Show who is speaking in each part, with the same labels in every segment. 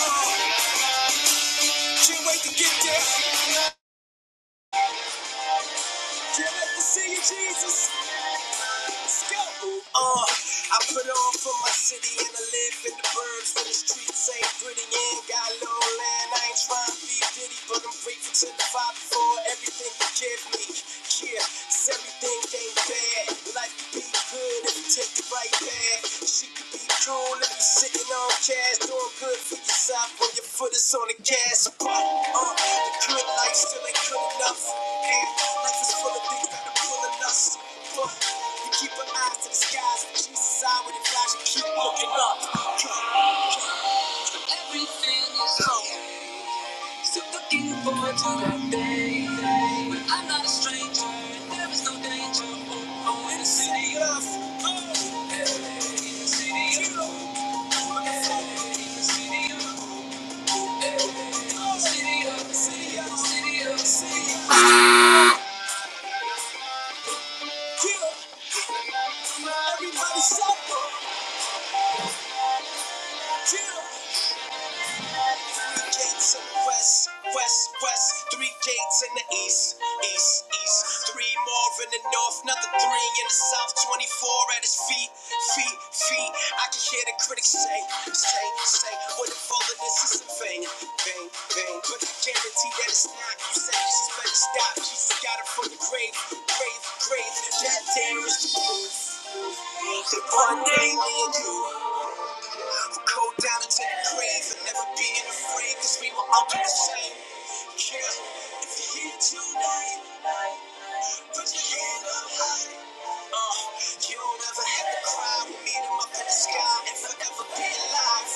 Speaker 1: Can't wait to get there. Can't wait to see you, Jesus. Uh, I put on for my city and I live in the burbs where the streets ain't pretty and got low land. I ain't trying to be ditty, but I'm grateful to the Father for everything you give me. Yeah, 'cause everything ain't bad. Life could be good if you take the right path. She could be cool if you're sitting on cash, doing good for yourself when your foot is on the gas. But, uh, the good life still ain't good enough. Hey, life is full of things full of lust. Full. keep your eyes to the skies. Jesus eye when it you keep looking up. Everything is going. Still looking forward to that day. But I'm not a stranger. There is no danger. Oh, oh, in the city of, city of, city of, city of, city. of. Kill. Everybody's up. Kill. gates in the west, west, west, three gates in the east, east, east, three more in the north, another three in the south, 24 at his feet, feet, feet. I can hear the critics say, say, say, what if all of this is a vain, vain, vain? But I guarantee that it's not. You said Jesus better stop, Jesus got it from the grave, grave, grave. That there is the one day me and you. Who go down into the grave and never being afraid, cause we were all the same. Yeah, if you're here tonight, you put your hand up high. Uh, you don't ever have to cry. We meet 'em up in the sky and forever be alive.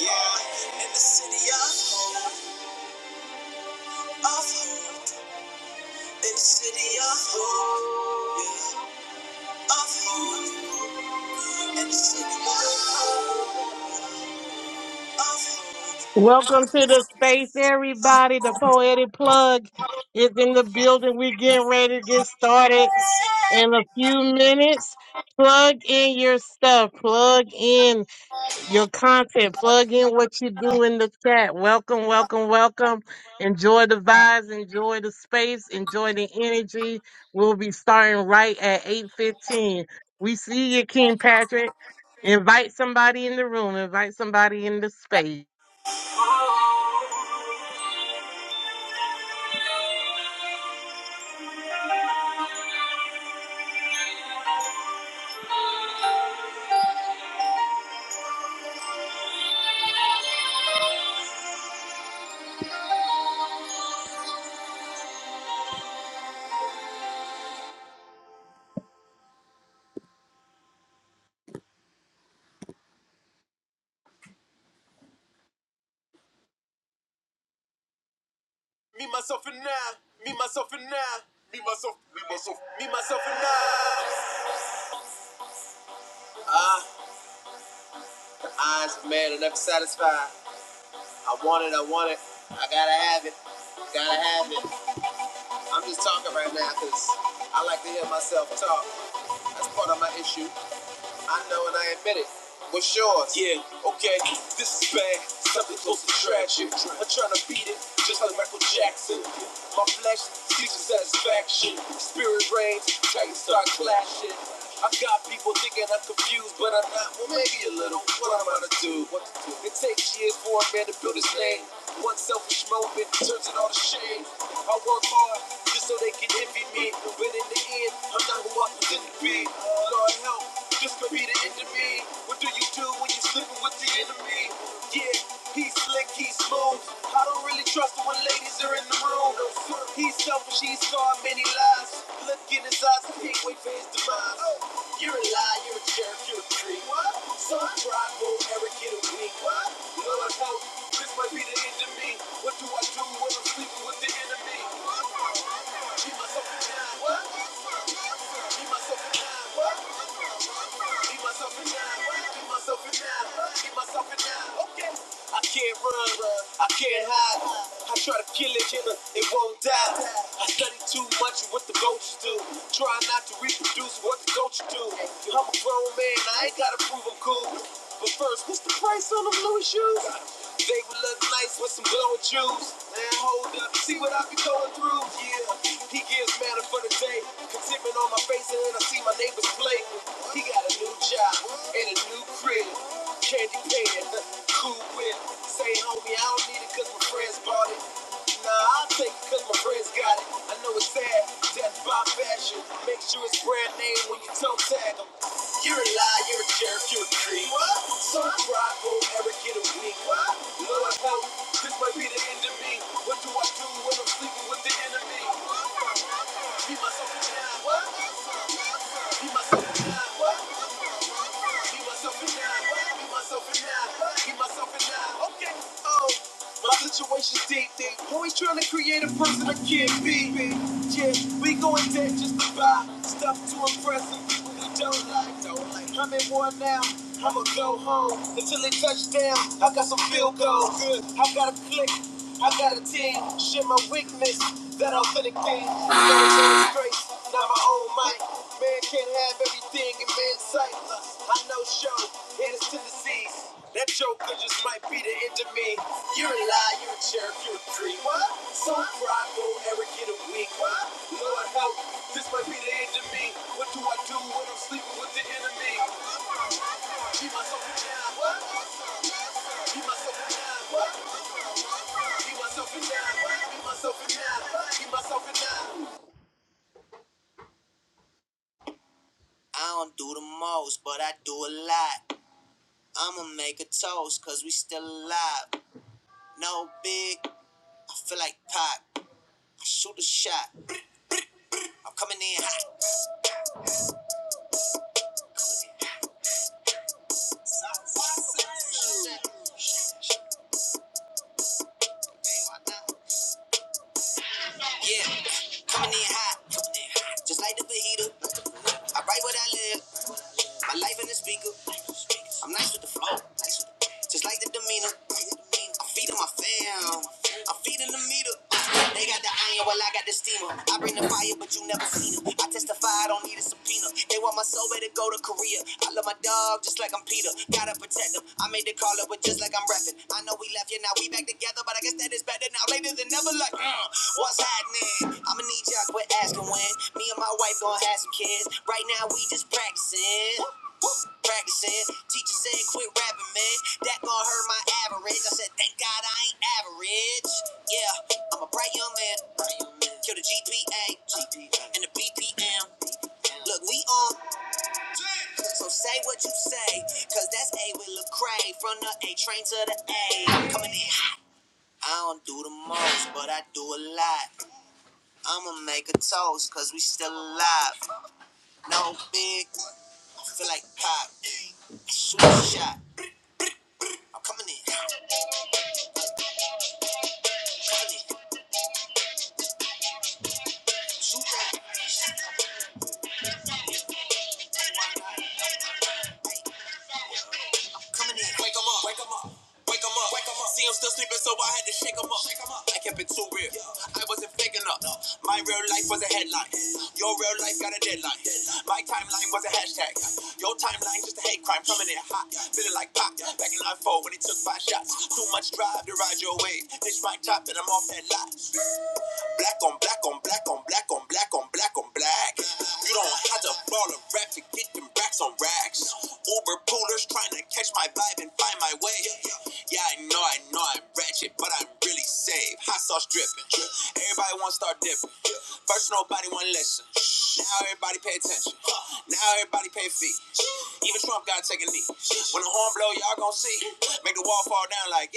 Speaker 1: Yeah, in the city of hope, of hope, in the city of hope, yeah, of hope, in the city of hope, of hope.
Speaker 2: Welcome to the space, everybody. The poetic plug is in the building. We're getting ready to get started in a few minutes. Plug in your stuff, plug in your content, plug in what you do in the chat. Welcome, welcome, welcome. Enjoy the vibes, enjoy the space, enjoy the energy. We'll be starting right at 8:15. We see you, King Patrick. Invite somebody in the room, invite somebody in the space.
Speaker 1: Me, myself, and I. Me, myself, and I. Me, myself, me, myself, me, myself, and I. Eyes mad and never satisfied. I want it, I want it. I gotta have it. Gotta have it. I'm just talking right now because I like to hear myself talk. That's part of my issue. I know and I admit it. What's yours? Yeah, okay, this is bad. Something close to tragic. I'm trying to beat it, just like Michael Jackson. My flesh seeks satisfaction. Spirit reigns, titans start clashing. I got people thinking I'm confused, but I'm not. Well, maybe a little. What I'm gonna do? What to do? It takes years for a man to build his name. One selfish moment turns it all to shame. I work hard just so they can envy me, but in the end, I'm not who I pretend to be. Lord help, this could be the end of me. What do you do when you're sleeping with the enemy? Yeah, he's slick, he's smooth. I don't don't really trust him when ladies are in the room. He's selfish, he's scarred many lives. Look in his eyes, I can't wait for his demise. You're a liar, you're a jerk, you're a creep. What? So prideful, arrogant, and weak. What? Lord help, this might be the end of me. What do I do when I'm sleeping with the enemy? Keep myself in line. What? Be myself and die. Keep myself in line. right? Keep myself in line. right? Keep myself in line. Okay. I can't run. I can't hide. I try to kill it, and it won't die. I study too much of what the coaches do. Try not to reproduce what the coaches do. I'm a grown man. I ain't gotta prove I'm cool. But first, what's the price on them Louis shoes? They would look nice with some blowing juice. Man, hold up, see what I be going through. Yeah, he gives matter for the day. Contentment on my face, and then I see my neighbors play. He got a new job and a new crib. Candy pan, cool whip. Say, homie, I don't need it cause my friends bought it. Nah, I'll take it cause my friends got it. I know it's sad, death by fashion. Make sure it's brand name when you toe tag 'em. You're a liar, you're a jerk, you're a creep. What? So proud, won't ever get a week. What? Lord help, this might be the end of me. What do I do when I'm sleeping with the enemy? Be myself and I. What? Be myself and I. What? Be myself and I. Be myself and I. Be myself and I. Okay. Oh. My situation's deep, deep. Always trying to create a person I can't be. Yeah, we going dead just to buy stuff to impress them. We really don't like, don't like. I'm in war now. I'ma go home until they touch down. I got some field goals. Good. I got a click. I got a team. Share my weakness. That authentic thing. Don't grace. Now my own mic. Man can't have everything in man's sight. I know show. And it's tendencies. That joker just might be the end of me. Yo! Lie, you So proud, will ever a week. Lord help, this might be the end of me. What do I do when I'm sleeping with the enemy? Be myself and shine. What? myself and shine. What? myself and shine. What? myself and shine. What? myself and shine. I don't do the most, but I do a lot. I'ma make a toast, cause we still alive. No big, I feel like pop. I shoot a shot. I'm coming in hot. Yeah, coming in hot, just like the fajita. I write what I live. My life in the speaker. I'm nice with the flow. Nice just like the demeanor. I'm feeding my fam. I'm feeding the meter. They got the iron, well, I got the steamer. I bring the fire, but you never seen it. I testify, I don't need a subpoena. They want my soul, better go to Korea. I love my dog, just like I'm Peter. Gotta protect them. I made the call up, but just like I'm rapping. I know we left, yeah, now we back together, but I guess that is better now, later than never. Like, uh, what's happening? I'ma need y'all quit asking when. Me and my wife gonna have some kids. Right now, we just practicing practicing. Teacher said, quit rapping, man. That gon' hurt my average. I said, thank God I ain't average. Yeah, I'm a bright young man. Bright young man. Kill the GPA, and the BPM. Look, we on. So say what you say, cause that's A with Lecrae. From the A train to the A. Coming in hot. I don't do the most, but I do a lot. I'ma make a toast, cause we still alive. No big, feel like pop shot. Coming in. wasn't big enough. My real life was a headline. Your real life got a deadline. My timeline was a hashtag. Your timeline just a hate crime. Coming in hot, feeling like pop. Back in '94 when he took five shots. Too much drive to ride your wave. Ditch my top and I'm off that lot. Black on black on black on black on black on black on black. You don't have to ball a rap to get them racks on racks. Uber poolers trying to catch my vibe and find my way. Yeah, I know, I know I'm ratchet, but I'm really safe. Hot sauce dripping. Everybody want to start dipping. First, nobody want to listen. Now everybody pay attention. Now everybody pay fee. Even Trump got to take a knee. When the horn blow, y'all gonna see. Make the wall fall down like.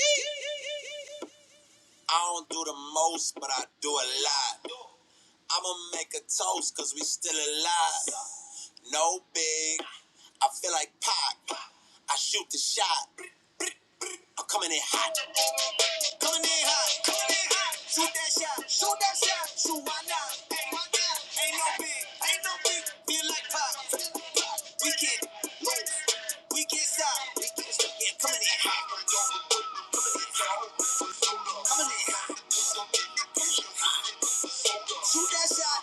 Speaker 1: I don't do the most, but I do a lot. I'ma make a toast cause we still alive. No big. I feel like Pac. I shoot the shot. I'm coming in hot. Coming in hot. Coming in hot. Shoot that shot. Shoot that shot. Shoot why not? Ain't why not? Ain't no big. Ain't no big. Feel like Pac. We can. We can stop. We can come in. Shoot that shot.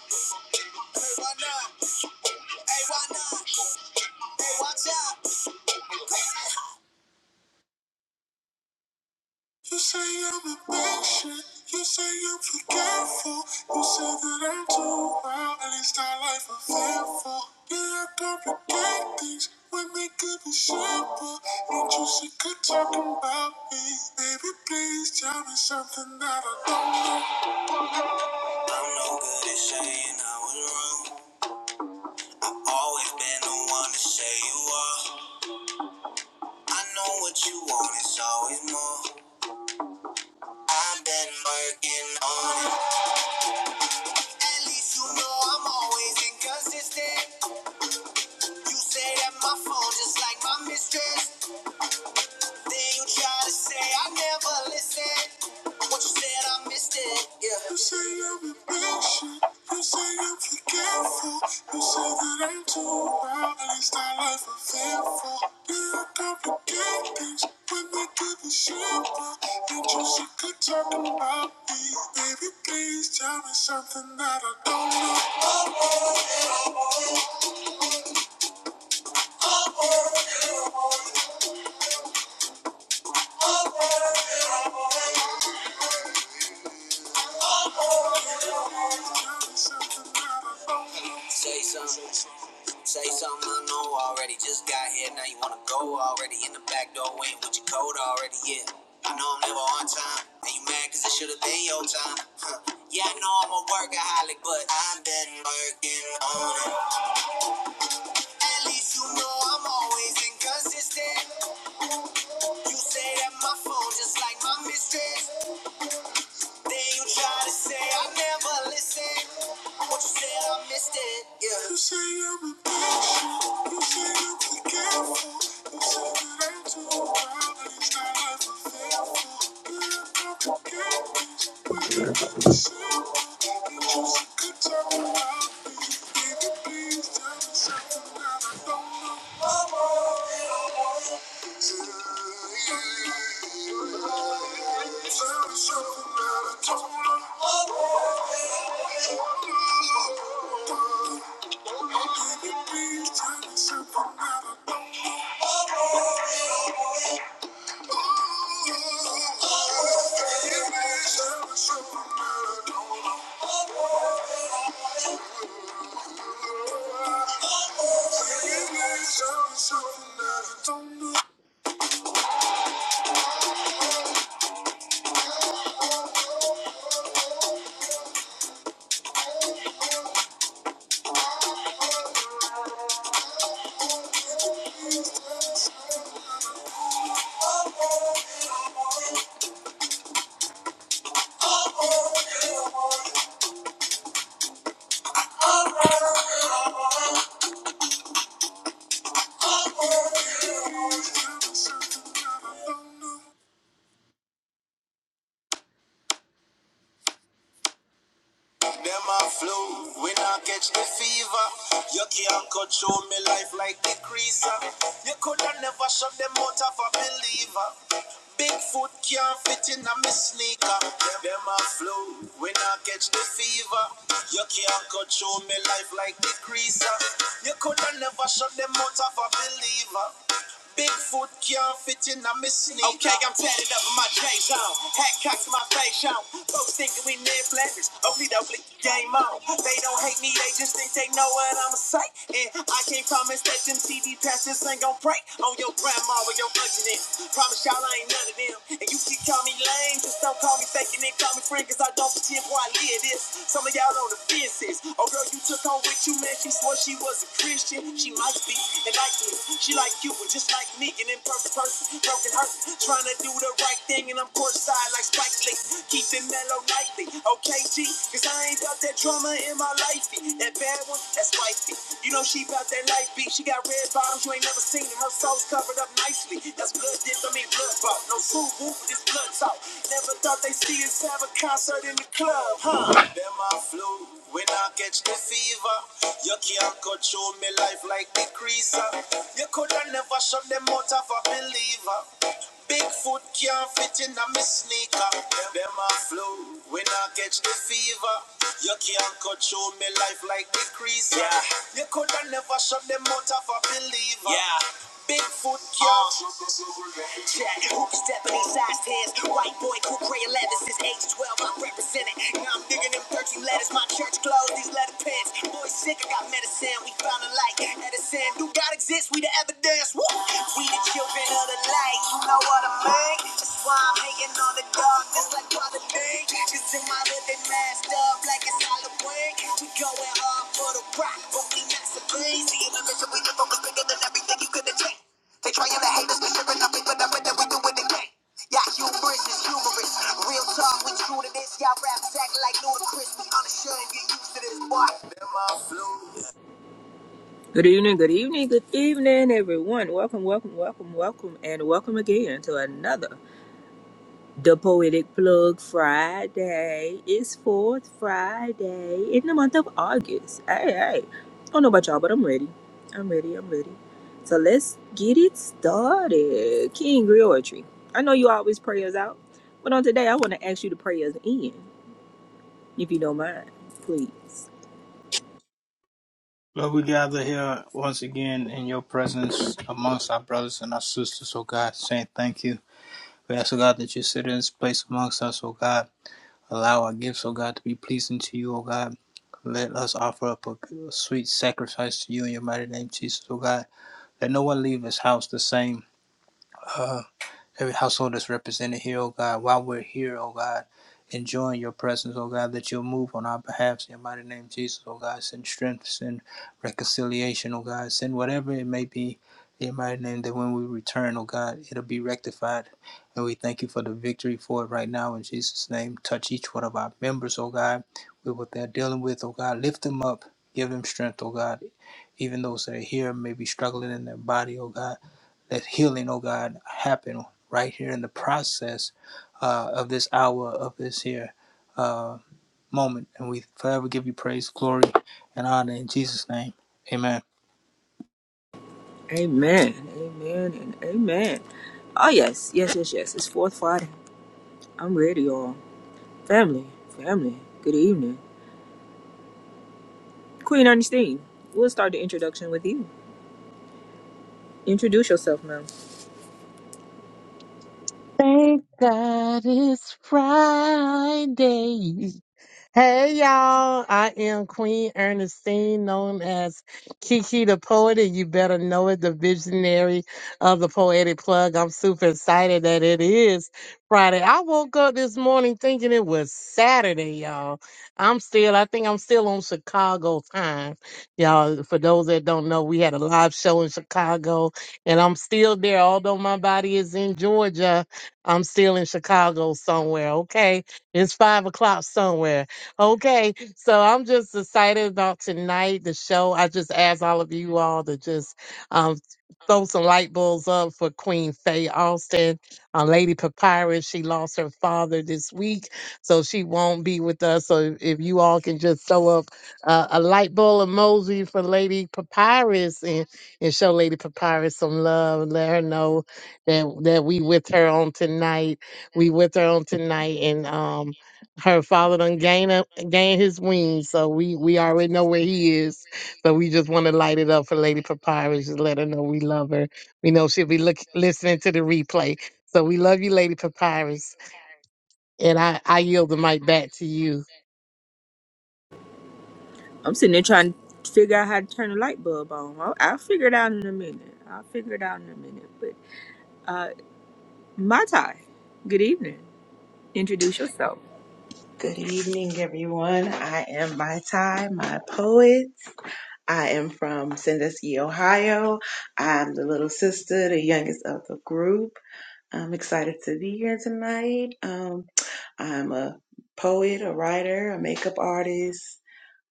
Speaker 1: Hey, why not? Hey, why not? Hey, watch out. You say I'm impatient, You say I'm forgetful. You say that I'm too wild. At least I like a fearful. Yeah, I complicate things when they could be simple. Ain't you sick of talking about me? Baby, please tell me something that I don't know. I'm not saying I was wrong. Always been the one to say you are. I know what you want. It's always more. I've been working on it. At least you know I'm always inconsistent. You say that my phone just like my mistress. Then you try to say I never listened. What you said, I missed it. Yeah. You say I'm impatient. You say I'm forgetful. You say that I'm too wild. At least I life I'm faithful. Yeah, I complicate things when they give a shit. But ain't you sick of talking about me? Baby, please tell me something that I don't know. Baby, Please tell me something that I don't know. Say something. Say something I know already. Just got here, now you wanna go already. In the back door, waiting with your code already. Yeah, I know I'm never on time. And you mad cause it should've been your time. Huh. Yeah, I know I'm a workaholic, but I've been working on it. At least you know I'm always inconsistent. You say that my phone just like my mistress. Then you try to say I never listen. What you said, I missed it. Yeah. You say i Them a flu, when I catch the fever. You can't control me life like the creaser. You coulda never shut them out of a believer. Bigfoot can't fit in a me sneaker. Them a flow when I catch the fever. You can't control me love. Okay, I'm tatted up in my J's on. Hat cocked to my face on. Folks thinking we near flappers. Oakley doakley, game on. They don't hate me, they just think they know what I'ma say. And I can't promise that them TV passes ain't gon' break on your grandma or your auntie then. Promise y'all I ain't none of them. And you can call me lame, just don't call me faking and call me friend, cause I don't pretend before I live this. Some of y'all on the fences. Or was it free like me, an imperfect person? Trying to do the right thing and I'm courtside like Spike Lee. Keep it mellow nightly, okay G? Cause I ain't got that drama in my lifey. That bad one, that's wifey. You know life be never seen and her soul's covered up nicely. That's blood dip, I mean blood bought. No true whoop with this blow. Never thought they see us ever. Am I flu? When I catch the fever, you can't control me life like the creaser. You could have never shut them out of a believer. Bigfoot can't fit in a me sneaker. Them a flow when I catch the fever. You can't control me life like the creaser. Yeah. You coulda never shut them out of a believer. Yeah. Bigfoot can't check. Stephanie sized his white boy, cool gray 11 since age 12. I'm representing. Now I'm digging them thirteen letters. My church closed these letter pens. Boy sick, I got medicine. We found a light. Edison, do God exist? We the evidence. Woo! We the children of the light. You know what I mean? That's why I'm hating on the darkness like Father Dean. Cause in my hood they masked up like it's Halloween. We going hard for the rock, but we not so crazy you could eject. They trying to hate us, but sure enough, they put up with it, we do it again. Yeah, humorous is humorous. Real talk, we true to this. Y'all raps act like ludicrous. We uninsured and get used to this, boy.
Speaker 3: Good evening, good evening, good evening, everyone. Welcome, welcome, welcome, welcome, and welcome again to another The Poetic Plug Friday. It's fourth Friday in the month of August. Hey, hey. I don't know about y'all, but I'm ready. I'm ready, I'm ready. So let's get it started. King Griotry, I know you always pray us out, but on today, I want to ask you to pray us in, if you don't mind, please.
Speaker 1: Lord, we gather here once again in your presence amongst our brothers and our sisters, oh God, saying thank you. We ask, oh God, that you sit in this place amongst us, oh God. Allow our gifts, oh God, to be pleasing to you, oh God. Let us offer up a sweet sacrifice to you in your mighty name, Jesus, oh God. Let no one leave this house the same. uh, every household that's represented here, oh God, while we're here, oh God, enjoying your presence, oh God, that you'll move on our behalf in your mighty name, Jesus, oh God, send strength, send reconciliation, oh God, send whatever it may be in your mighty name, that when we return, oh God, it'll be rectified. And we thank you for the victory for it right now in Jesus' name. Touch each one of our members, oh God, with what they're dealing with, oh God, lift them up, give them strength, oh God. Even those that are here may be struggling in their body, oh God. Let healing, oh God, happen right here in the process uh, of this hour, of this here uh, moment. And we forever give you praise, glory, and honor in Jesus' name. Amen.
Speaker 3: Amen. Amen and amen. Oh yes, yes, yes, yes. It's fourth Friday. I'm ready, y'all. Family, family. Good evening. Queen Ernestine, we'll start the introduction with you. Introduce yourself, ma'am.
Speaker 2: Thank God it's Friday. Hey y'all, I am Queen Ernestine, known as Kiki the Poet, and you better know it, the visionary of the Poetic Plug. I'm super excited that it is Friday. I woke up this morning thinking it was Saturday, y'all. I'm still, I think I'm still on Chicago time. Y'all, for those that don't know, we had a live show in Chicago, and I'm still there. Although my body is in Georgia, I'm still in Chicago somewhere, okay? It's five o'clock somewhere. Okay, so I'm just excited about tonight, the show. I just ask all of you all to just um, throw some light bulbs up for Queen Faye Austin, uh, Lady Papyrus. She lost her father this week, so she won't be with us. So if, if you all can just throw up uh, a light bulb emoji for Lady Papyrus and, and show Lady Papyrus some love and let her know that that we with her on tonight. We with her on tonight, and um her father done gain up, gain his wings, so we we already know where he is. So we just want to light it up for Lady Papyrus. Just let her know we love her. We know she'll be look, listening to the replay. So we love you, Lady Papyrus, and I I yield the mic back to you.
Speaker 3: I'm sitting there trying to figure out how to turn the light bulb on. I'll, I'll figure it out in a minute. I'll figure it out in a minute. But uh Matai, good evening. Introduce yourself.
Speaker 4: Good evening, everyone. I am my Ty, my poet. I am from Sandusky, Ohio. I'm the little sister, the youngest of the group. I'm excited to be here tonight. Um, I'm a poet, a writer, a makeup artist.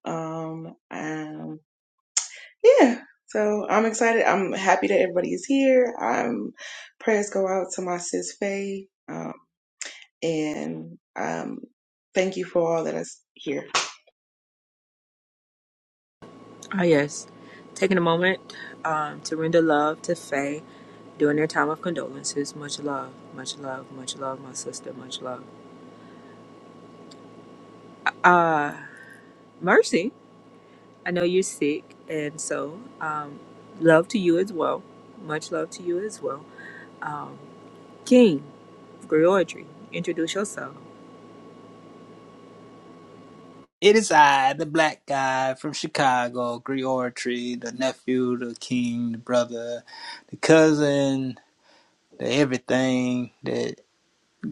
Speaker 4: Um, um, yeah. So I'm excited. I'm happy that everybody is here. Um, prayers go out to my sis Faye. Um, and um, thank you for all that is here.
Speaker 3: Ah, yes. Taking a moment um, to render love to Faye during their time of condolences. Much love, much love, much love, my sister, much love. Uh, Mercy, I know you're sick, and so um, love to you as well. Much love to you as well. Um, King, Griotry, introduce yourself.
Speaker 1: It is I, the black guy from Chicago, Griotry, the nephew, the king, the brother, the cousin, the everything that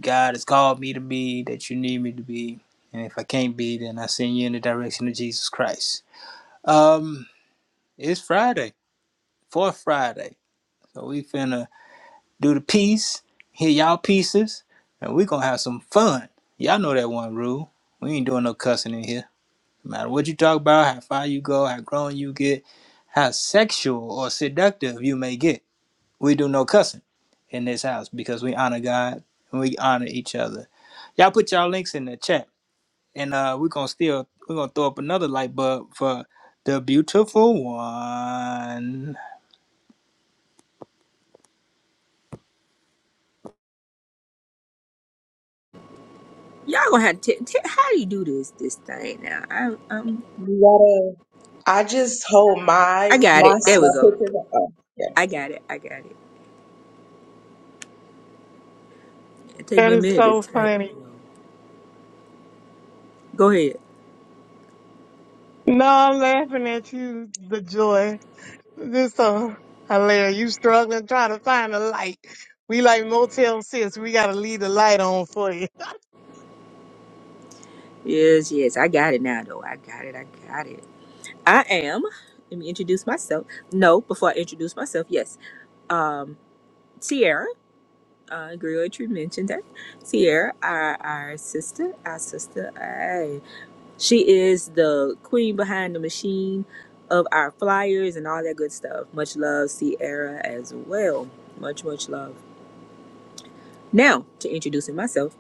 Speaker 1: God has called me to be, that you need me to be. And if I can't be, then I send you in the direction of Jesus Christ. Um, it's Friday. for Friday. So we finna do the piece, hear y'all pieces, and we gonna have some fun. Y'all know that one rule. We ain't doing no cussing in here. No matter what you talk about, how far you go, how grown you get, how sexual or seductive you may get, we do no cussing in this house because we honor God and we honor each other. Y'all put y'all links in the chat, and uh, we're gonna still we're gonna throw up another light bulb for the beautiful one.
Speaker 3: Y'all gonna have to, t- t- how do you do this this thing now? I, um,
Speaker 4: You gotta. I just hold my
Speaker 3: I got
Speaker 4: my
Speaker 3: it. There we
Speaker 4: my
Speaker 3: Nice. go.
Speaker 4: picture. Oh, yeah.
Speaker 3: I got it. I got it. It take
Speaker 2: That
Speaker 3: me a
Speaker 2: is
Speaker 3: minute
Speaker 2: so
Speaker 3: to type.
Speaker 2: funny.
Speaker 3: Go ahead.
Speaker 2: No, I'm laughing at you. The joy. This is so hilarious. You struggling trying to find a light. We like Motel Six. We gotta leave the light on for you.
Speaker 3: Yes, yes, I got it now, though. I got it. I got it. I am. Let me introduce myself. No, before I introduce myself, yes. Um, Sierra. Uh, Griotry mentioned that. Sierra, our, our sister, our sister, aye. she is the queen behind the machine of our flyers and all that good stuff. Much love, Sierra, as well. Much, much love. Now, to introducing myself,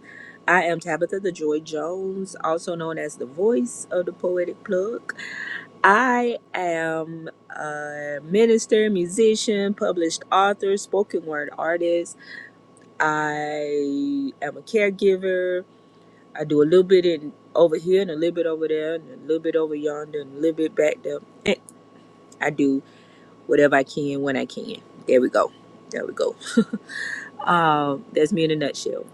Speaker 3: I am Tabitha the Joy Jones, also known as the voice of the Poetic Plug. I am a minister, musician, published author, spoken word artist. I am a caregiver. I do a little bit in over here and a little bit over there and a little bit over yonder and a little bit back there. Eh, I do whatever I can when I can. There we go. There we go. Um, that's me in a nutshell.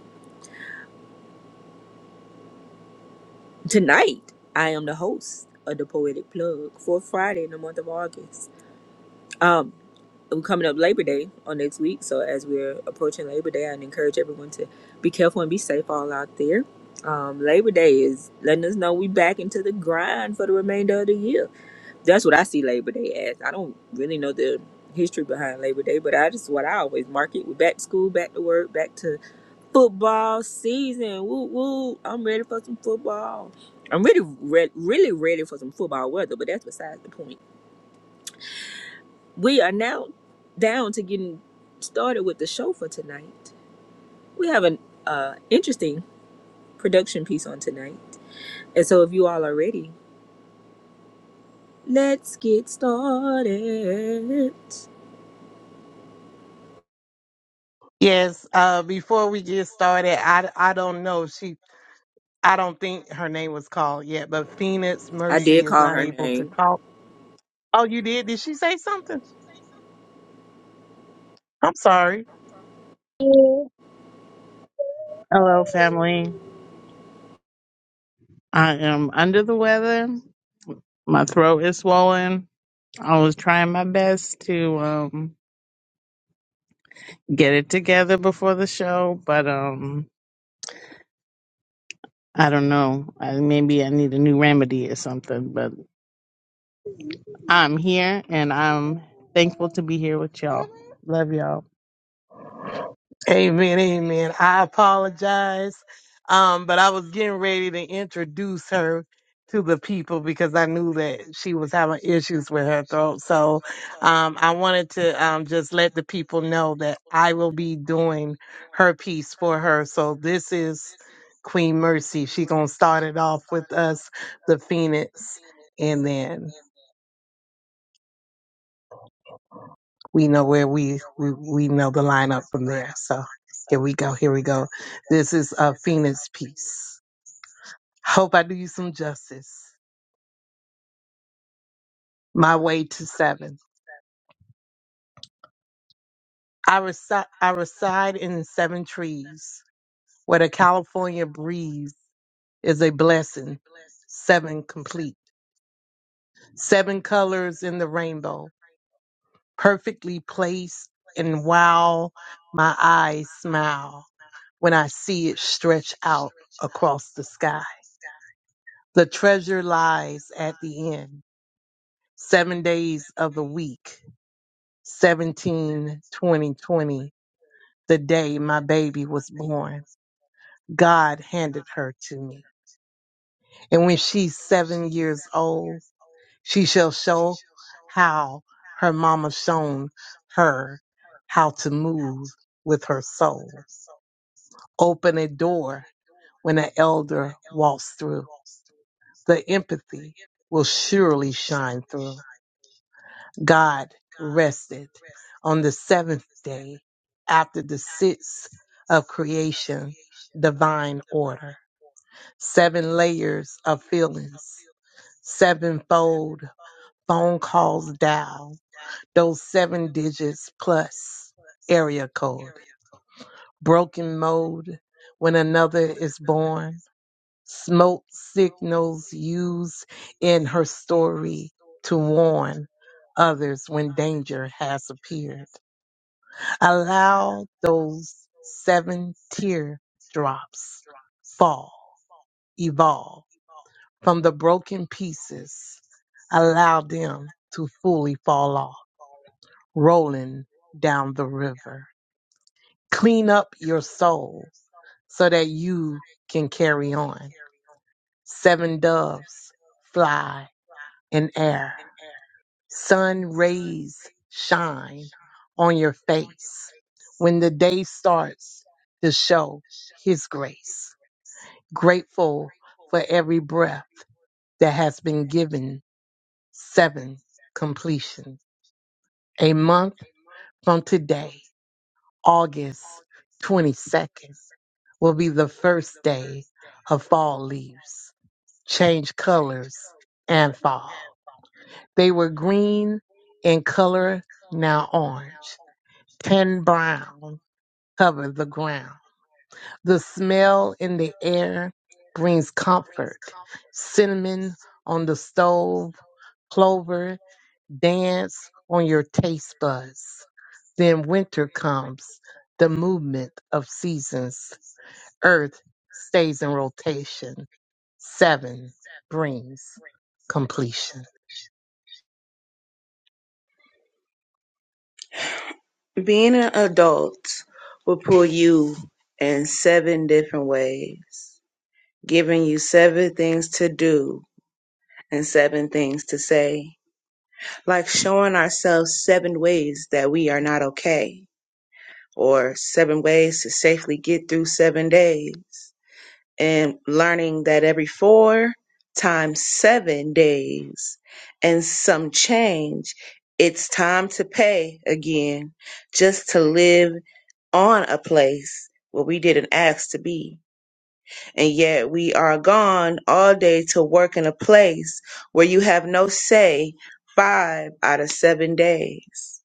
Speaker 3: Tonight, I am the host of the Poetic Plug for Friday in the month of August. Um, I'm coming up Labor Day on next week. So as we're approaching Labor Day, I'd encourage everyone to be careful and be safe all out there. Um, Labor Day is letting us know we back into the grind for the remainder of the year. That's what I see Labor Day as. I don't really know the history behind Labor Day, but I just what I always mark it. We're back to school, back to work, back to football season. Woo woo! I'm ready for some football. I'm really, re- really ready for some football weather, but that's besides the point. We are now down to getting started with the show for tonight. We have an uh, interesting production piece on tonight. And so if you all are ready, let's get started.
Speaker 2: Yes, uh, before we get started, I, I don't know. She, I don't think her name was called yet, but Phoenix
Speaker 3: I did
Speaker 2: Mercy is
Speaker 3: call
Speaker 2: not
Speaker 3: her
Speaker 2: able to
Speaker 3: name.
Speaker 2: talk. Oh, you did? Did she say something? I'm sorry.
Speaker 5: Hello, family. I am under the weather. My throat is swollen. I was trying my best to um, get it together before the show, but um, I don't know. I, maybe I need a new remedy or something. But I'm here, and I'm thankful to be here with y'all. Love y'all.
Speaker 2: Amen, amen. I apologize, um, but I was getting ready to introduce her to the people because I knew that she was having issues with her throat. So um, I wanted to um, just let the people know that I will be doing her piece for her. So this is Queen Mercy. She gonna start it off with us, the Phoenix, and then we know where we, we we know the lineup from there. So here we go. Here we go. This is a Phoenix piece. Hope I do you some justice. My way to seven. I reside I reside in seven trees where the California breeze is a blessing. Seven complete. Seven colors in the rainbow, perfectly placed and wow, my eyes smile when I see it stretch out across the sky. The treasure lies at the end. Seven days of the week, 17, 20, twenty. the day my baby was born, God handed her to me. And when she's seven years old, she shall show how her mama shown her how to move with her soul. Open a door when an elder walks through. The empathy will surely shine through. God rested on the seventh day after the sixth of creation, divine order. Seven layers of feelings, sevenfold phone calls down, those seven digits plus area code, broken mode when another is born, smoke signals used in her story to warn others when danger has appeared Allow those seven tear drops fall, evolve from the broken pieces. Allow them to fully fall off, rolling down the river. Clean up your soul so that you can carry on. Seven doves fly in air Sun rays shine on your face when the day starts to show His grace. Grateful for every breath that has been given. Seven completion. A month from today, August 22nd, will be the first day of fall leaves. Change colors and fall. They were green in color, now orange. Pen brown covered the ground. The smell in the air brings comfort. Cinnamon on the stove, clover dance on your taste buds. Then winter comes, the movement of seasons. Earth stays in rotation. Seven brings completion.
Speaker 4: Being an adult will pull you in seven different ways, giving you seven things to do and seven things to say, like showing ourselves seven ways that we are not okay, or seven ways to safely get through seven days. and learning that every four times seven days and some change, it's time to pay again just to live on a place where we didn't ask to be. And yet we are gone all day to work in a place where you have no say five out of seven days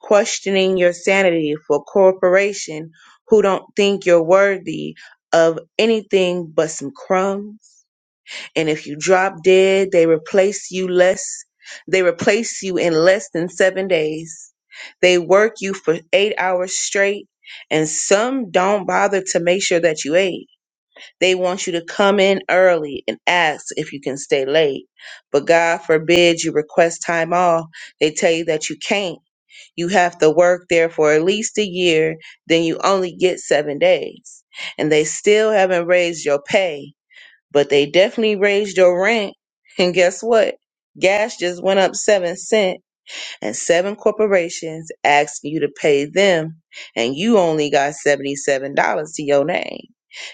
Speaker 4: questioning your sanity for corporation who don't think you're worthy of anything but some crumbs. And if you drop dead, they replace you less. They replace you in less than seven days. They work you for eight hours straight, and some don't bother to make sure that you ate. They want you to come in early and ask if you can stay late. But God forbid you request time off. They tell you that you can't you have to work there for at least a year, then you only get seven days. And they still haven't raised your pay, but they definitely raised your rent. And guess what? Gas just went up seven cents and seven corporations asking you to pay them and you only got $77 to your name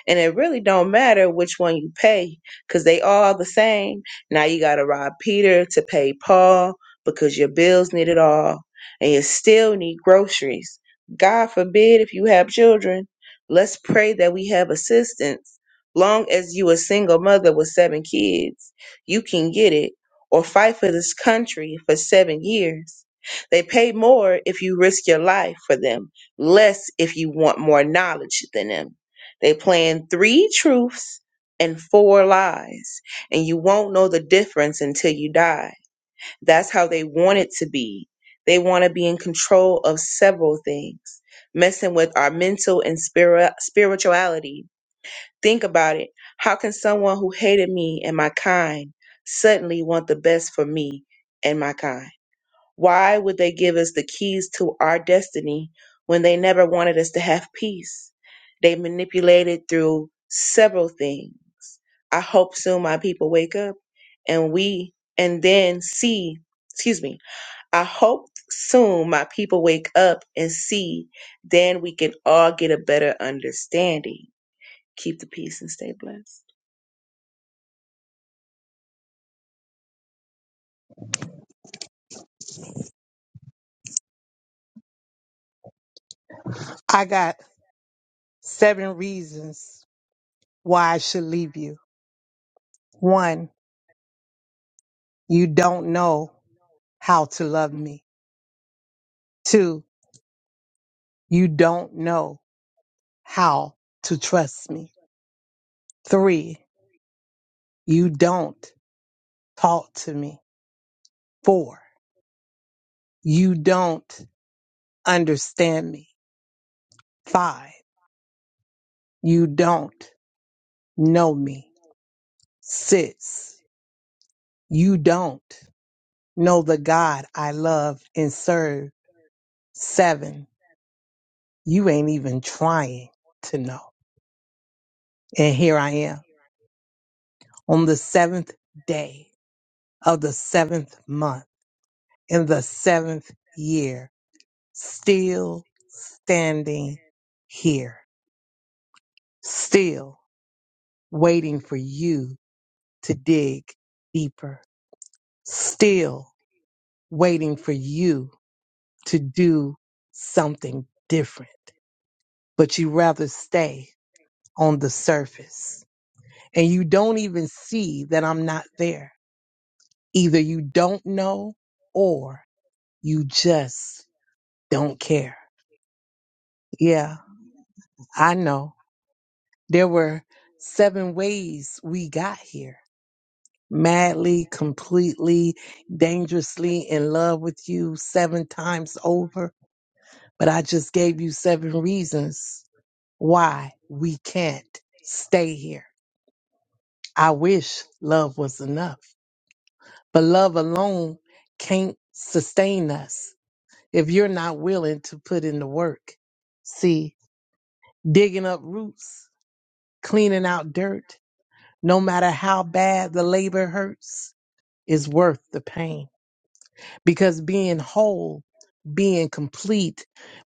Speaker 4: and it really don't matter which one you pay because they all the same now you gotta rob peter to pay paul because your bills need it all and you still need groceries god forbid if you have children let's pray that we have assistance long as you a single mother with seven kids you can get it or fight for this country for seven years. They pay more if you risk your life for them, less if you want more knowledge than them. They plan three truths and four lies, and you won't know the difference until you die. That's how they want it to be. They want to be in control of several things, messing with our mental and spiri- spirituality Think about it. How can someone who hated me and my kind suddenly want the best for me and my kind? Why would they give us the keys to our destiny when they never wanted us to have peace? They manipulated through several things. I hope soon my people wake up and we and then see, excuse me, I hope soon my people wake up and see, then we can all get a better understanding. Keep the peace and stay blessed.
Speaker 2: I got seven reasons why I should leave you. One, you don't know how to love me. Two, you don't know how to trust me. Three, you don't talk to me. Four, you don't understand me. Five, you don't know me. Six, you don't know the God I love and serve. Seven, you ain't even trying to know. And here I am on the seventh day of the seventh month in the seventh year, still standing here, still waiting for you to dig deeper, still waiting for you to do something different. But you rather stay on the surface and you don't even see that I'm not there. Either you don't know or you just don't care. Yeah, I know. There were seven ways we got here. Madly, completely, dangerously in love with you seven times over. But I just gave you seven reasons why we can't stay here. I wish love was enough, but love alone can't sustain us if you're not willing to put in the work. See, digging up roots, cleaning out dirt, no matter how bad the labor hurts, is worth the pain because being whole, being complete,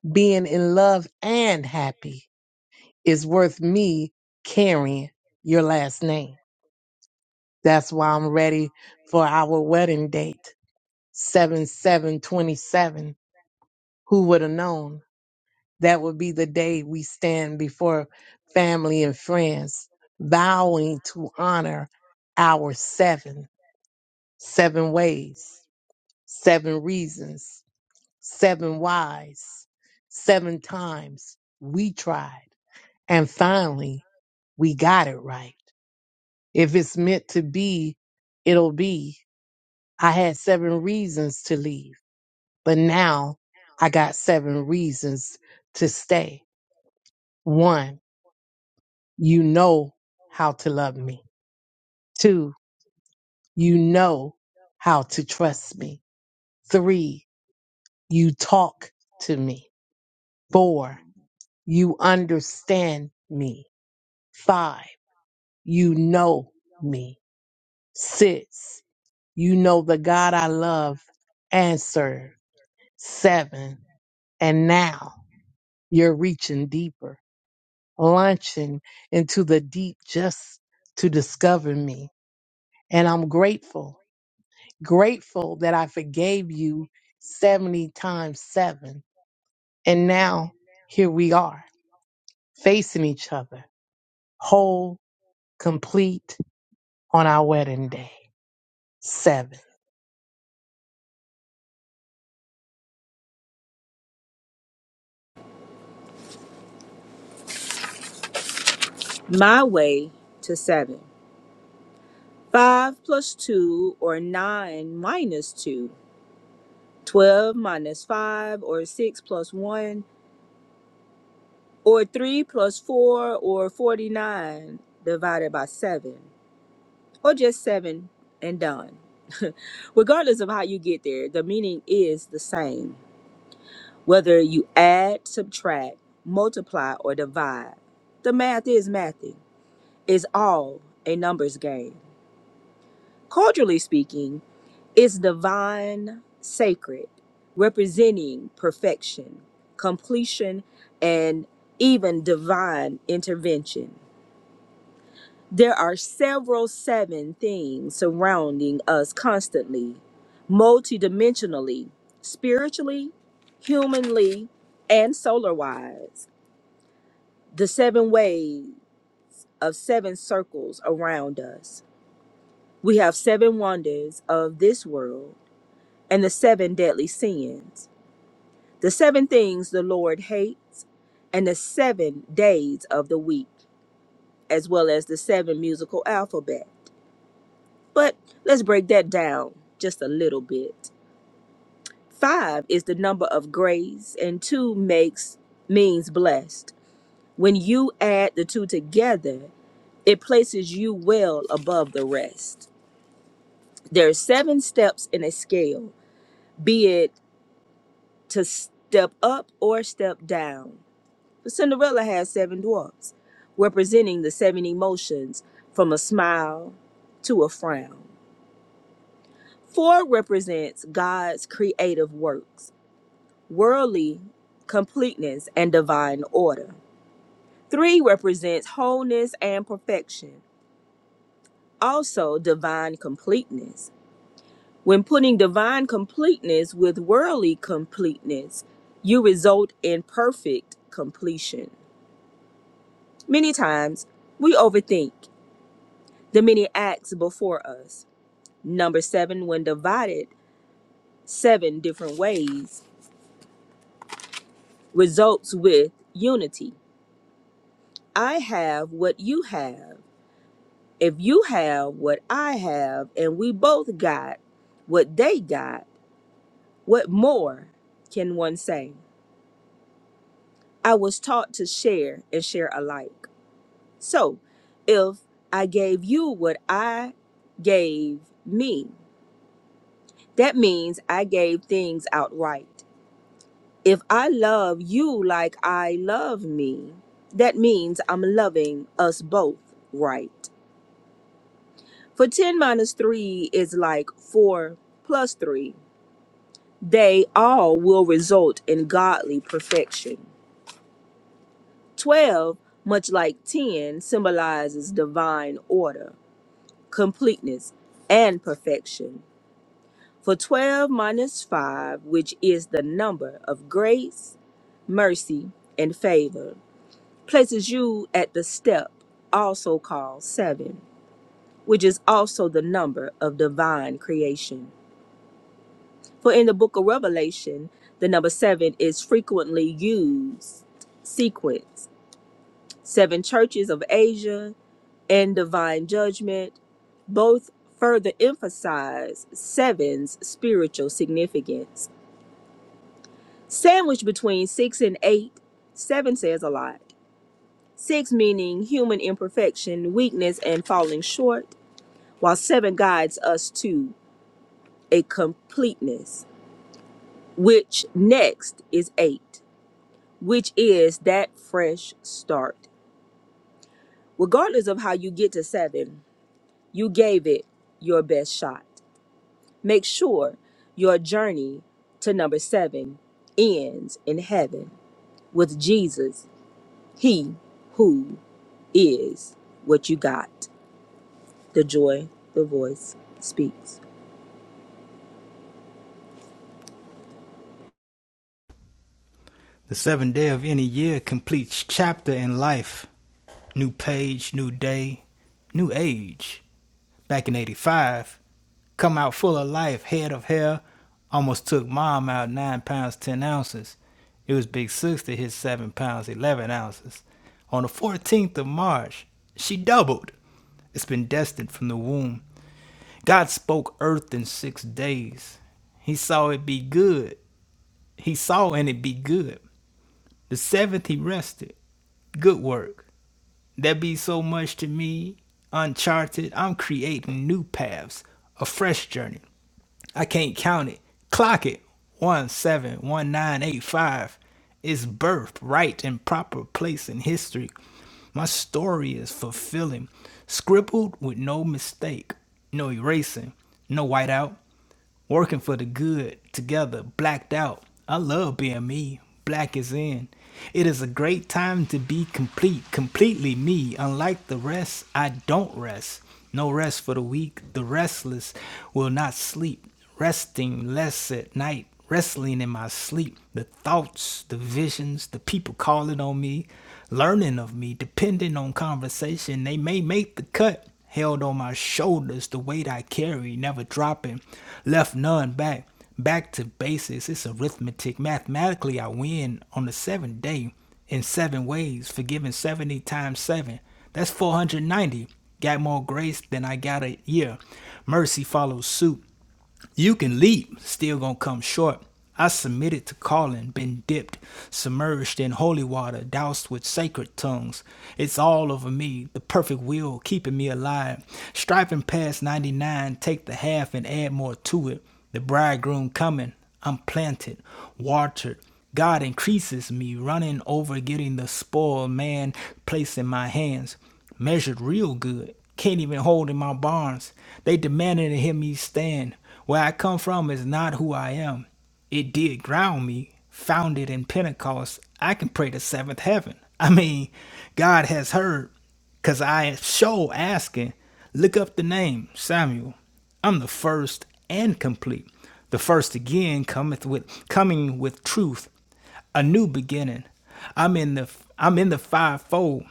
Speaker 2: being in love and happy is worth me carrying your last name. That's why I'm ready for our wedding date, 7 twenty seven. twenty-seven. Who would have known? That would be the day we stand before family and friends, vowing to honor our seven, seven ways, seven reasons seven wise, seven times we tried, and finally we got it right. If it's meant to be, it'll be. I had seven reasons to leave, but now I got seven reasons to stay. One, you know how to love me. Two, you know how to trust me. Three, you talk to me. Four, you understand me. Five, You know me, six. You know the God I love and serve, seven. And now you're reaching deeper, launching into the deep just to discover me. And I'm grateful, grateful that I forgave you 70 times seven. And now here we are facing each other, whole, complete on our wedding day, seven.
Speaker 3: My way to seven. Five plus two or nine minus two. Twelve minus five or six plus one or three plus four or 49 divided by seven. or just seven and done. Regardless of how you get there, the meaning is the same. Whether you add, subtract, multiply, or divide, the math is mathy. It's all a numbers game. Culturally speaking, it's divine, sacred, representing perfection, completion, and even divine intervention. There are several seven things surrounding us constantly, multidimensionally, spiritually, humanly, and solar wise. The seven ways of seven circles around us. We have seven wonders of this world and the seven deadly sins, the seven things the Lord hates, and the seven days of the week, as well as the seven musical alphabets. But let's break that down just a little bit. Five is the number of grace, and two makes means blessed. When you add the two together, it places you well above the rest. There are seven steps in a scale, be it to step up or step down. But Cinderella has seven dwarfs, representing the seven emotions from a smile to a frown. Four represents God's creative works worldly completeness and divine order. Three represents wholeness and perfection, also divine completeness. When putting divine completeness with worldly completeness, you result in perfect completion. Many times, we overthink the many acts before us. Number seven, when divided seven different ways, results with unity. I have what you have. if you have what I have and we both got what they got, what more can one say? I was taught to share and share alike. So if I gave you what I gave me, that means I gave things outright. If I love you like I love me, that means I'm loving us both right. For 10 minus 3 is like 4 plus 3 They all will result in godly perfection. 12, much like 10, symbolizes divine order, completeness, and perfection. For 12 minus 5, which is the number of grace, mercy, and favor, places you at the step, also called 7, which is also the number of divine creation. For in the book of Revelation, the number seven is frequently used sequence. Seven churches of Asia and divine judgment both further emphasize seven's spiritual significance. Sandwiched between six and eight, seven says a lot. Six meaning human imperfection, weakness, and falling short, while seven guides us to a completeness, which next is eight. which is that fresh start. Regardless of how you get to seven, you gave it your best shot. Make sure your journey to number seven ends in heaven with Jesus, He who is what you got. The joy, the voice speaks.
Speaker 1: The seventh day of any year completes chapter in life. New page, new day, new age. Back in 85, come out full of life, head of hair. Almost took mom out 9 pounds 10 ounces. It was Big Six that hit 7 pounds 11 ounces. On the 14th of March, she doubled. It's been destined from the womb. God spoke earth in six days. He saw it be good. He saw and it be good. The seventh he rested. Good work. That be so much to me. Uncharted. I'm creating new paths. A fresh journey. I can't count it. Clock it. One seven one nine eight five. It's birth, right, and proper place in history. My story is fulfilling. Scribbled with no mistake. No erasing. No whiteout working for the good, together, blacked out. I love being me. Black is in. It is a great time to be complete, completely me. Unlike the rest, I don't rest. No rest for the weak. The restless will not sleep. Resting less at night, wrestling in my sleep. The thoughts, the visions, the people calling on me learning of me, depending on conversation. They may make the cut. Held on my shoulders, the weight I carry, never dropping. Left none back. Back to basics. It's arithmetic. Mathematically, I win on the seventh day in seven ways, forgiving 70 times seven. That's 490. Got more grace than I got a year. Mercy follows suit. You can leap, still gonna come short. I submitted to calling, been dipped, submerged in holy water, doused with sacred tongues. It's all over me, the perfect will keeping me alive. Striping past 99, take the half and add more to it. The bridegroom coming, I'm planted, watered, God increases me, running over, getting the spoil man placed in my hands. Measured real good, can't even hold in my barns. They demanded to hear me stand. Where I come from is not who I am. It did ground me, founded in Pentecost. I can pray the seventh heaven. I mean, God has heard. Cause I show asking, look up the name Samuel. I'm the first and complete. The first again cometh with coming with truth, a new beginning. I'm in the I'm in the fivefold.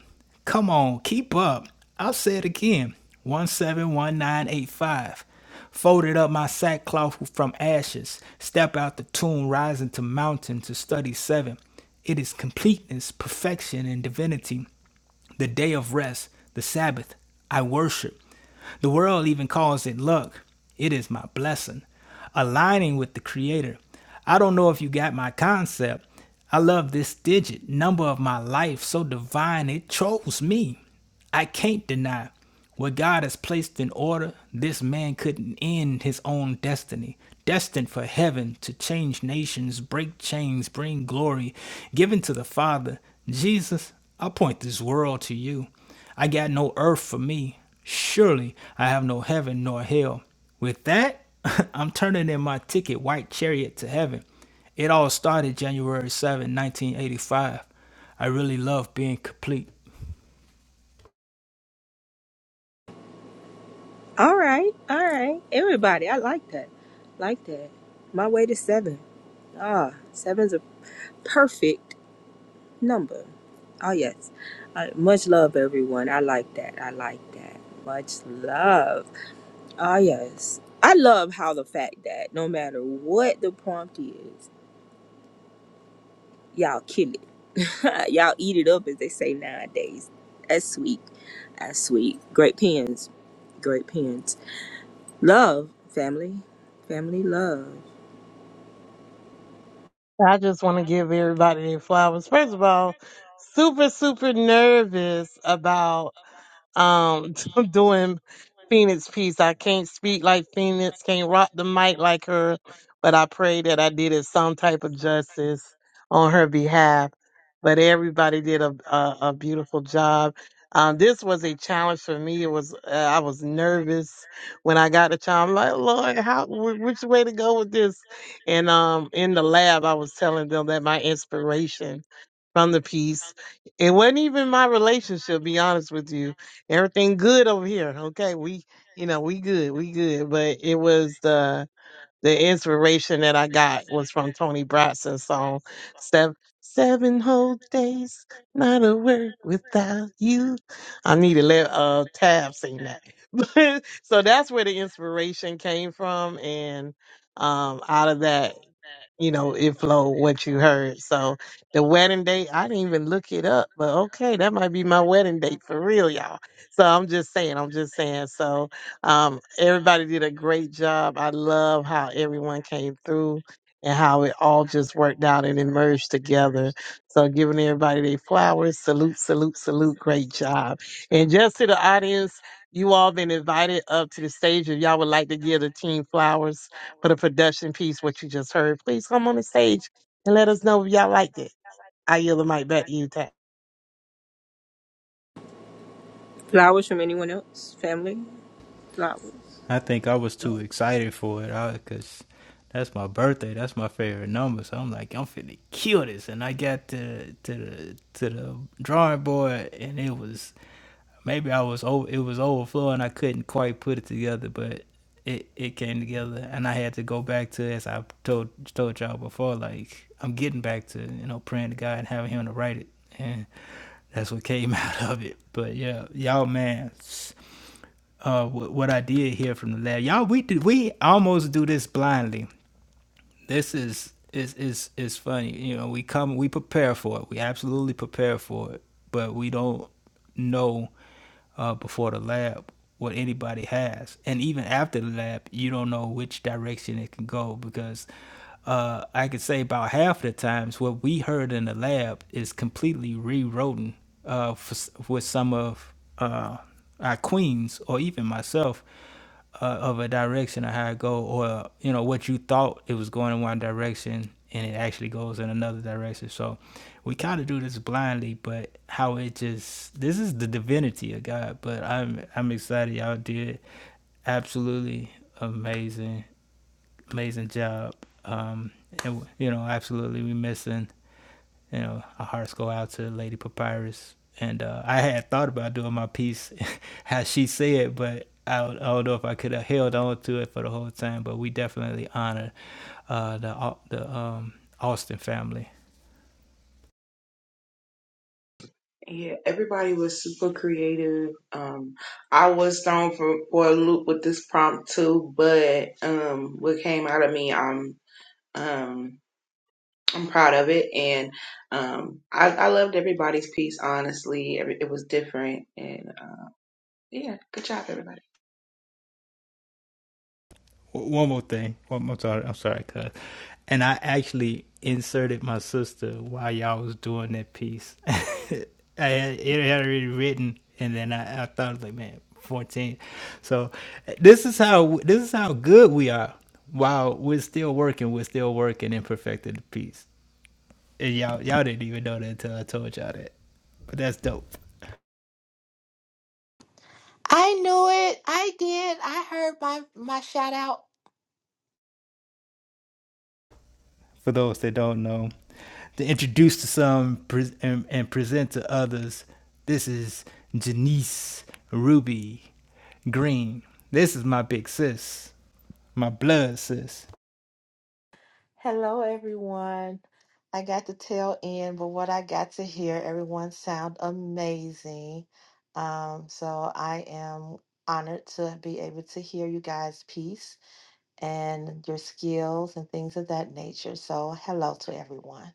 Speaker 1: Come on, keep up. I'll say it again. One seven one nine eight five. Folded up my sackcloth from ashes. Step out the tomb, rising to mountain to study seven. It is completeness, perfection, and divinity the day of rest, the Sabbath. I worship. The world even calls it luck. It is my blessing. Aligning with the Creator. I don't know if you got my concept. I love this digit, number of my life, so divine it chose me. I can't deny what God has placed in order. This man couldn't end his own destiny. Destined for heaven to change nations, break chains, bring glory, given to the Father. Jesus, I point this world to you. I got no earth for me. Surely I have no heaven nor hell. With that, I'm turning in my ticket, White Chariot to Heaven. It all started January seventh, 1985. I really love being complete.
Speaker 3: All right, all right, everybody, I like that. Like that. My way to seven. Ah, seven's a perfect number. Oh, yes. Uh, much love, everyone. I like that. I like that. Much love. Oh, yes. I love how the fact that no matter what the prompt is, y'all kill it. y'all eat it up, as they say nowadays. That's sweet. That's sweet. Great pens. Great pens. Love, family. Family love.
Speaker 2: I just want to give everybody their flowers. First of all, super, super nervous about um doing Phoenix piece. I can't speak like Phoenix, can't rock the mic like her, but I pray that I did it some type of justice on her behalf. But everybody did a a, a beautiful job. Um, this was a challenge for me. It was uh, I was nervous when I got the challenge. I'm like, Lord, how wh- which way to go with this? And um, in the lab, I was telling them that my inspiration from the piece. It wasn't even my relationship, be honest with you everything good over here. Okay, we you know we good, we good. But it was the the inspiration that I got was from Tony Braxton's song Seven Seven Whole Days, Not a Word Without You. I need to let uh Tab sing that. so that's where the inspiration came from and um out of that you know, it flowed what you heard. So the wedding date, I didn't even look it up, but okay, that might be my wedding date for real, y'all. So I'm just saying, I'm just saying. So um, everybody did a great job. I love how everyone came through and how it all just worked out and emerged together. So giving everybody their flowers, salute, salute, salute, great job. And just to the audience, you all been invited up to the stage. If y'all would like to give the team flowers for the production piece, what you just heard, please come on the stage and let us know if y'all liked it. I yield the mic back to you, Tat.
Speaker 3: Flowers from anyone else? Family? Flowers.
Speaker 1: I think I was too excited for it because that's my birthday. That's my favorite number. So I'm like, I'm finna kill this. And I got to, to, the, to the drawing board and it was maybe I was over, it was overflowing. I couldn't quite put it together, but it it came together, and I had to go back to as I told told y'all before. Like I'm getting back to you know praying to God and having Him to write it, and that's what came out of it. But yeah, y'all man, uh, what, what I did hear from the lab, y'all we did we almost do this blindly. This is. Is, is is funny you know we come we prepare for it we absolutely prepare for it but we don't know uh, before the lab what anybody has, and even after the lab, you don't know which direction it can go because uh, I could say about half the times what we heard in the lab is completely rewritten uh, for, with some of uh, our queens or even myself uh, of a direction of how it go, or you know what you thought it was going in one direction and it actually goes in another direction. So we kind of do this blindly, but how it just this is the divinity of God. But I'm I'm excited y'all did absolutely amazing amazing job. Um, and you know absolutely we missing you know, our hearts go out to Lady Papyrus. And uh, I had thought about doing my piece how she said, but I don't, I don't know if I could have held on to it for the whole time. But we definitely honor uh, the the um, Austin family
Speaker 4: Yeah, everybody was super creative. Um, I was thrown for, for a loop with this prompt too, but um, what came out of me, I'm um, I'm proud of it, and um, I, I loved everybody's piece. Honestly, Every, it was different, and uh, yeah, good job, everybody.
Speaker 1: One more thing. One more sorry. I'm sorry, cuz. And I actually inserted my sister while y'all was doing that piece. I had, it had already written, and then I, I thought like, man, 14. So this is how this is how good we are. While we're still working, we're still working and perfecting the piece. And y'all y'all didn't even know that until I told y'all that. But that's dope.
Speaker 6: I knew it. I did. I heard my my shout out.
Speaker 1: For those that don't know, to introduce to some and, and present to others. This is Janice Ruby Green. This is my big sis, my blood sis.
Speaker 6: Hello, everyone. I got the tail end, but what I got to hear, everyone sound amazing. Um, so I am honored to be able to hear you guys' piece and your skills and things of that nature. So hello to everyone.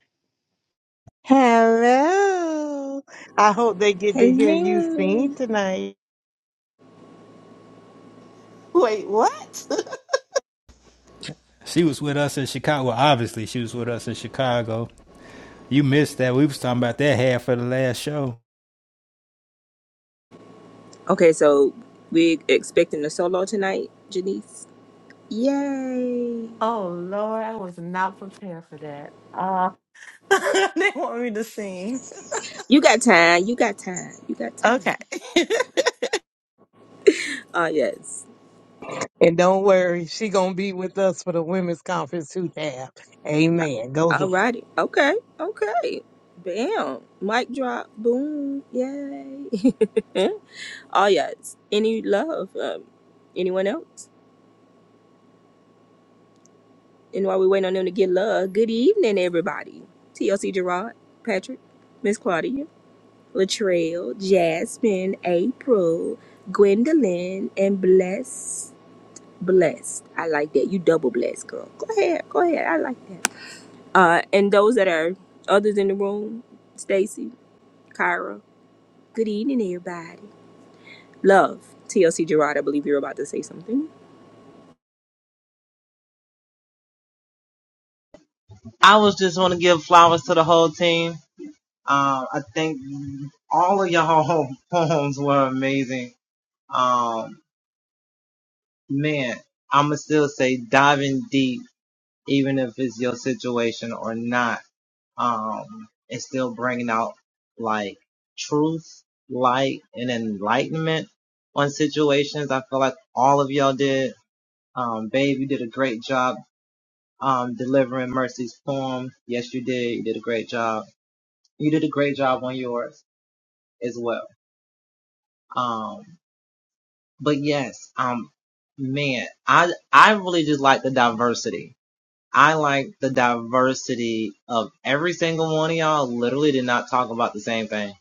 Speaker 2: Hello. I hope they get to hear you sing
Speaker 3: Hello.
Speaker 2: tonight.
Speaker 6: Wait, what?
Speaker 1: She was with us in Chicago. Well, obviously, she was with us in Chicago. You missed that. We was talking about that half of the last show.
Speaker 3: Okay, so we expecting a solo tonight, Janice. Yay!
Speaker 6: Oh Lord, I was not prepared for that. Uh, they want me to sing.
Speaker 3: You got time. You got time. You got time.
Speaker 6: Okay.
Speaker 3: Uh yes.
Speaker 2: And don't worry, she gonna be with us for the women's conference too, Tab. Amen. Go ahead.
Speaker 3: Alrighty. Okay. Okay. Bam. Mic drop. Boom. Yay. Yeah. oh yes. Any love? Um, anyone else? And while we wait on them to get love, good evening, everybody. TLC Gerard, Patrick, Miss Claudia, Latrell, Jasmine, April, Gwendolyn, and Bless. blessed. I like that. You double blessed, girl. Go ahead. Go ahead. I like that. Uh, and those that are others in the room, Stacy, Kyra. Good evening, everybody. Love. TLC Gerard, I believe you're about to say something.
Speaker 7: I was just want to give flowers to the whole team. Um, I think all of y'all poems were amazing. Um, man, I'ma still say diving deep, even if it's your situation or not. Um, it's still bringing out like truth, light, and enlightenment on situations. I feel like all of y'all did. Um, babe, you did a great job um, delivering Mercy's poem. Yes, you did. You did a great job you did a great job on yours as well. Um, but yes, um, man, I I really just like the diversity. I like the diversity of every single one of y'all. Literally, did not talk about the same thing.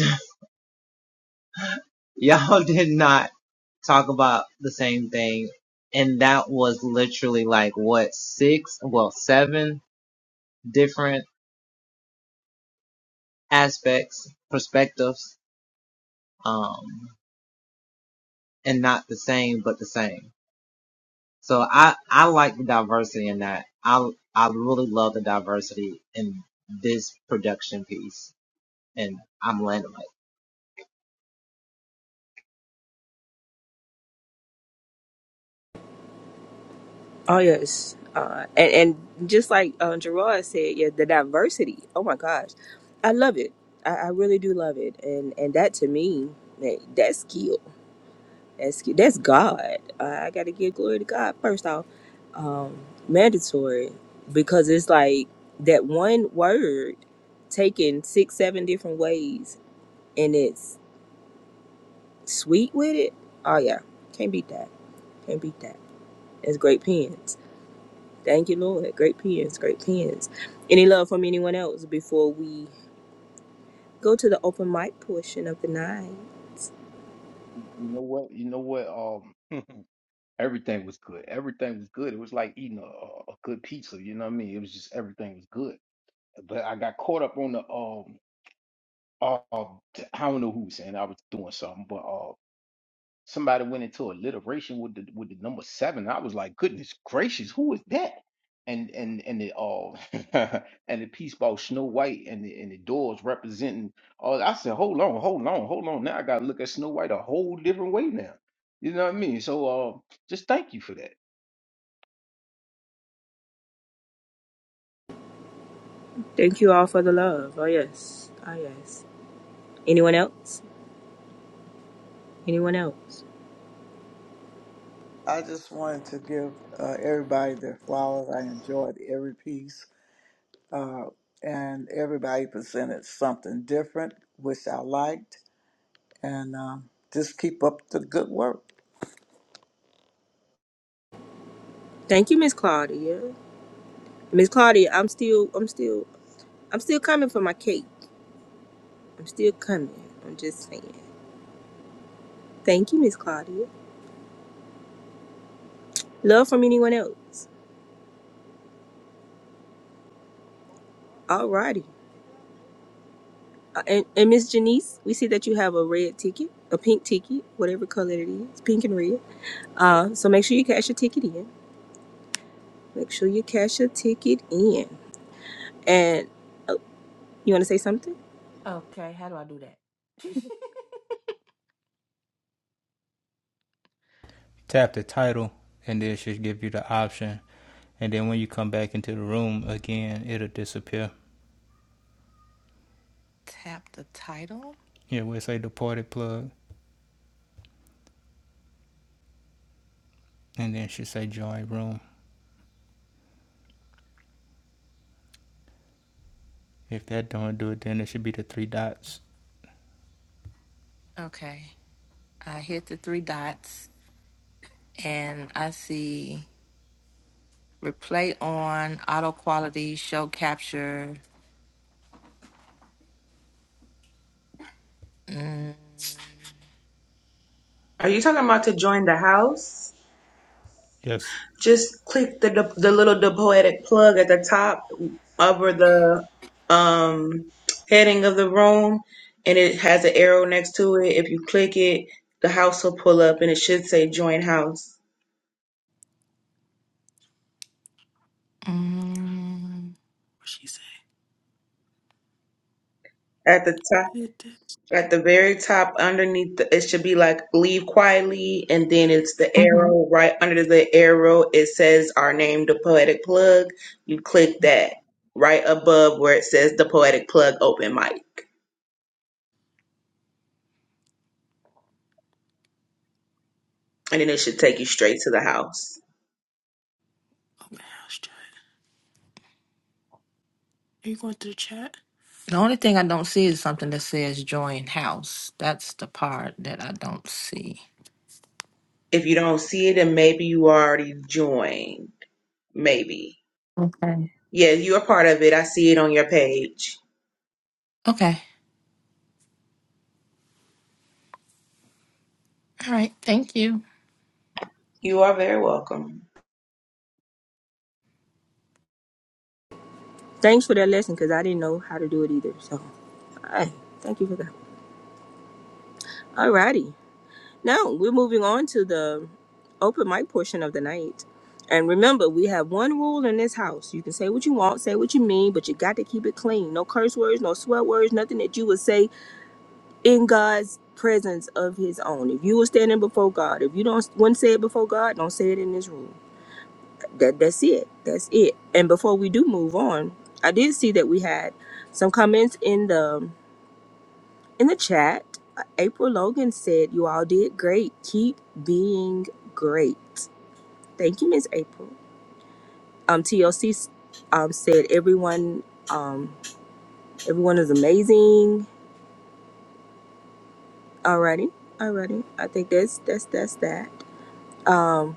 Speaker 7: y'all did not talk about the same thing, and that was literally like what six, well, seven different aspects, perspectives, um, and not the same, but the same. So I, I like the diversity in that. I, I really love the diversity in this production piece and I'm landing.
Speaker 3: Oh yes. Uh, and, and just like uh, Gerard said, yeah, the diversity. Oh my gosh, I love it. I, I really do love it. And and that to me, that, that's skill. That's that's God. I gotta give glory to God first off. Um, mandatory because it's like that one word taken six, seven different ways, and it's sweet with it. Oh yeah, can't beat that. Can't beat that. It's great pens. Thank you, Lord. Great pens. Great pens. Any love from anyone else before we go to the open mic portion of the night?
Speaker 8: You know what? You know what? Um, everything was good. Everything was good. It was like eating a, a a good pizza. You know what I mean? It was just everything was good. But I got caught up on the um. Uh, I don't know who was saying I was doing something, but uh, Somebody went into alliteration with the with the number seven. I was like, goodness gracious, who is that? And and and the all and the piece about Snow White and the and the doors representing all. I said, hold on, hold on, hold on. Now I gotta look at Snow White a whole different way now. You know what I mean? So uh, just thank you for that.
Speaker 3: Thank you all for the love. Oh yes. Oh yes. Anyone else? Anyone else?
Speaker 9: I just wanted to give uh, everybody their flowers. I enjoyed every piece, uh, and everybody presented something different, which I liked. And um, just keep up the good work.
Speaker 3: Thank you, Miss Claudia. Miss Claudia, I'm still, I'm still, I'm still coming for my cake. I'm still coming. I'm just saying. Thank you, Miss Claudia. Love from anyone else. Alrighty. Uh, and and Miss Janice, we see that you have a red ticket, a pink ticket, whatever color it is, pink and red. Uh, so make sure you cash your ticket in. Make sure you cash your ticket in. And oh, you want to say something?
Speaker 6: Okay, how do I do that?
Speaker 1: Tap the title, and then she'll give you the option. And then when you come back into the room again, it'll disappear.
Speaker 6: Tap the title.
Speaker 1: Yeah, we'll say deported plug, and then she'll say join room. If that don't do it, then it should be the three dots.
Speaker 6: Okay. I hit the three dots and I see replay on, auto quality, show capture. Mm,
Speaker 4: Are you talking about to join the house?
Speaker 1: Yes.
Speaker 4: Just click the the little the poetic plug at the top over the um, heading of the room, and it has an arrow next to it. If you click it, the house will pull up, and it should say "Join House"
Speaker 6: mm, What she said?
Speaker 4: at the top.
Speaker 6: Did it?
Speaker 4: At the very top, underneath, the, it should be like "Leave quietly," and then it's the
Speaker 6: hmm
Speaker 4: arrow. Right under the arrow, it says "Our name, the Poetic Plug." You click that right above where it says "The Poetic Plug Open Mic," and then it should take you straight to the house.
Speaker 6: Open house chat. Are you going to the chat? The only thing I don't see is something that says join house. That's the part that I don't see.
Speaker 4: If you don't see it, then maybe you already joined. Maybe.
Speaker 6: Okay.
Speaker 4: Yeah, you're a part of it. I see it on your page.
Speaker 6: Okay. All right. Thank you.
Speaker 4: You are very welcome.
Speaker 3: Thanks for that lesson, cause I didn't know how to do it either. So, all right. thank you for that. Alrighty. Now we're moving on to the open mic portion of the night. And remember, we have one rule in this house. You can say what you want, say what you mean, but you got to keep it clean. No curse words, no swear words, nothing that you would say in God's presence of his own. If you were standing before God, if you don't want to say it before God, don't say it in this room. That that's it. That's it. And before we do move on, I did see that we had some comments in the in the chat, uh, April Logan said, You all did great. Keep being great. Thank you, Miss April. Um, TLC um, said, Everyone um, everyone is amazing. Alrighty, alrighty. I think that's that's that's that. Um,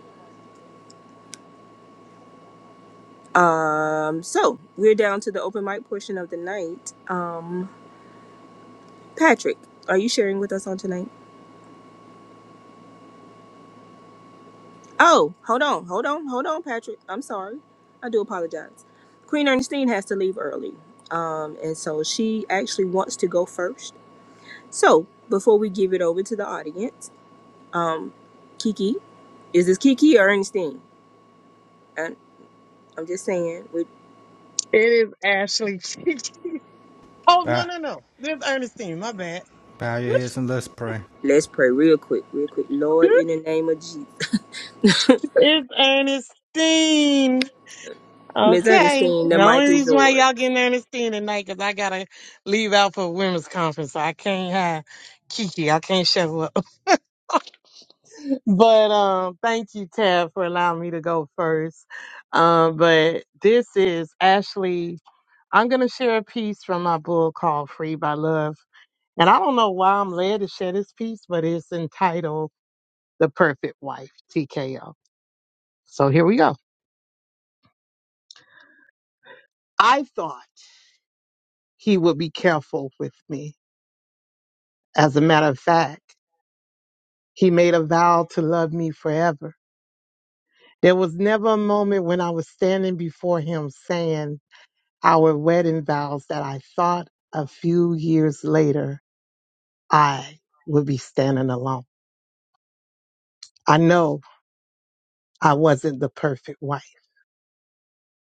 Speaker 3: um, so we're down to the open mic portion of the night. Um, Patrick, are you sharing with us on tonight? Oh, hold on, hold on, hold on, Patrick. I'm sorry. I do apologize. Queen Ernestine has to leave early. Um, and so she actually wants to go first. So before we give it over to the audience, um, Kiki, is this Kiki or Ernestine? And I'm just saying, we,
Speaker 2: It is Ashley. oh no,
Speaker 1: Bow,
Speaker 2: no, no. It's Ernestine. My bad.
Speaker 1: bow your heads and let's pray.
Speaker 3: let's pray real quick, real quick. Lord, in the name of Jesus.
Speaker 2: It's Ernestine.
Speaker 3: Ms.
Speaker 2: Okay.
Speaker 3: Ernestine, the
Speaker 2: The only
Speaker 3: mic is
Speaker 2: reason why
Speaker 3: yours.
Speaker 2: y'all getting Ernestine tonight because I gotta leave out for women's conference. So I can't have Kiki. I can't show up. But um, thank you, Tab, for allowing me to go first. Um, but this is Ashley I'm going to share a piece from my book called Free by Love. And I don't know why I'm led to share this piece, but it's entitled The Perfect Wife, TKO. So here we go. I thought he would be careful with me. As a matter of fact, he made a vow to love me forever. There was never a moment when I was standing before him saying our wedding vows that I thought a few years later I would be standing alone. I know I wasn't the perfect wife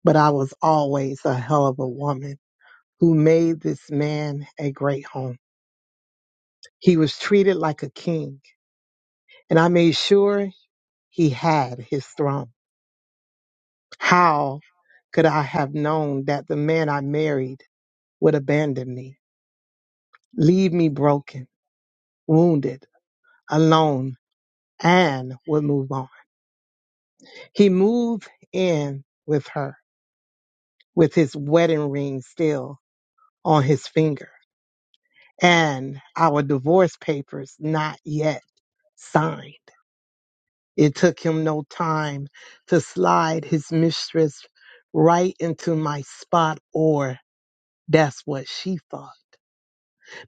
Speaker 2: but I was always a hell of a woman who made this man a great home. He was treated like a king, and I made sure he had his throne. How could I have known that the man I married would abandon me, leave me broken, wounded, alone, and would move on? He moved in with her, with his wedding ring still on his finger, and our divorce papers not yet signed. It took him no time to slide his mistress right into my spot, or that's what she thought,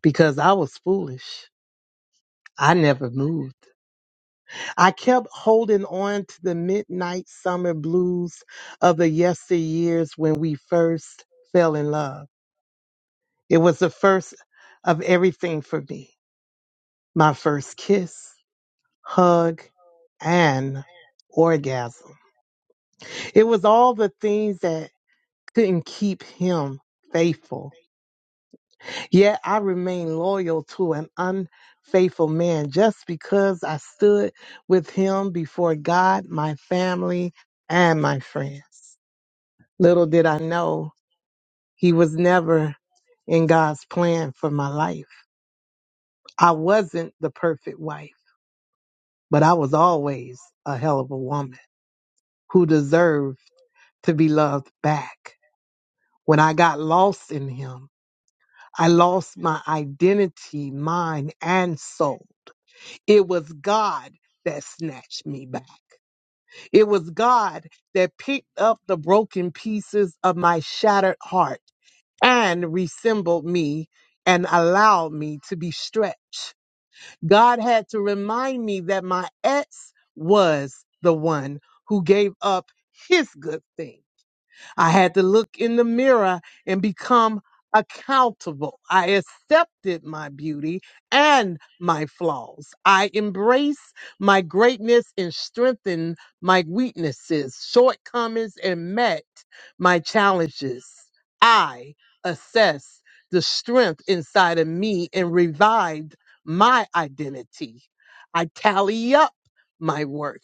Speaker 2: because I was foolish. I never moved. I kept holding on to the midnight summer blues of the yesteryears when we first fell in love. It was the first of everything for me my first kiss, hug, and orgasm. It was all the things that couldn't keep him faithful. Yet I remained loyal to an unfaithful man just because I stood with him before God, my family, and my friends. Little did I know he was never in God's plan for my life. I wasn't the perfect wife, but I was always a hell of a woman who deserved to be loved back. When I got lost in him, I lost my identity, mind and soul. It was God that snatched me back. It was God that picked up the broken pieces of my shattered heart and reassembled me and allowed me to be stretched. God had to remind me that my ex was the one who gave up his good thing I had to look in the mirror and become accountable. I accepted my beauty and my flaws. I embrace my greatness and strengthened my weaknesses, shortcomings, and met my challenges. I assessed the strength inside of me and revived my identity. I tally up my worth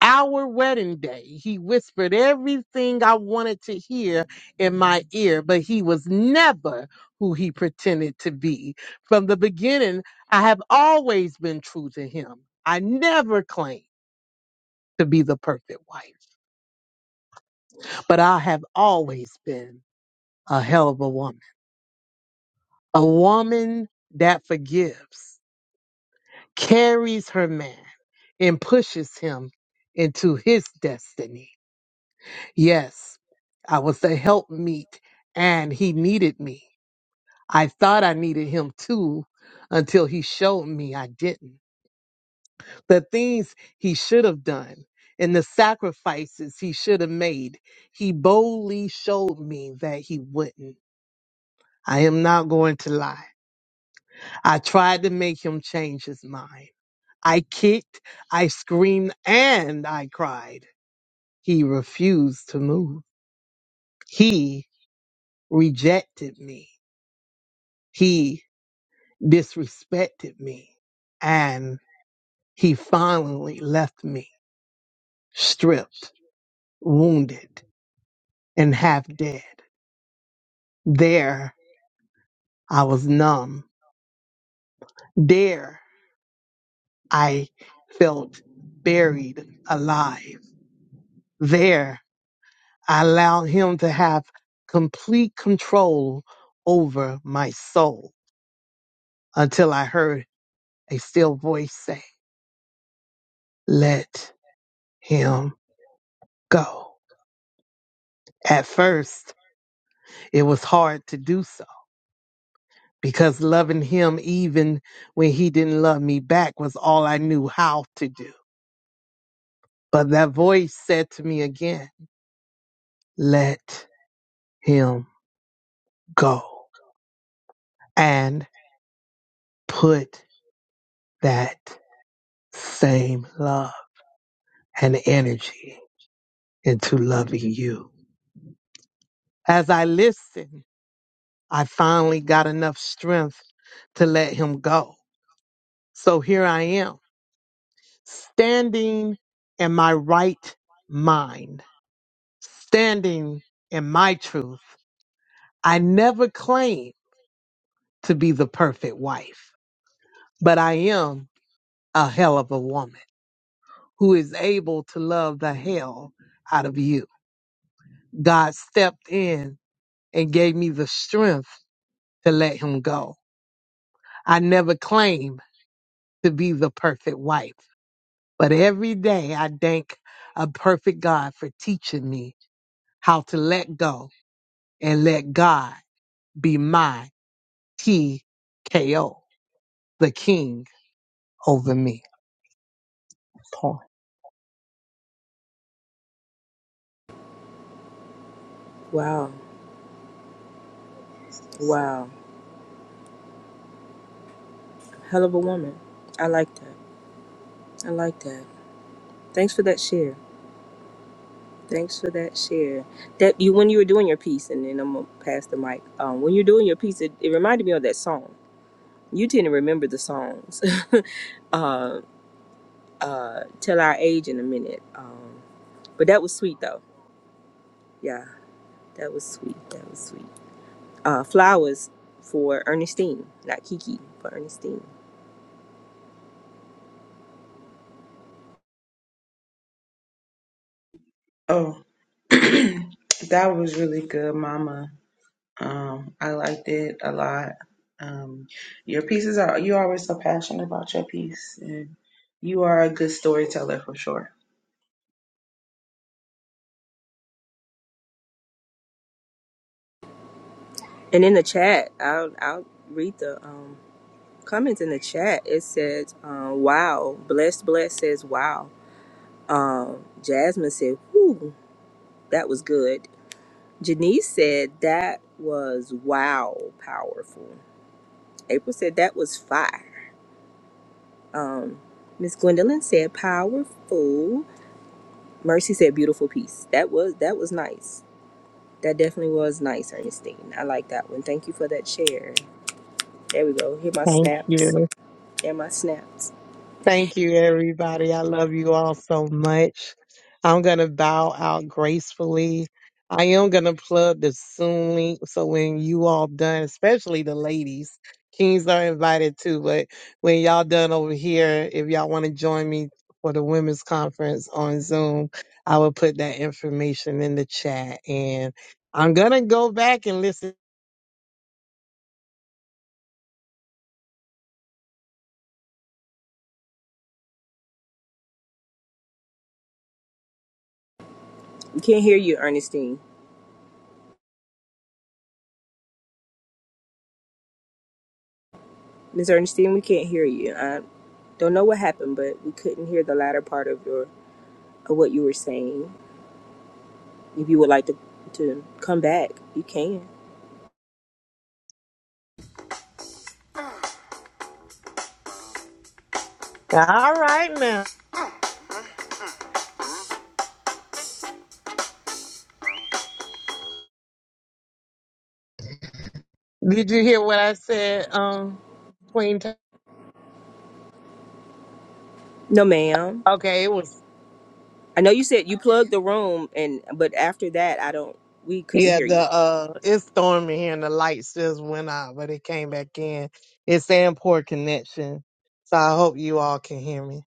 Speaker 2: our wedding day, he whispered everything I wanted to hear in my ear, but he was never who he pretended to be. From the beginning, I have always been true to him. I never claimed to be the perfect wife, but I have always been a hell of a woman. A woman that forgives, carries her man, and pushes him into his destiny. Yes, I was the helpmeet and he needed me. I thought I needed him too until he showed me I didn't. The things he should have done and the sacrifices he should have made, he boldly showed me that he wouldn't. I am not going to lie. I tried to make him change his mind. I kicked, I screamed, and I cried. He refused to move. He rejected me. He disrespected me and he finally left me stripped, wounded, and half dead. There I was numb. There I felt buried alive. There I allowed him to have complete control over my soul until I heard a still voice say, let him go. At first, it was hard to do so because loving him even when he didn't love me back was all I knew how to do. But that voice said to me again, let him go and put that same love and energy into loving you. As I listened, I finally got enough strength to let him go. So here I am, standing in my right mind, standing in my truth I never claim to be the perfect wife, but I am a hell of a woman who is able to love the hell out of you. God stepped in and gave me the strength to let him go. I never claim to be the perfect wife, but every day I thank a perfect God for teaching me how to let go and let God be my TKO, the king over me. Paul.
Speaker 3: Wow, wow. Hell of a woman. I like that. I like that. Thanks for that share. Thanks for that share. That you when you were doing your piece, and then I'm gonna pass the mic. Um, when you're doing your piece, it, it reminded me of that song. You tend to remember the songs. uh, uh, tell our age in a minute. Um, but that was sweet though. Yeah, that was sweet. That was sweet. Uh, flowers for Ernestine, not Kiki, but Ernestine.
Speaker 4: Oh, that was really good, Mama. Um, I liked it a lot. Um, your pieces are, you're always so passionate about your piece. And you are a good storyteller for sure.
Speaker 3: And in the chat, I'll I'll read the um, comments in the chat. It says, uh, "Wow, blessed, blessed." Says, "Wow." Um, Jasmine said, "Whoo." That was good. Janice said that was wow, powerful. April said that was fire. Miss Gwendolyn said powerful. Mercy said beautiful piece. That was that was nice. That definitely was nice, Ernestine. I like that one. Thank you for that share. There we go. Hear my
Speaker 2: Thank you.
Speaker 3: snaps. Hear my snaps.
Speaker 2: Thank you, everybody. I love you all so much. I'm going to bow out gracefully. I am going to plug the Zoom link. So when you all done, especially the ladies, kings are invited too. But when y'all done over here, if y'all want to join me for the women's conference on Zoom, I will put that information in the chat. And I'm going to go back and listen.
Speaker 3: We can't hear you, Ernestine. Miss Ernestine, we can't hear you. I don't know what happened, but we couldn't hear the latter part of your of what you were saying. If you would like to to come back, you can.
Speaker 2: All right, now. Did you hear what I said, um, Queen? T-
Speaker 3: No, ma'am.
Speaker 2: Okay, it was
Speaker 3: I know you said you plugged the room, and but after that, I don't. We couldn't
Speaker 2: Yeah,
Speaker 3: hear
Speaker 2: the
Speaker 3: you.
Speaker 2: uh it's storming here and the lights just went out, but it came back in. It's saying poor connection. So I hope you all can hear me.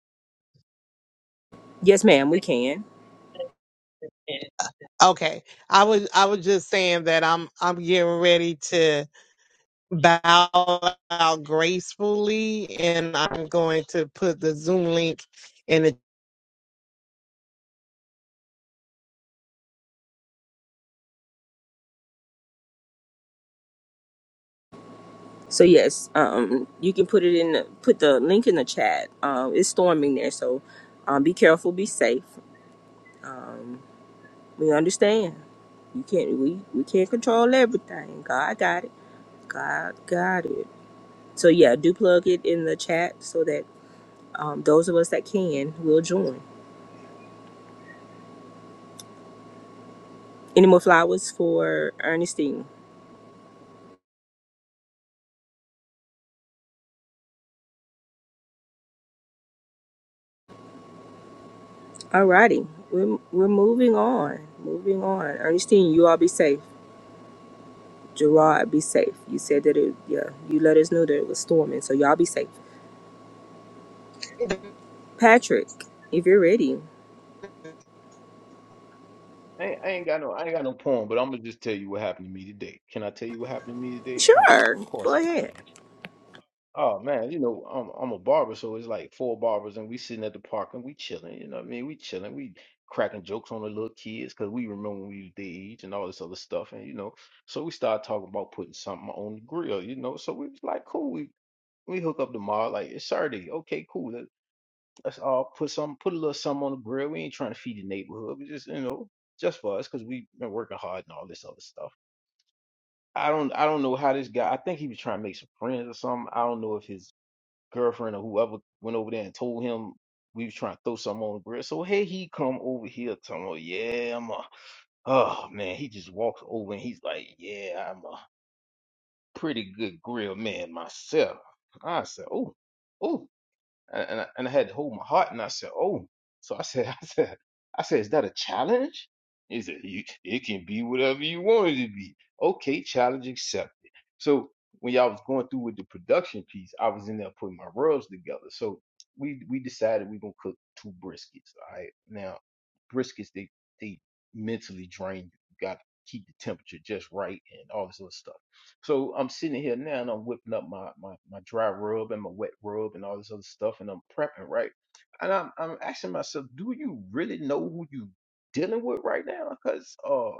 Speaker 3: Yes, ma'am. We can.
Speaker 2: Okay. I was I was just saying that I'm I'm getting ready to bow out gracefully and I'm going to put the Zoom link in the
Speaker 3: So yes, um, you can put it in. The, put the link in the chat. Um, it's storming there, so um, be careful. Be safe. We understand. You can't. We we can't control everything. God got it. God got it. So yeah, do plug it in the chat so that um, those of us that can will join. Any more flowers for Ernestine? Alrighty, we're we're moving on, moving on. Ernestine, you all be safe. Gerard, be safe. You said that it, yeah. You let us know that it was storming, so y'all be safe.
Speaker 10: the
Speaker 3: Patrick, if you're ready,
Speaker 8: I ain't, I ain't got no I ain't got no poem, but I'm gonna just tell you what happened to me today. Can I tell you what happened to me today? Oh, of
Speaker 3: sure, go
Speaker 8: course I
Speaker 3: ahead.
Speaker 8: can. Oh man, you know, I'm I'm a barber, so it's like four barbers and we sitting at the park and we chilling, you know what I mean? We chilling, we cracking jokes on the little kids because we remember when we was their age and all this other stuff and you know, so we started talking about putting something on the grill, you know. So we was like, cool, we we hook up tomorrow, like it's Saturday, okay, cool. Let, let's all put some put a little something on the grill. We ain't trying to feed the neighborhood, we just you know, just for us because we been working hard and all this other stuff. I don't I don't know how this guy I think he was trying to make some friends or something. I don't know if his girlfriend or whoever went over there and told him we was trying to throw something on the grill. So here he come over here telling me, yeah, I'm a, oh man, he just walks over and he's like, yeah, I'm a pretty good grill man myself. I said, oh, oh and, and, I, and I had to hold my heart and I said, Oh, so I said, I said, I said, is that a challenge? He said, you, it can be whatever you want it to be. Okay, challenge accepted. So when y'all was going through with the production piece, I was in there putting my rubs together. So we we decided we gonna cook two briskets. All right. Now briskets they they mentally drain you. You gotta keep the temperature just right and all this other stuff. So I'm sitting here now and I'm whipping up my, my, my dry rub and my wet rub and all this other stuff and I'm prepping, right? And I'm, I'm asking myself, do you really know who you dealing with right now? Because uh,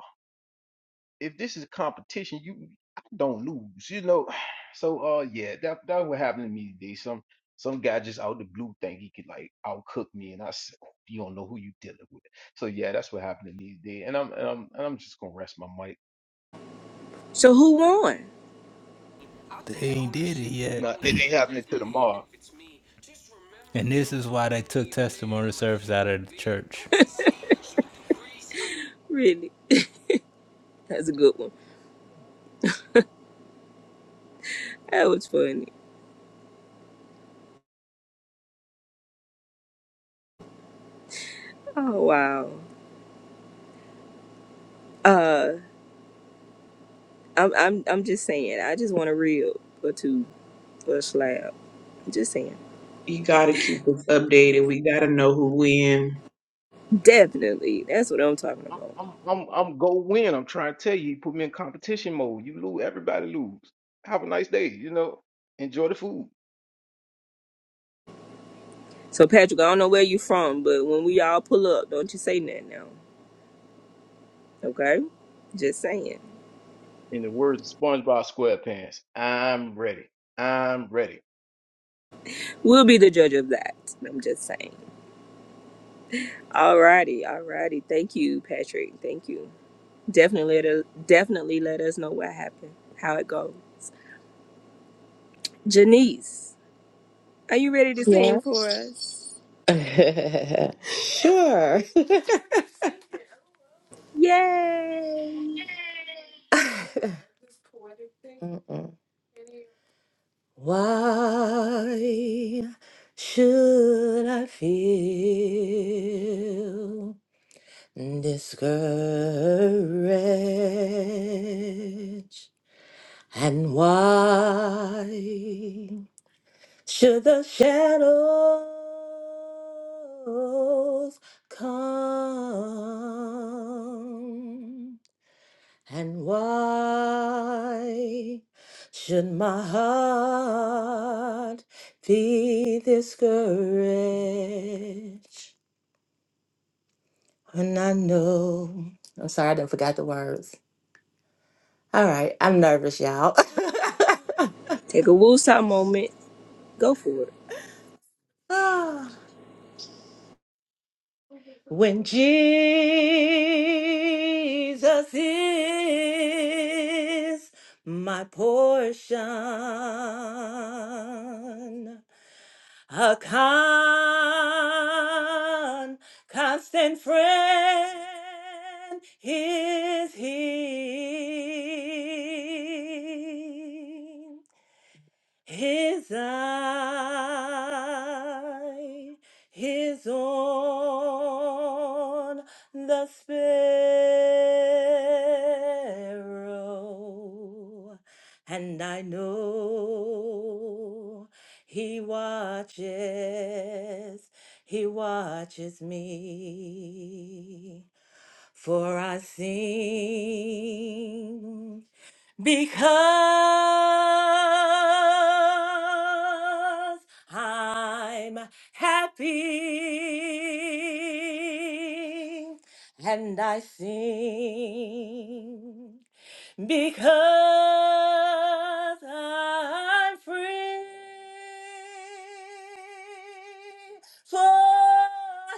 Speaker 8: if this is a competition, you I don't lose, you know. So uh, yeah, that that what happened to me today. Some some guy just out the blue think he could like outcook me, and I said, "Oh, you don't know who you dealing with. So yeah, that's what happened to me today. And I'm and I'm and I'm just gonna rest my mic.
Speaker 3: So who won?
Speaker 1: They ain't did it yet.
Speaker 8: No, it ain't happening to tomorrow.
Speaker 1: And this is why they took testimony service out of the church.
Speaker 3: Really, that's a good one. That was funny. Oh wow. Uh, I'm I'm I'm just saying. I just want a reel or two or a slab. Just saying.
Speaker 4: You gotta keep us updated. We gotta know who win.
Speaker 3: Definitely, that's what I'm talking
Speaker 8: I'm
Speaker 3: about.
Speaker 8: I'm I'm I'm go win. I'm trying to tell you, you put me in competition mode. You lose, everybody lose. Have a nice day, you know. Enjoy the food.
Speaker 3: So Patrick, I don't know where you from, but when we all pull up, don't you say nothing now. Okay? Just saying.
Speaker 8: In the words of SpongeBob SquarePants, I'm ready. I'm ready.
Speaker 3: We'll be the judge of that. I'm just saying. Alrighty, alrighty. Thank you, Patrick. Thank you. Definitely let us definitely let us know what happened, how it goes. Janice, are you ready to sing
Speaker 6: Yeah.
Speaker 3: for us?
Speaker 6: sure.
Speaker 3: Yay!
Speaker 6: Mm-mm. Why should I feel discouraged? And why should the shadows come? And why should my heart be discouraged when I know? I'm sorry, I done forgot the words. All right, I'm nervous, y'all.
Speaker 3: Take a woosah moment. Go for it.
Speaker 6: Ah, when Jesus is my portion. a con- constant friend is he. His eye is on the sparrow, and I know he watches, he watches me, for I sing because I'm happy and I sing because I'm free. For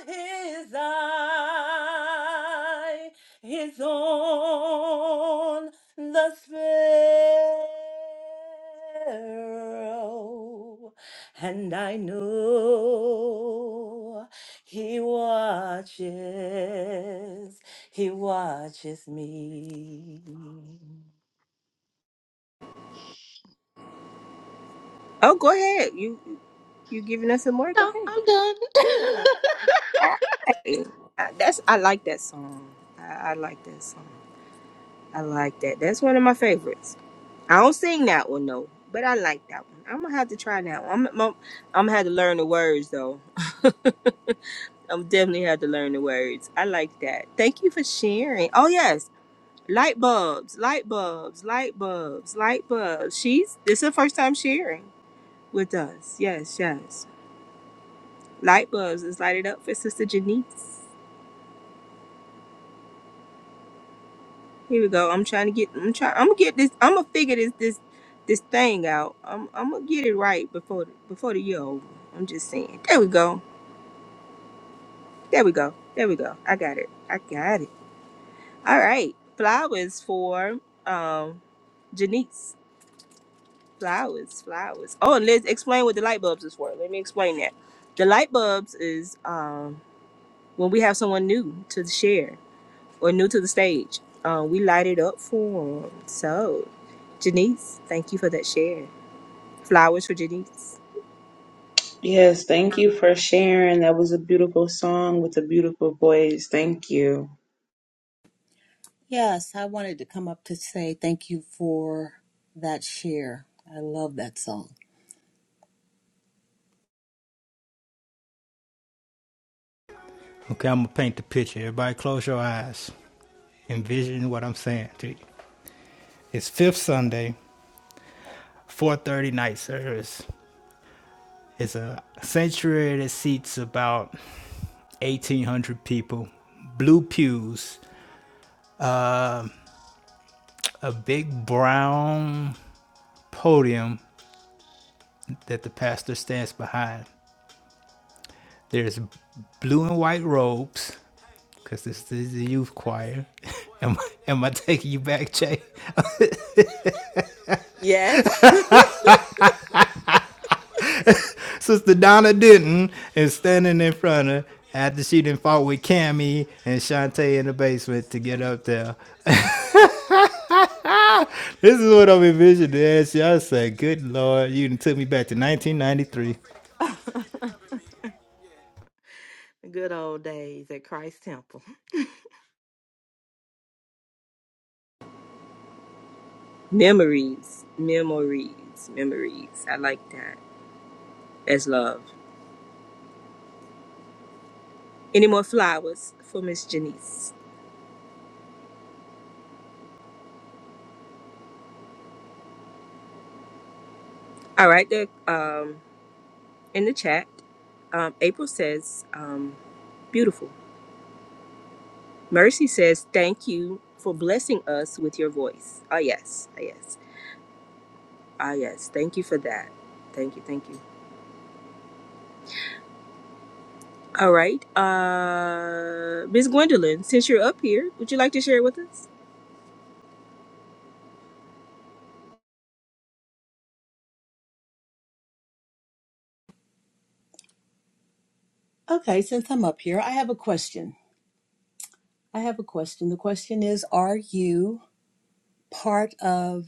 Speaker 6: his eye is on the sparrow, and I know he watches he watches me.
Speaker 3: Oh, go ahead. You you giving us some more? Go ahead. Alright. Uh, That's I like that song. I, I like that song. I like that. That's one of my favorites. I don't sing that one though, but I like that one. I'm gonna have to try that one. I'm, I'm, I'm gonna have to learn the words though. I'm definitely have to learn the words. I like that. Thank you for sharing. Oh yes, light bulbs, light bulbs, light bulbs, light bulbs. She's this is her first time sharing with us. Yes, yes. Light bulbs. Let's light it up for Sister Janice. Here we go. I'm trying to get. I'm trying. I'm gonna get this. I'm gonna figure this this this thing out. I'm I'm gonna get it right before the, before the year over. I'm just saying. There we go. There we go. There we go. I got it. I got it. All right. Flowers for um Janice. Flowers. Flowers. Oh, and let's explain what the light bulbs is for. Let me explain that. The light bulbs is um when we have someone new to share. or new to the stage, um, we light it up for them. So, Janice, thank you for that share. Flowers for Janice.
Speaker 4: Yes, thank you for sharing. That was a beautiful song with a beautiful voice. Thank you.
Speaker 11: Yes, I wanted to come up to say thank you for that share. I love that song.
Speaker 1: Okay, I'm gonna paint the picture. Everybody, close your eyes. Envision what I'm saying to you. It's Fifth Sunday, 4:30 night service. It's a sanctuary that seats about 1,800 people. Blue pews, a big brown podium that the pastor stands behind. There's blue and white robes, because this is the youth choir. am, am I taking you back, Jay?
Speaker 6: Yes.
Speaker 1: Sister Donna Denton is standing in front of after she done fought with Cammy and Shantae in the basement to get up there. this is what I'm envisioning as y'all say, good lord, you done took me back to 1993.
Speaker 6: Good old days at Christ Temple.
Speaker 3: Memories, memories, memories. I like that. That's love. Any more flowers for Miss Janice? All right, there, um, in the chat. Um, April says, um, beautiful. Mercy says, thank you for blessing us with your voice. Ah, yes, ah, yes, ah, yes. Thank you for that. Thank you, thank you. All right. Uh, Miss Gwendolyn, since you're up here, would you like to share with us?
Speaker 11: Okay, since I'm up here, I have a question. I have a question. The question is Are you part of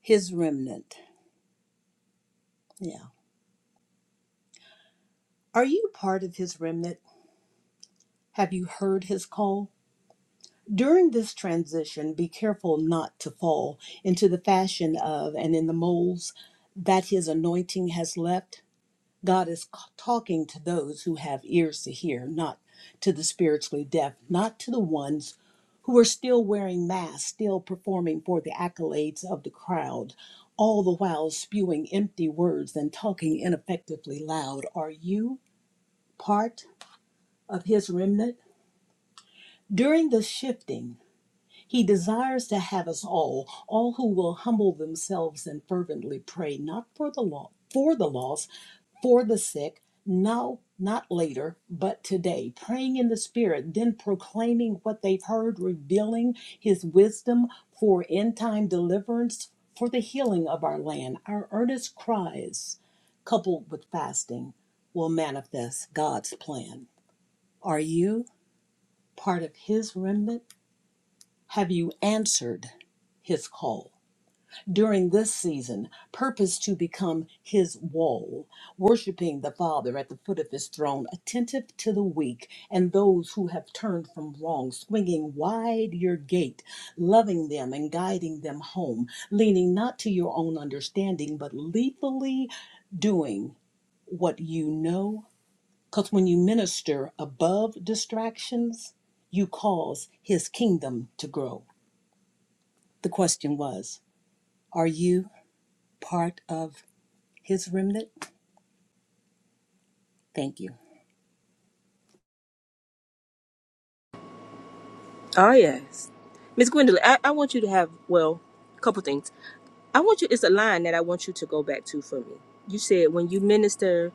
Speaker 11: his remnant? Yeah. Are you part of his remnant? Have you heard his call? During this transition, be careful not to fall into the fashion of and in the molds that his anointing has left God is c- talking to those who have ears to hear, not to the spiritually deaf, not to the ones who are still wearing masks, still performing for the accolades of the crowd, all the while spewing empty words and talking ineffectively loud. Are you part of his remnant? During the shifting, he desires to have us all, all who will humble themselves and fervently pray, not for the law, for the lost for the sick, now, not later, but today. Praying in the Spirit, then proclaiming what they've heard, revealing His wisdom for end time deliverance, for the healing of our land. Our earnest cries, coupled with fasting, will manifest God's plan. Are you part of His remnant? Have you answered His call? during this season, purpose to become his wall, worshiping the Father at the foot of his throne, attentive to the weak and those who have turned from wrong, swinging wide your gate, loving them and guiding them home, leaning not to your own understanding, but lethally doing what you know. Because when you minister above distractions, you cause his kingdom to grow. The question was, are you part of? His remnant, thank you.
Speaker 3: Oh, yes. Miss Gwendolyn, I, I want you to have, well, a couple things. I want you, it's a line that I want you to go back to for me. You said when you minister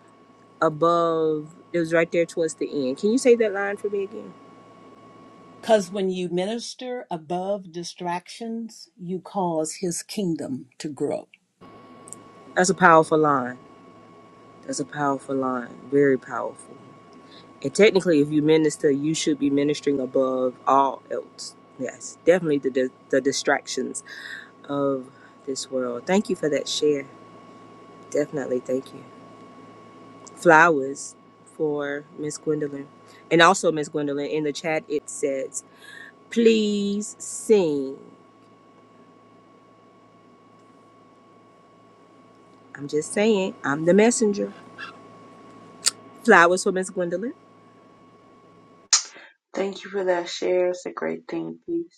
Speaker 3: above, it was right there towards the end. Can you say that line for me again?
Speaker 11: Because when you minister above distractions, you cause his kingdom to grow.
Speaker 3: That's a powerful line. That's a powerful line. Very powerful. And technically, if you minister, you should be ministering above all else. Yes, definitely the, the, the distractions of this world. Thank you for that share. Definitely, thank you. Flowers for Miss Gwendolyn. And also, Miss Gwendolyn, in the chat it says, please sing. I'm just saying, I'm the messenger. Flowers for Miss Gwendolyn.
Speaker 4: Thank you for that share. It's a great thing. Peace.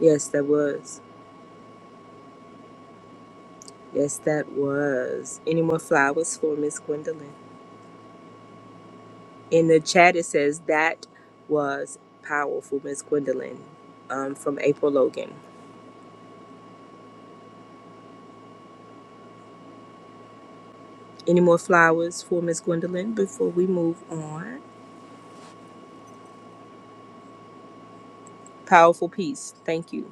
Speaker 3: Yes, that was. Yes, that was. Any more flowers for Miss Gwendolyn? In the chat it says, that was powerful, Miss Gwendolyn, um, from April Logan. Any more flowers for Miss Gwendolyn before we move on? Powerful piece. Thank you.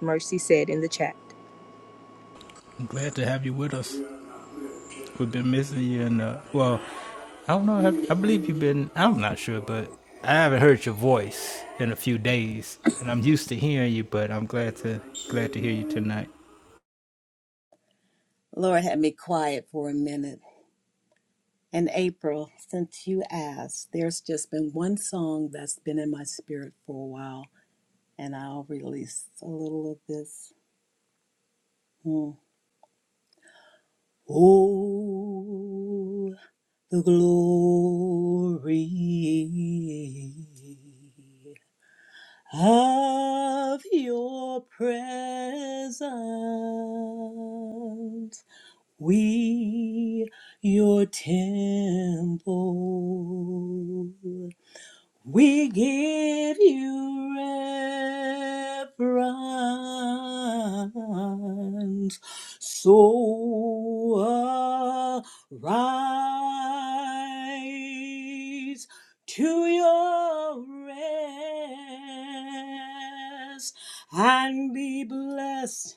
Speaker 3: Mercy said in the chat.
Speaker 1: I'm glad to have you with us. We've been missing you, and uh, well, I don't know. I, I believe you've been. I'm not sure, but I haven't heard your voice in a few days, and I'm used to hearing you. But I'm glad to glad to hear you tonight.
Speaker 11: Lord, had me quiet for a minute. And April, since you asked, there's just been one song that's been in my spirit for a while, and I'll release a little of this. Hmm. Oh, the glory of your presence. We, your temple. We give you reverence. So arise to your rest and be blessed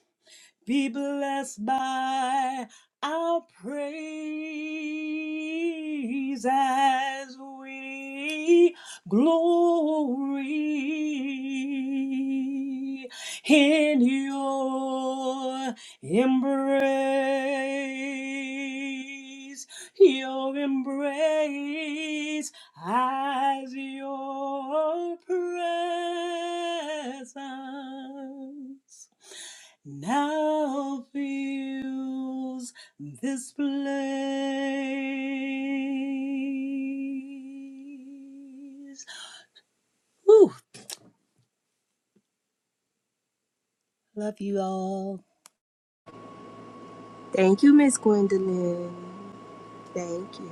Speaker 11: be blessed by our praise as we glory in your embrace, your embrace as your presence now fills this place. Woo! Love you all.
Speaker 3: Thank you, Miss Gwendolyn. Thank you.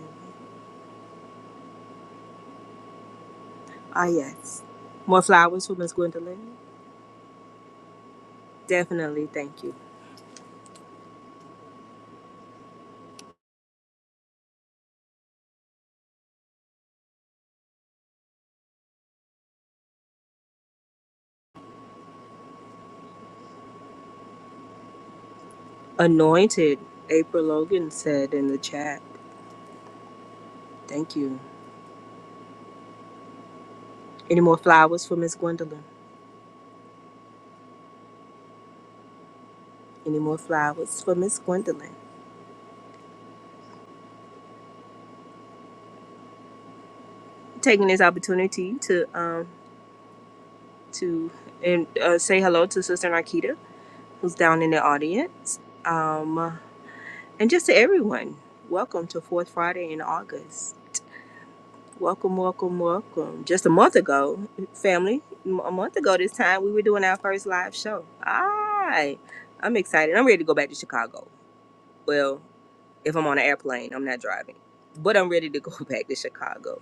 Speaker 3: Ah, yes. More flowers for Miss Gwendolyn? Definitely. Thank you. Anointed. April Logan said in the chat. Thank you. Any more flowers for Miss Gwendolyn? Any more flowers for Miss Gwendolyn? Taking this opportunity to um to and uh, say hello to Sister Nikita, who's down in the audience. Um." And just to everyone, welcome to Fourth Friday in August. Welcome, welcome, welcome. Just a month ago, family, m- a month ago this time, we were doing our first live show. I, I'm excited. I'm ready to go back to Chicago. Well, if I'm on an airplane, I'm not driving, but I'm ready to go back to Chicago.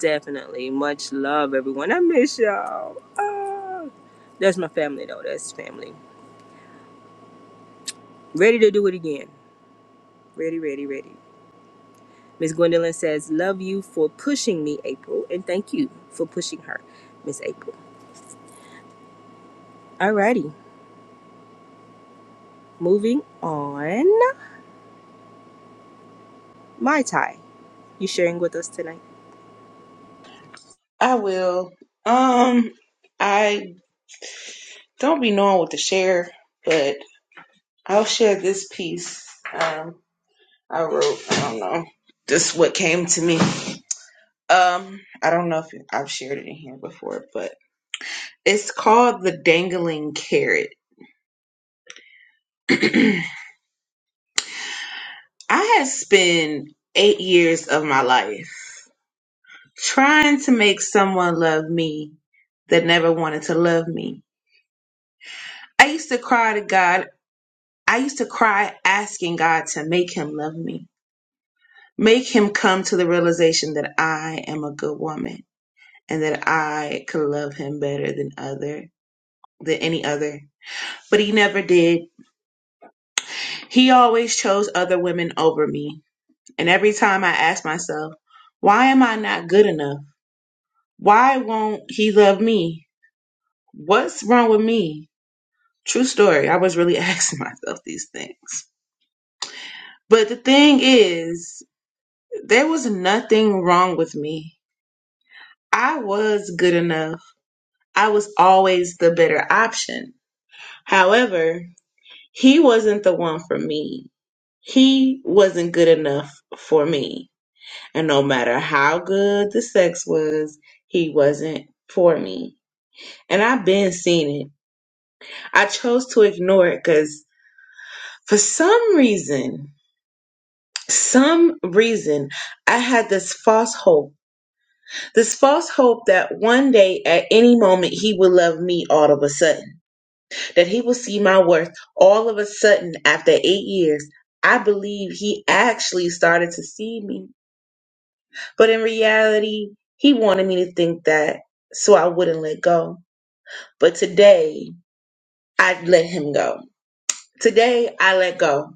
Speaker 3: Definitely. Much love, everyone. I miss y'all. Ah. That's my family, though. That's family. Ready to do it again. Ready, ready, ready. Miss Gwendolyn says, Love you for pushing me, April, and thank you for pushing her, Miss April. Alrighty, moving on. Mai Tai, you sharing with us tonight?
Speaker 4: I will. Um, I don't be knowing what to share, but I'll share this piece. Um, I wrote. I don't know. Just what came to me. Um, I don't know if I've shared it in here before, but it's called the dangling carrot. I had spent eight years of my life trying to make someone love me that never wanted to love me. I used to cry to God. I used to cry asking God to make him love me. Make him come to the realization that I am a good woman and that I could love him better than other than any other. But he never did. He always chose other women over me. And every time I ask myself, why am I not good enough? Why won't he love me? What's wrong with me? True story. I was really asking myself these things. But the thing is, there was nothing wrong with me. I was good enough. I was always the better option. However, he wasn't the one for me. He wasn't good enough for me. And no matter how good the sex was, he wasn't for me. And I've been seeing it. I chose to ignore it because for some reason, some reason, I had this false hope. This false hope that one day, at any moment, he would love me all of a sudden that he will see my worth all of a sudden after eight years. I believe he actually started to see me. But in reality, he wanted me to think that so I wouldn't let go. But today, I let him go. Today, I let go.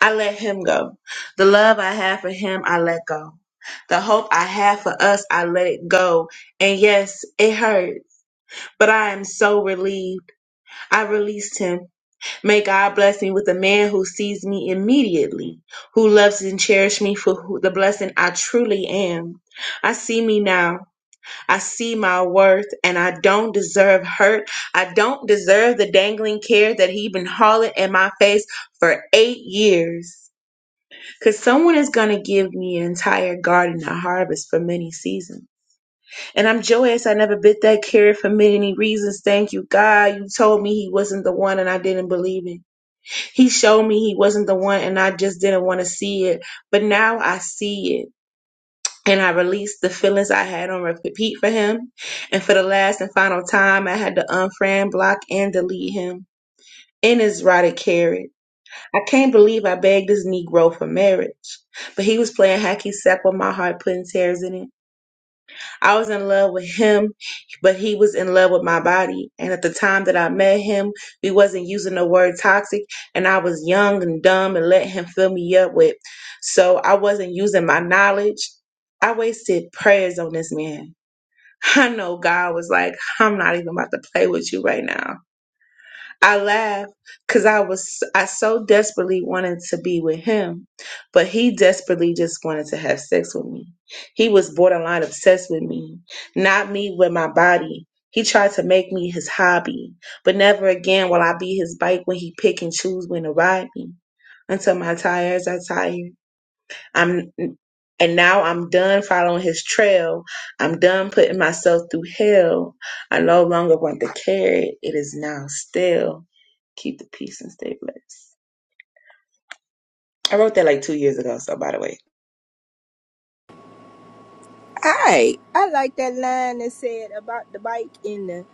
Speaker 4: I let him go. The love I have for him, I let go. The hope I have for us, I let it go. And yes, it hurt, but I am so relieved. I released him May God bless me with a man who sees me immediately, who loves and cherishes me for who, the blessing I truly am. I see me now. I see my worth, and I don't deserve hurt. I don't deserve the dangling care that he been hauling in my face for eight years. Cause someone is gonna give me an entire garden to harvest for many seasons. And I'm joyous I never bit that carrot for many reasons. Thank you, God. You told me he wasn't the one and I didn't believe it. He showed me he wasn't the one and I just didn't want to see it. But now I see it and I released the feelings I had on repeat for him. And for the last and final time, I had to unfriend, block, and delete him. In his rotted carrot. I can't believe I begged this Negro for marriage. But he was playing hacky sack with my heart, putting tears in it. I was in love with him, but he was in love with my body. And at the time that I met him, we wasn't using the word toxic, and I was young and dumb and let him fill me up with. So I wasn't using my knowledge. I wasted prayers on this man. I know God was like, I'm not even about to play with you right now. I laugh, because I was I so desperately wanted to be with him, but he desperately just wanted to have sex with me. He was borderline obsessed with me, not me with my body. He tried to make me his hobby, but never again will I be his bike when he pick and choose when to ride me. Until my tires are tired I'm and now I'm done following his trail. I'm done putting myself through hell. I no longer want to carry. It is now still. Keep the peace and stay blessed. I wrote that like two years ago, so by the way.
Speaker 3: Hey, I like that line that said about the bike in the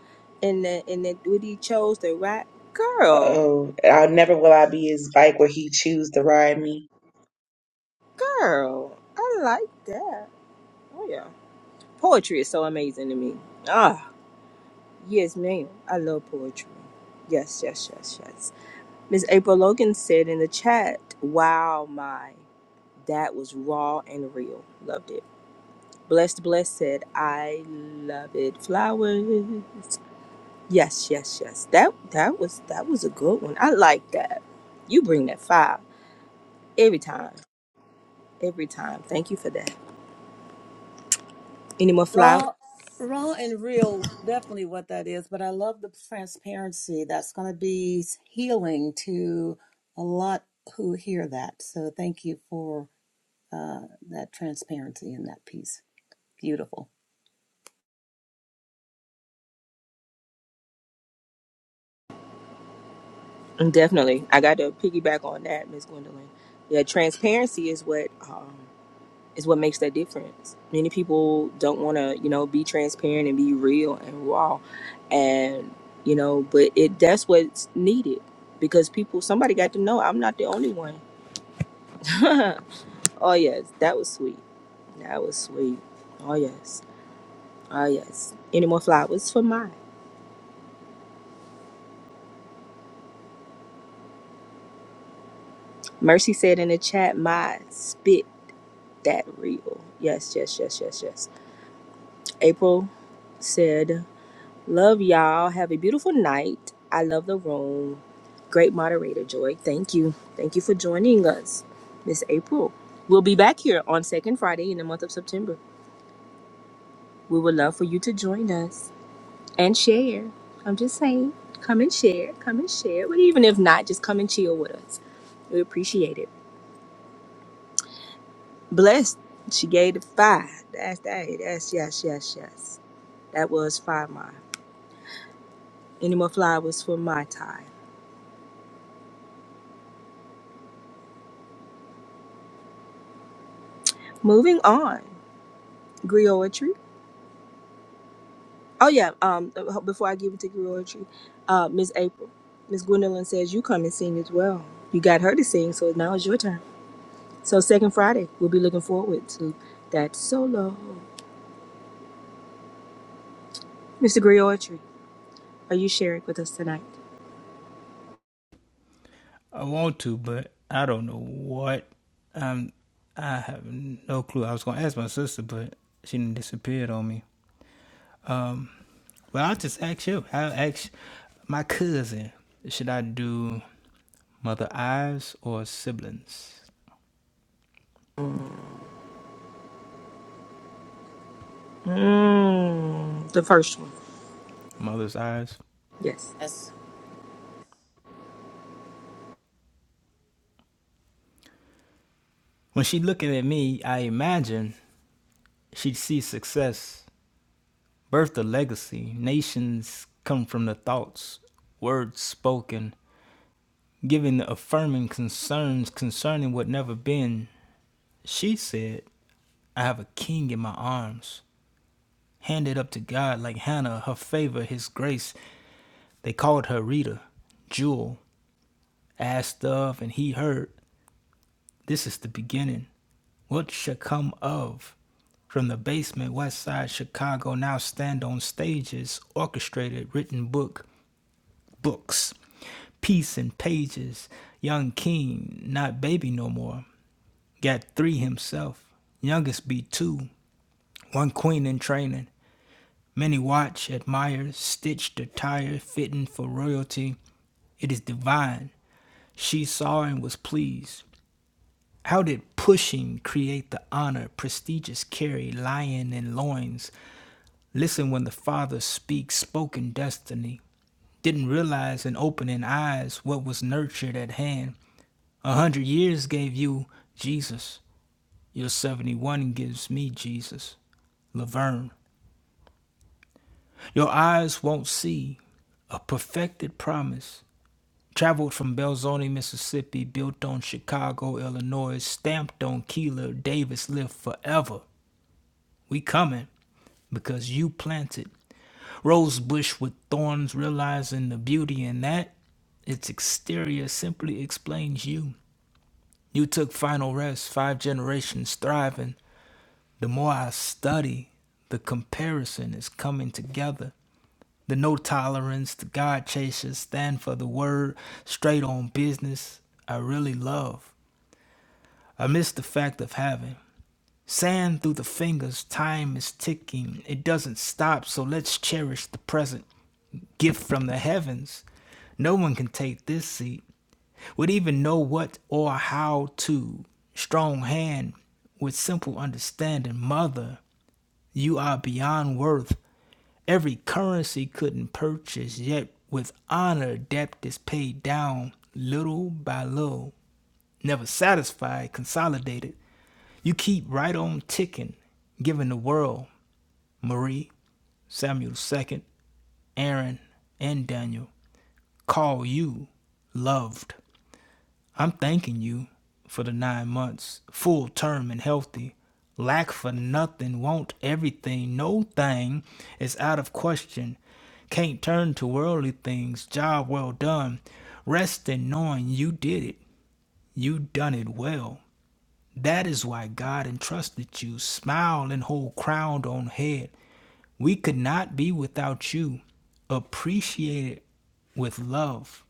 Speaker 3: in the in the when he chose the right girl.
Speaker 4: Oh, I'll never will I be his bike where he choose to ride me.
Speaker 3: Girl, I like that. Oh yeah. Poetry is so amazing to me. Ah, yes, ma'am. I love poetry. Yes, yes, yes, yes. Ms. April Logan said in the chat, Wow, my, that was raw and real. Loved it. Blessed Bless said, I love it. Flowers. Yes, yes, yes. That that was that was a good one. I like that. You bring that fire every time. Every time. Thank you for that. Any more flowers?
Speaker 11: Raw, raw and real, definitely what that is. But I love the transparency. That's going to be healing to a lot who hear that. So thank you for uh, that transparency and that piece. Beautiful.
Speaker 3: Mm, Definitely. I got to piggyback on that, Miss Gwendolyn. Yeah, transparency is what um, is what makes that difference. Many people don't want to, you know, be transparent and be real and raw, and you know, but it that's what's needed because people somebody got to know I'm not the only one. oh yes, that was sweet. That was sweet. Oh yes. Oh yes. Any more flowers for mine? Mercy said in the chat, "My spit that real." Yes, yes, yes, yes, yes. April said. Love y'all. Have a beautiful night. I love the room. Great moderator, Joy. Thank you. Thank you for joining us, Miss April. We'll be back here on second Friday in the month of September. We would love for you to join us and share. I'm just saying, come and share. Come and share. But even if not, just come and chill with us. We appreciate it. Blessed. She gave it five. That's that. That's yes, yes, yes. That was five mile. Any more flowers for my tie. Moving on. Griotry. Oh yeah. Um, uh, before I give it to Griotry, uh, Miss April, Miss Gwendolyn says you come and sing as well. You got her to sing, so now it's your turn. So second Friday, we'll be looking forward to that solo. Mr. Griotry, are you sharing with us tonight?
Speaker 1: I want to, but I don't know what. I have no clue. I was gonna ask my sister, but she disappeared on me. Well, I'll just ask you. I'll ask my cousin. Should I do mother eyes or siblings?
Speaker 3: Mm, the first one.
Speaker 1: Mother's eyes.
Speaker 3: Yes.
Speaker 1: When she looking at me, I imagine she'd see success Birth a legacy. Nations come from the thoughts, words spoken, giving the affirming concerns concerning what never been. She said, I have a king in my arms. Handed up to God like Hannah, her favor, his grace. Peter asked of, and he heard. This is the beginning. What shall come of? From the basement, west side Chicago, now stand on stages, orchestrated, written book, books, peace and pages. Young king, not baby no more. got three himself. Youngest be two, one queen in training. Many watch, admire, stitched attire, fitting for royalty. It is divine. She saw and was pleased. How did pushing create the honor, prestigious carry, lion and loins? Listen when the father speaks, spoken destiny. Didn't realize in opening eyes what was nurtured at hand. A hundred years gave you Jesus. Your 71 gives Jesus. Your eyes won't see, A perfected promise. Traveled from Belzar, Mississippi, Bilbo, Illinois, stamped on Keeler, Davis lived forever. We coming because you planted. Rosebush with thorns, realizing the beauty in that. Its exterior simply explains you. You took final rest, five generations thriving. The more I study, the comparison is coming together. The no tolerance, the God chasers stand for the word, straight on business. I really love. amidst the fact of having. Sand through the fingers, time is ticking. It doesn't stop, so let's cherish the present. Gift from the heavens. No one can take this seat, would even know what or how to. Strong hand with simple understanding. Mother, you are beyond worth. Every currency couldn't purchase, yet with honor, debt is paid down little by little. Never satisfied, consolidated. You keep right on ticking, giving the world, Marie, Samuel II, Aaron, and Daniel, call you loved. I'm thanking you for the nine months, full term and healthy. Lack for nothing, want everything, no thing is out of question. Can't turn to worldly things, job well done. Rest in knowing you did it, you done it well. That is why God entrusted you, smile and hold crowned on head. We could not be without you. Appreciate it with love.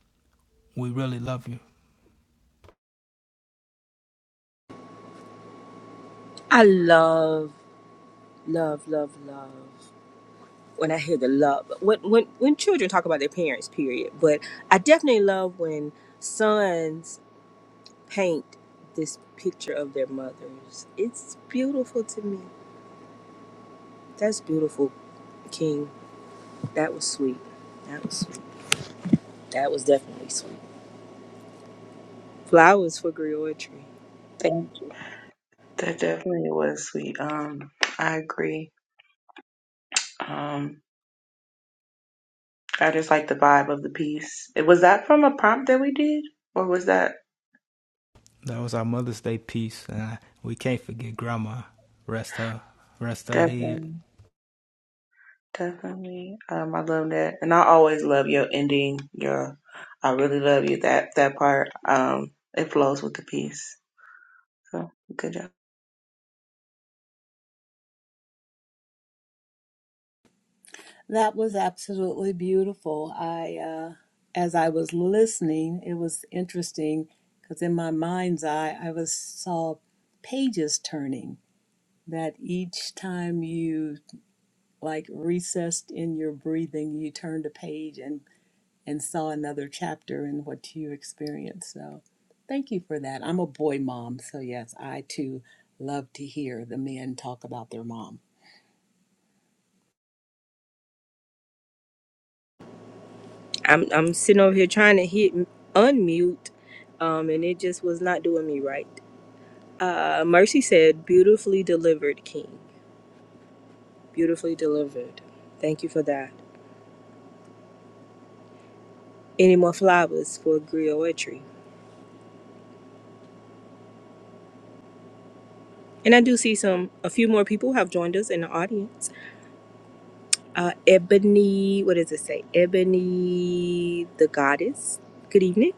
Speaker 1: We really love you.
Speaker 3: I love, love, love, love when I hear the love. When when when children talk about their parents, period. But I definitely love when sons paint this picture of their mothers. It's beautiful to me. That's beautiful, King. That was sweet. That was sweet. That was definitely sweet. Flowers for Griotry.
Speaker 4: Thank you. That definitely was sweet. Um, I agree. Um, I just like the vibe of the piece. It was that from a prompt that we did, or was that
Speaker 1: That was our Mother's Day piece, and I, we can't forget Grandma. Rest her, rest her head.
Speaker 4: definitely? Definitely. Um, I love that. And I always love your ending, your I really love you that that part. Um, it flows with the piece. So good job.
Speaker 11: That was absolutely beautiful. I, uh, as I was listening, it was interesting because in my mind's eye, I was saw pages turning. That each time you like recessed in your breathing, you turned a page and and saw another chapter in what you experienced. So, thank you for that. I'm a boy mom, so yes, I too love to hear the men talk about their mom.
Speaker 3: I'm I'm sitting over here trying to hit m- unmute, um, and it just was not doing me right. Uh, Mercy said, "Beautifully delivered, King. Beautifully delivered. Thank you for that." Any more flowers for Griotry? And I do see some. A few more people have joined us in the audience. Uh, Ebony, what does it say? Ebony, the goddess. Good evening.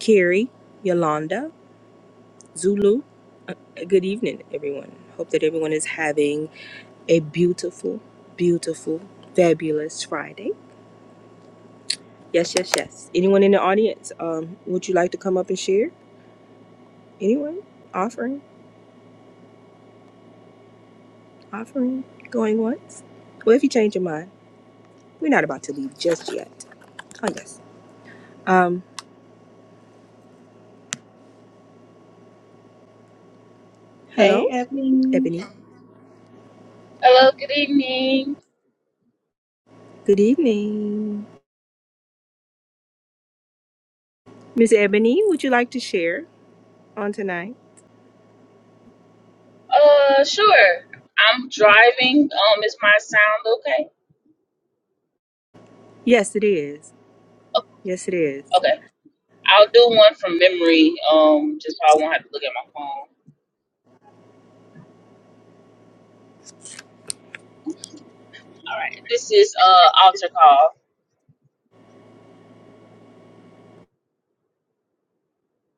Speaker 3: Carrie, Yolanda, Zulu. Uh, good evening, everyone. Hope that everyone is having a beautiful, beautiful, fabulous Friday. Yes, yes, yes. Anyone in the audience, um, would you like to come up and share? Anyone? Offering? Offering? Going once? Well, if you change your mind, we're not about to leave just yet. Oh, yes. Um,
Speaker 4: Hey,
Speaker 3: hello,
Speaker 4: Ebony.
Speaker 3: Ebony.
Speaker 12: Hello, good evening.
Speaker 3: Good evening. Miss Ebony, would you like to share on tonight?
Speaker 12: Uh, sure. I'm driving. Um, is my sound okay?
Speaker 3: Yes, it is.
Speaker 12: Oh,
Speaker 3: Yes, it is.
Speaker 12: okay. I'll do one from memory. Um, just so I won't have to look at my phone. All right. This is uh altar call.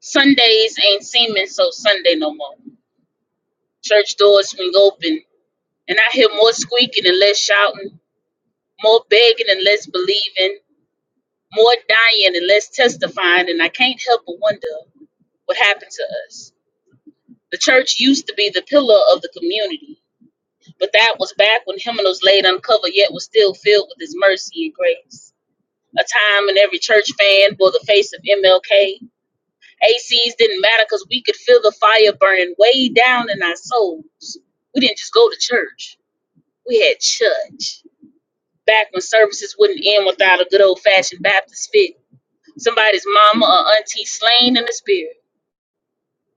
Speaker 12: Sundays ain't seeming so Sunday no more. Church doors swing open, and I hear more squeaking and less shouting, more begging and less believing, more dying and less testifying, and I can't help but wonder what happened to us. The church used to be the pillar of the community But that was back when Hymnal was laid uncovered, yet was still filled with his mercy and grace. A time when every church fan bore the face of MLK. ACs didn't matter because we could feel the fire burning way down in our souls. We didn't just go to church, we had church. Back when services wouldn't end without a good old fashioned Baptist fit, somebody's mama or auntie slain in the spirit.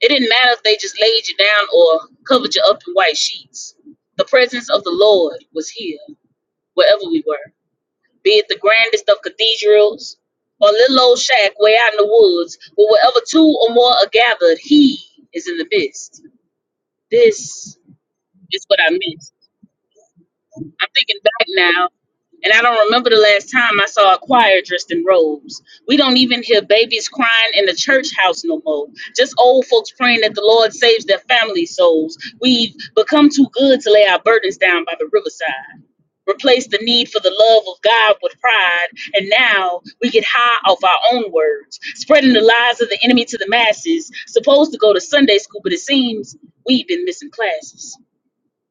Speaker 12: It didn't matter if they just laid you down or covered you up in white sheets. The presence of the Lord was here, wherever we were. be it the grandest of cathedrals or little old shack way out in the woods, but wherever two or more are gathered, he is in the midst. This is what I missed. I'm thinking back now, and I don't remember the last time I saw a choir dressed in robes. We don't even hear babies crying in the church house no more. Just old folks praying that the Lord saves their family souls. We've become too good to lay our burdens down by the riverside replaced the need for the love of God with pride, and now we get high off our own words, spreading the lies of the enemy to the masses. Supposed to go to Sunday school, but it seems we've been missing classes.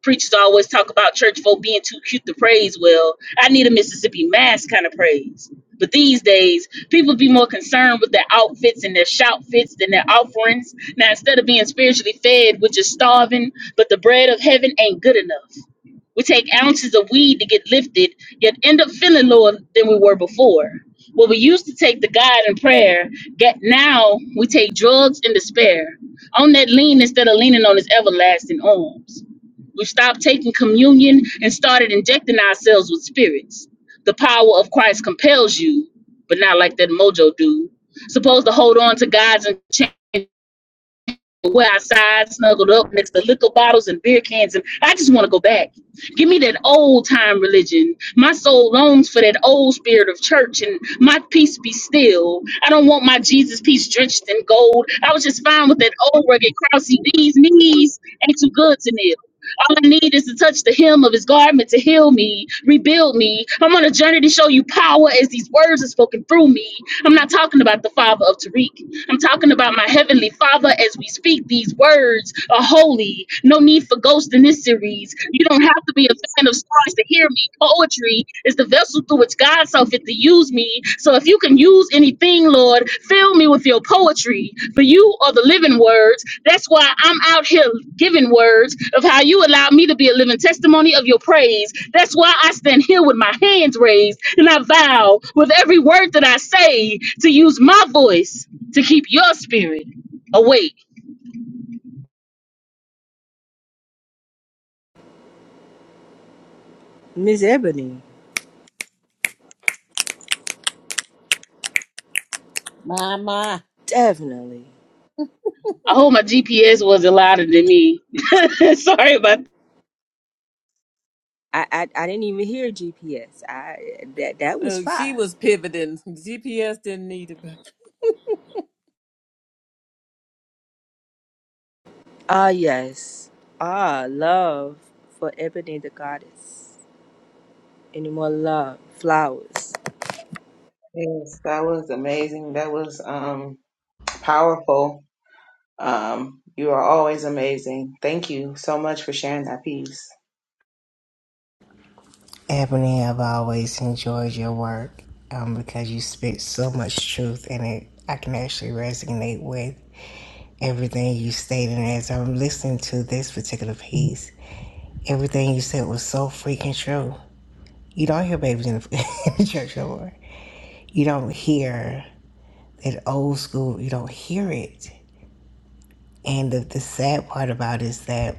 Speaker 12: Preachers always talk about church folk being too cute to praise well. I need a Mississippi mass kind of praise. But these days, people be more concerned with their outfits and their shout fits than their offerings. Now, instead of being spiritually fed, we're just starving, but the bread of heaven ain't good enough. We take ounces of weed to get lifted, yet end up feeling lower than we were before. What we used to take to God in prayer, get now we take drugs and despair. On that lean instead of leaning on his everlasting arms. We stopped taking communion and started injecting ourselves with spirits. The power of Christ compels you, but not like that mojo dude. Supposed to hold on to God's and we're outside, snuggled up next to liquor bottles and beer cans, and I just want to go back. Give me that old time religion. My soul longs for that old spirit of church, and my peace be still. I don't want my Jesus peace drenched in gold. I was just fine with that old rugged, crousey These Knees ain't too good to kneel. All I need is to touch the hem of his garment to heal me, rebuild me. I'm on a journey to show you power as these words are spoken through me. I'm not talking about the father of Tariq. I'm talking about my heavenly father as we speak these words are holy. No need for ghosts in this series. You don't have to be a fan of stars to hear me. Poetry is the vessel through which God saw fit to use me. So if you can use anything, Lord, fill me with your poetry. For you are the living words. That's why I'm out here giving words of how you allow me to be a living testimony of your praise. That's why I stand here with my hands raised and I vow with every word that I say to use my voice to keep your spirit awake.
Speaker 3: Miss Ebony,
Speaker 11: Mama.
Speaker 3: definitely.
Speaker 12: I hope my GPS wasn't louder than me. Sorry about
Speaker 3: I, I I didn't even hear GPS. I that that was
Speaker 11: Uh, she
Speaker 3: fire.
Speaker 11: was pivoting. GPS didn't need it. but-
Speaker 3: Ah yes. Ah love for Ebony the goddess. Any more love, flowers,
Speaker 4: Yes, that was amazing. That was um powerful. Um, you are always amazing. Thank you so much for sharing that piece.
Speaker 13: Ebony, I've always enjoyed your work um, because you spit so much truth and it, I can actually resonate with everything you stated. And as I'm listening to this particular piece, everything you said was so freaking true. You don't hear babies in the, in the church no more. You don't hear that old school, you don't hear it. And the, the sad part about it is that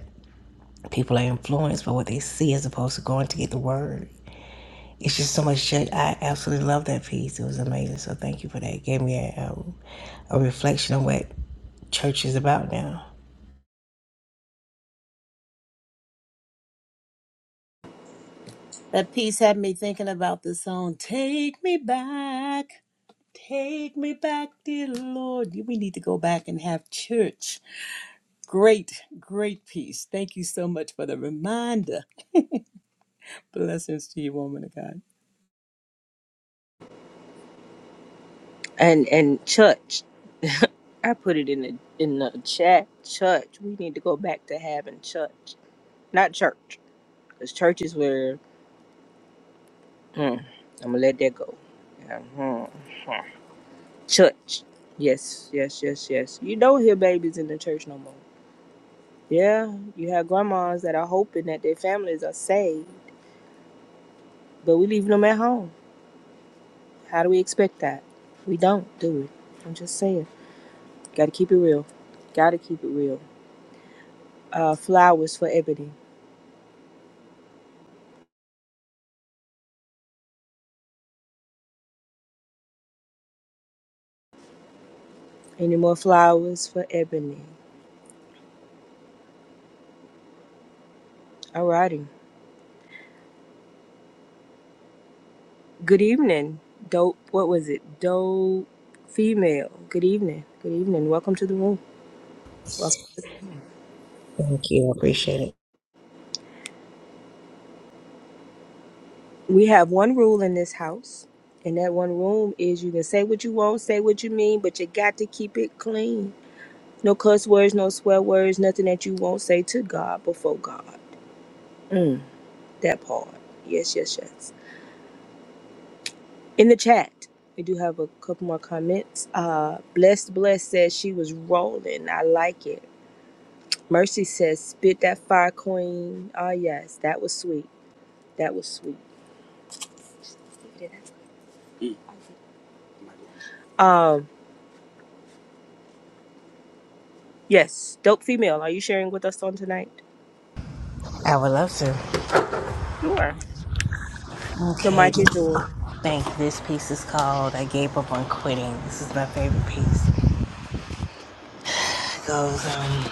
Speaker 13: people are influenced by what they see as opposed to going to get the word it's just so much shit. I absolutely love that piece. It was amazing. So thank you for that. It gave me a, um, a reflection on what church is about now.
Speaker 11: That piece had me thinking about the song. Take me back. Take me back, dear Lord. We need to go back and have church. Great, great piece. Thank you so much for the reminder. Blessings to you, woman of God.
Speaker 3: and and church. I put it in the in the chat. Church. We need to go back to having church, not church, because church is where. Mm, I'm gonna let that go. Yeah, mhm. Church. Yes, yes, yes, yes. You don't hear babies in the church no more. Yeah, you have grandmas that are hoping that their families are saved, but we leaving them at home. How do we expect that? We don't, do we? I'm just saying. Gotta keep it real. Gotta keep it real. Uh, flowers for Ebony. Any more flowers for Ebony? Alrighty. Good evening. Dope. What was it? Dope female. Good evening. Good evening. Welcome to the room. Welcome.
Speaker 13: Thank you. I Appreciate it.
Speaker 3: We have one rule in this house, and that one rule is you can say what you want, say what you mean, but you got to keep it clean. No cuss words, no swear words, nothing that you won't say to God before God. Mm, that part. Yes, yes, yes. In the chat, we do have a couple more comments. Uh, Blessed Bless says she was rolling. I like it. Mercy says, spit that fire queen. Ah, yes, that was sweet. That was sweet. Um, yes, dope female. Are you sharing with us on tonight?
Speaker 13: I would love to.
Speaker 3: The
Speaker 13: Okay.
Speaker 3: mic is yours.
Speaker 13: Thank you. This piece is called I Gave Up on Quitting. This is my favorite piece. It goes, um,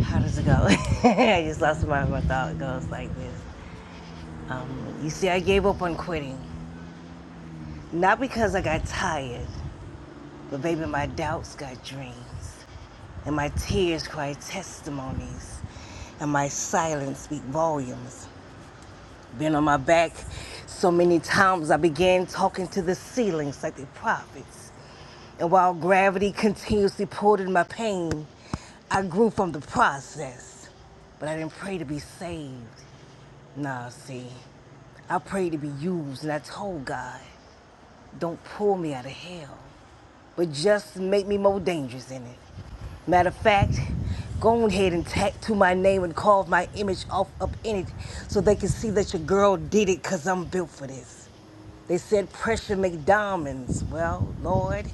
Speaker 13: how does it go? I just lost my, my thought. It goes like this. Um, you see, I gave up on quitting. Not because I got tired, but baby, my doubts got dreams. and my tears cry testimonies, and my silence speak volumes. Been on my back so many times I began talking to the ceilings like the prophets. And while gravity continuously pulled in my pain, I grew from the process. But I didn't pray to be saved. Nah, see, I prayed to be used, and I told God, don't pull me out of hell but just make me more dangerous in it. Matter of fact, go ahead and tattoo my name and carve my image off up in it so they can see that your girl did it because I'm built for this. They said pressure make diamonds. Well, Lord,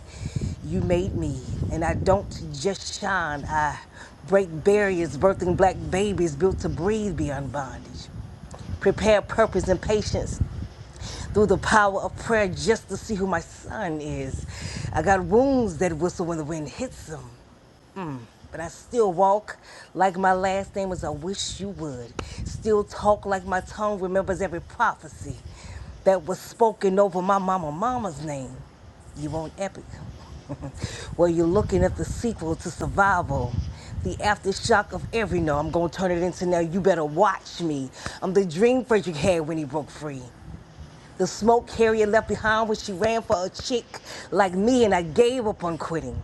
Speaker 13: you made me. And I don't just shine, I break barriers, birthing black babies built to breathe beyond bondage. Prepare purpose and patience through the power of prayer just to see who my son is. I got wounds that whistle when the wind hits them but I still walk like my last name was. I wish you would. Still talk like my tongue remembers every prophecy that was spoken over my mama mama's name. You want epic? well, you're looking at the sequel to Survival. The aftershock of every no, I'm gonna turn it into now. You better watch me. I'm the dream Frederick had when he broke free. The smoke Harriet left behind when she ran for a chick like me, and I gave up on quitting.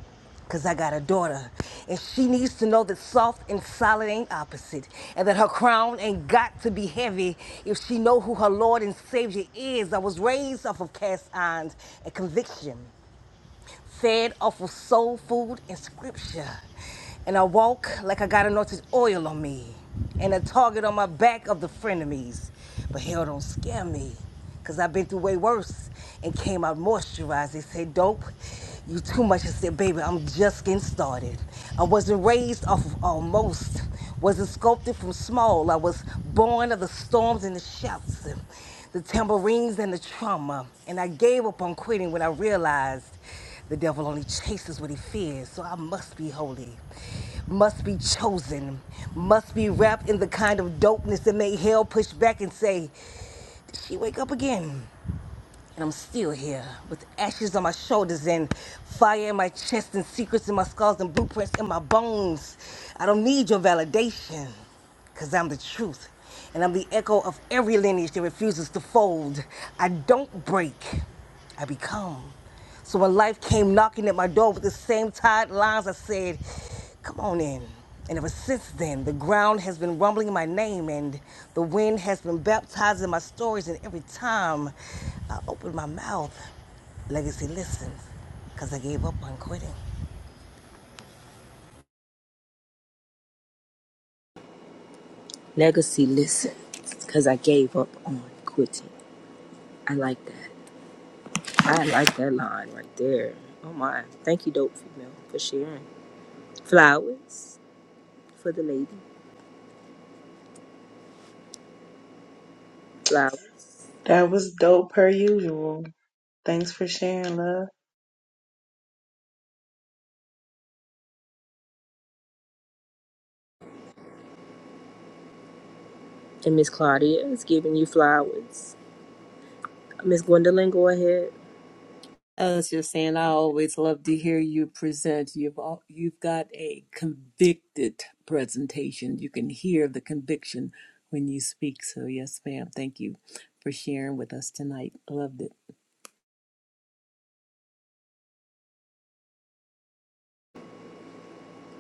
Speaker 13: Cause I got a daughter, and she needs to know that soft and solid ain't opposite, and that her crown ain't got to be heavy if she know who her Lord and Savior is. I was raised off of cast irons and conviction fed off of soul food and scripture. And I walk like I got anointed oil on me and a target on my back of the frenemies. But hell don't scare me because I've been through way worse and came out moisturized. They said, Dope, you too much. I said, Baby, I'm just getting started. I wasn't raised off of almost, wasn't sculpted from small. I was born of the storms and the shouts the tambourines and the trauma. And I gave up on quitting when I realized the devil only chases what he fears. So I must be holy, must be chosen, must be wrapped in the kind of dopeness that made hell push back and say, Did she wake up again? And I'm still here with ashes on my shoulders and fire in my chest and secrets in my skulls and blueprints in my bones. I don't need your validation because I'm the truth. And I'm the echo of every lineage that refuses to fold. I don't break, I become. So when life came knocking at my door with the same tired lines, I said, Come on in. And ever since then, the ground has been rumbling in my name, and the wind has been baptizing my stories. And every time I open my mouth, Legacy listens because I gave up on quitting.
Speaker 3: Legacy, listen, because I gave up on quitting. I like that. I like that line right there. Oh my. Thank you, Dope Female, for sharing. Flowers for the lady. Flowers.
Speaker 4: That was dope per usual. Thanks for sharing, love.
Speaker 3: And Miss Claudia is giving you flowers. Miss Gwendolyn, go ahead.
Speaker 11: I was just saying, I always love to hear you present. You've all, you've got a convicted presentation. You can hear the conviction when you speak. So yes, ma'am. Thank you for sharing with us tonight. Loved it.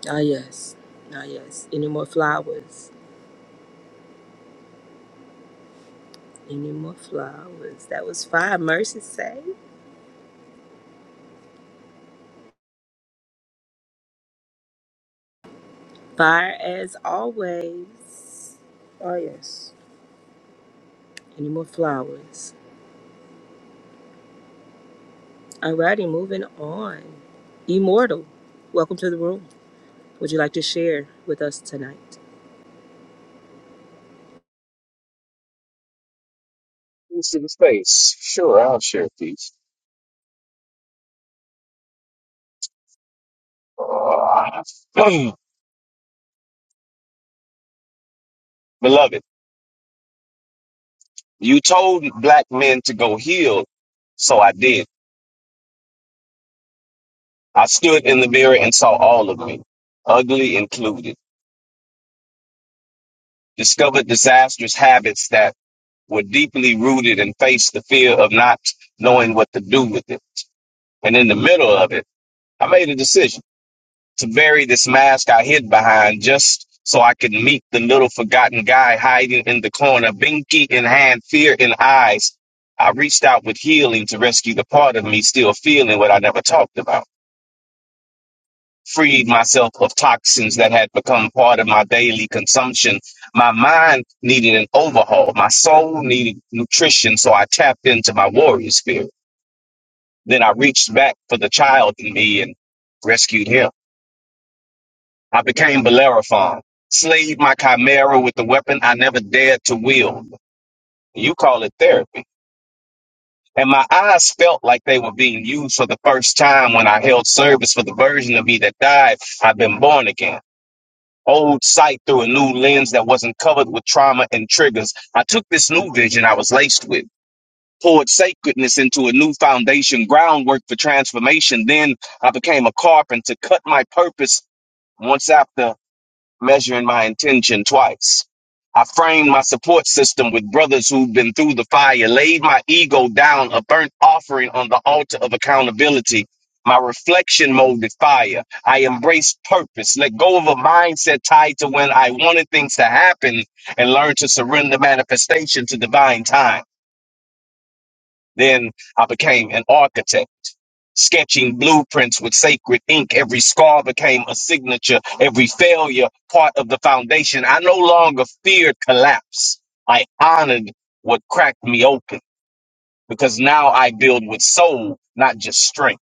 Speaker 3: Ah, yes. Ah, yes. Any more flowers? Any more flowers? That was fire. Mercy say. Fire as always. Ah, yes. Any more flowers? Alrighty, moving on. Immortal, welcome to the room. Would you like to share with us tonight?
Speaker 14: Peace to the space. Sure, I'll share peace. Uh, Beloved, you told black men to go heal, so I did. I stood in the mirror and saw all of me, ugly included. Discovered disastrous habits that were deeply rooted and faced the fear of not knowing what to do with it. And in the middle of it, I made a decision. to bury this mask I hid behind just so I could meet the little forgotten guy hiding in the corner, binky in hand, fear in eyes. I reached out with healing to rescue the part of me still feeling what I never talked about. Freed myself of toxins that had become part of my daily consumption. My mind needed an overhaul. My soul needed nutrition, so I tapped into my warrior spirit. Then I reached back for the child in me and rescued him. I became Bellerophon, slayed my chimera with the weapon I never dared to wield. You call it therapy. And my eyes felt like they were being used for the first time when I held service for the version of me that died. I've been born again. Old sight through a new lens that wasn't covered with trauma and triggers. I took this new vision I was laced with, poured sacredness into a new foundation, groundwork for transformation. Then I became a carpenter, cut my purpose once after. measuring my intention twice. I framed my support system with brothers who've been through the fire, laid my ego down, a burnt offering on the altar of accountability. My reflection molded fire. I embraced purpose, let go of a mindset tied to when I wanted things to happen, and learned to surrender manifestation to divine time. Then I became an architect sketching blueprints with sacred ink. Every scar became a signature, every failure part of the foundation. I no longer feared collapse. I honored what cracked me open because now I build with soul, not just strength.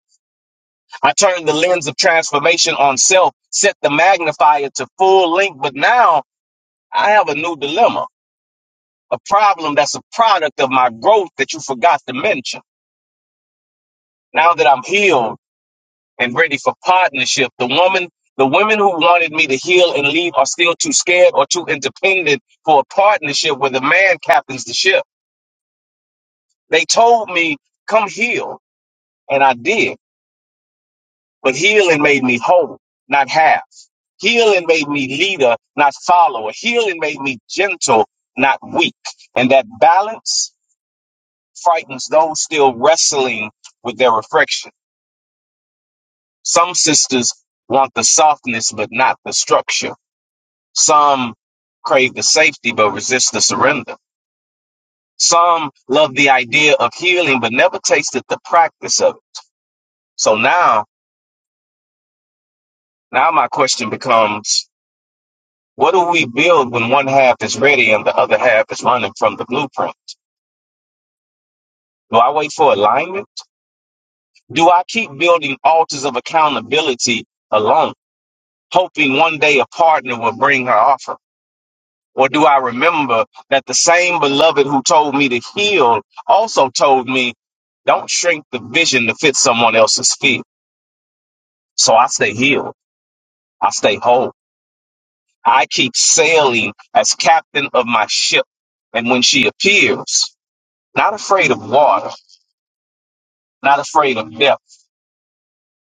Speaker 14: I turned the lens of transformation on self, set the magnifier to full length, but now I have a new dilemma, a problem that's a product of my growth that you forgot to mention. Now that I'm healed, and ready for partnership. The woman, the women who wanted me to heal and leave are still too scared or too independent for a partnership where the man captains the ship. They told me, come heal. And I did. But healing made me whole, not half. Healing made me leader, not follower. Healing made me gentle, not weak. And that balance frightens those still wrestling with their reflection. Some sisters want the softness, but not the structure. Some crave the safety but resist the surrender. Some love the idea of healing but never tasted the practice of it. So now, now my question becomes, what do we build when one half is ready and the other half is running from the blueprint? Do I wait for alignment? Do I keep building altars of accountability alone, hoping one day a partner will bring her offer? Or do I remember that the same beloved who told me to heal also told me, don't shrink the vision to fit someone else's fear? So I stay healed. I stay whole. I keep sailing as captain of my ship. And when she appears, not afraid of water, not afraid of death,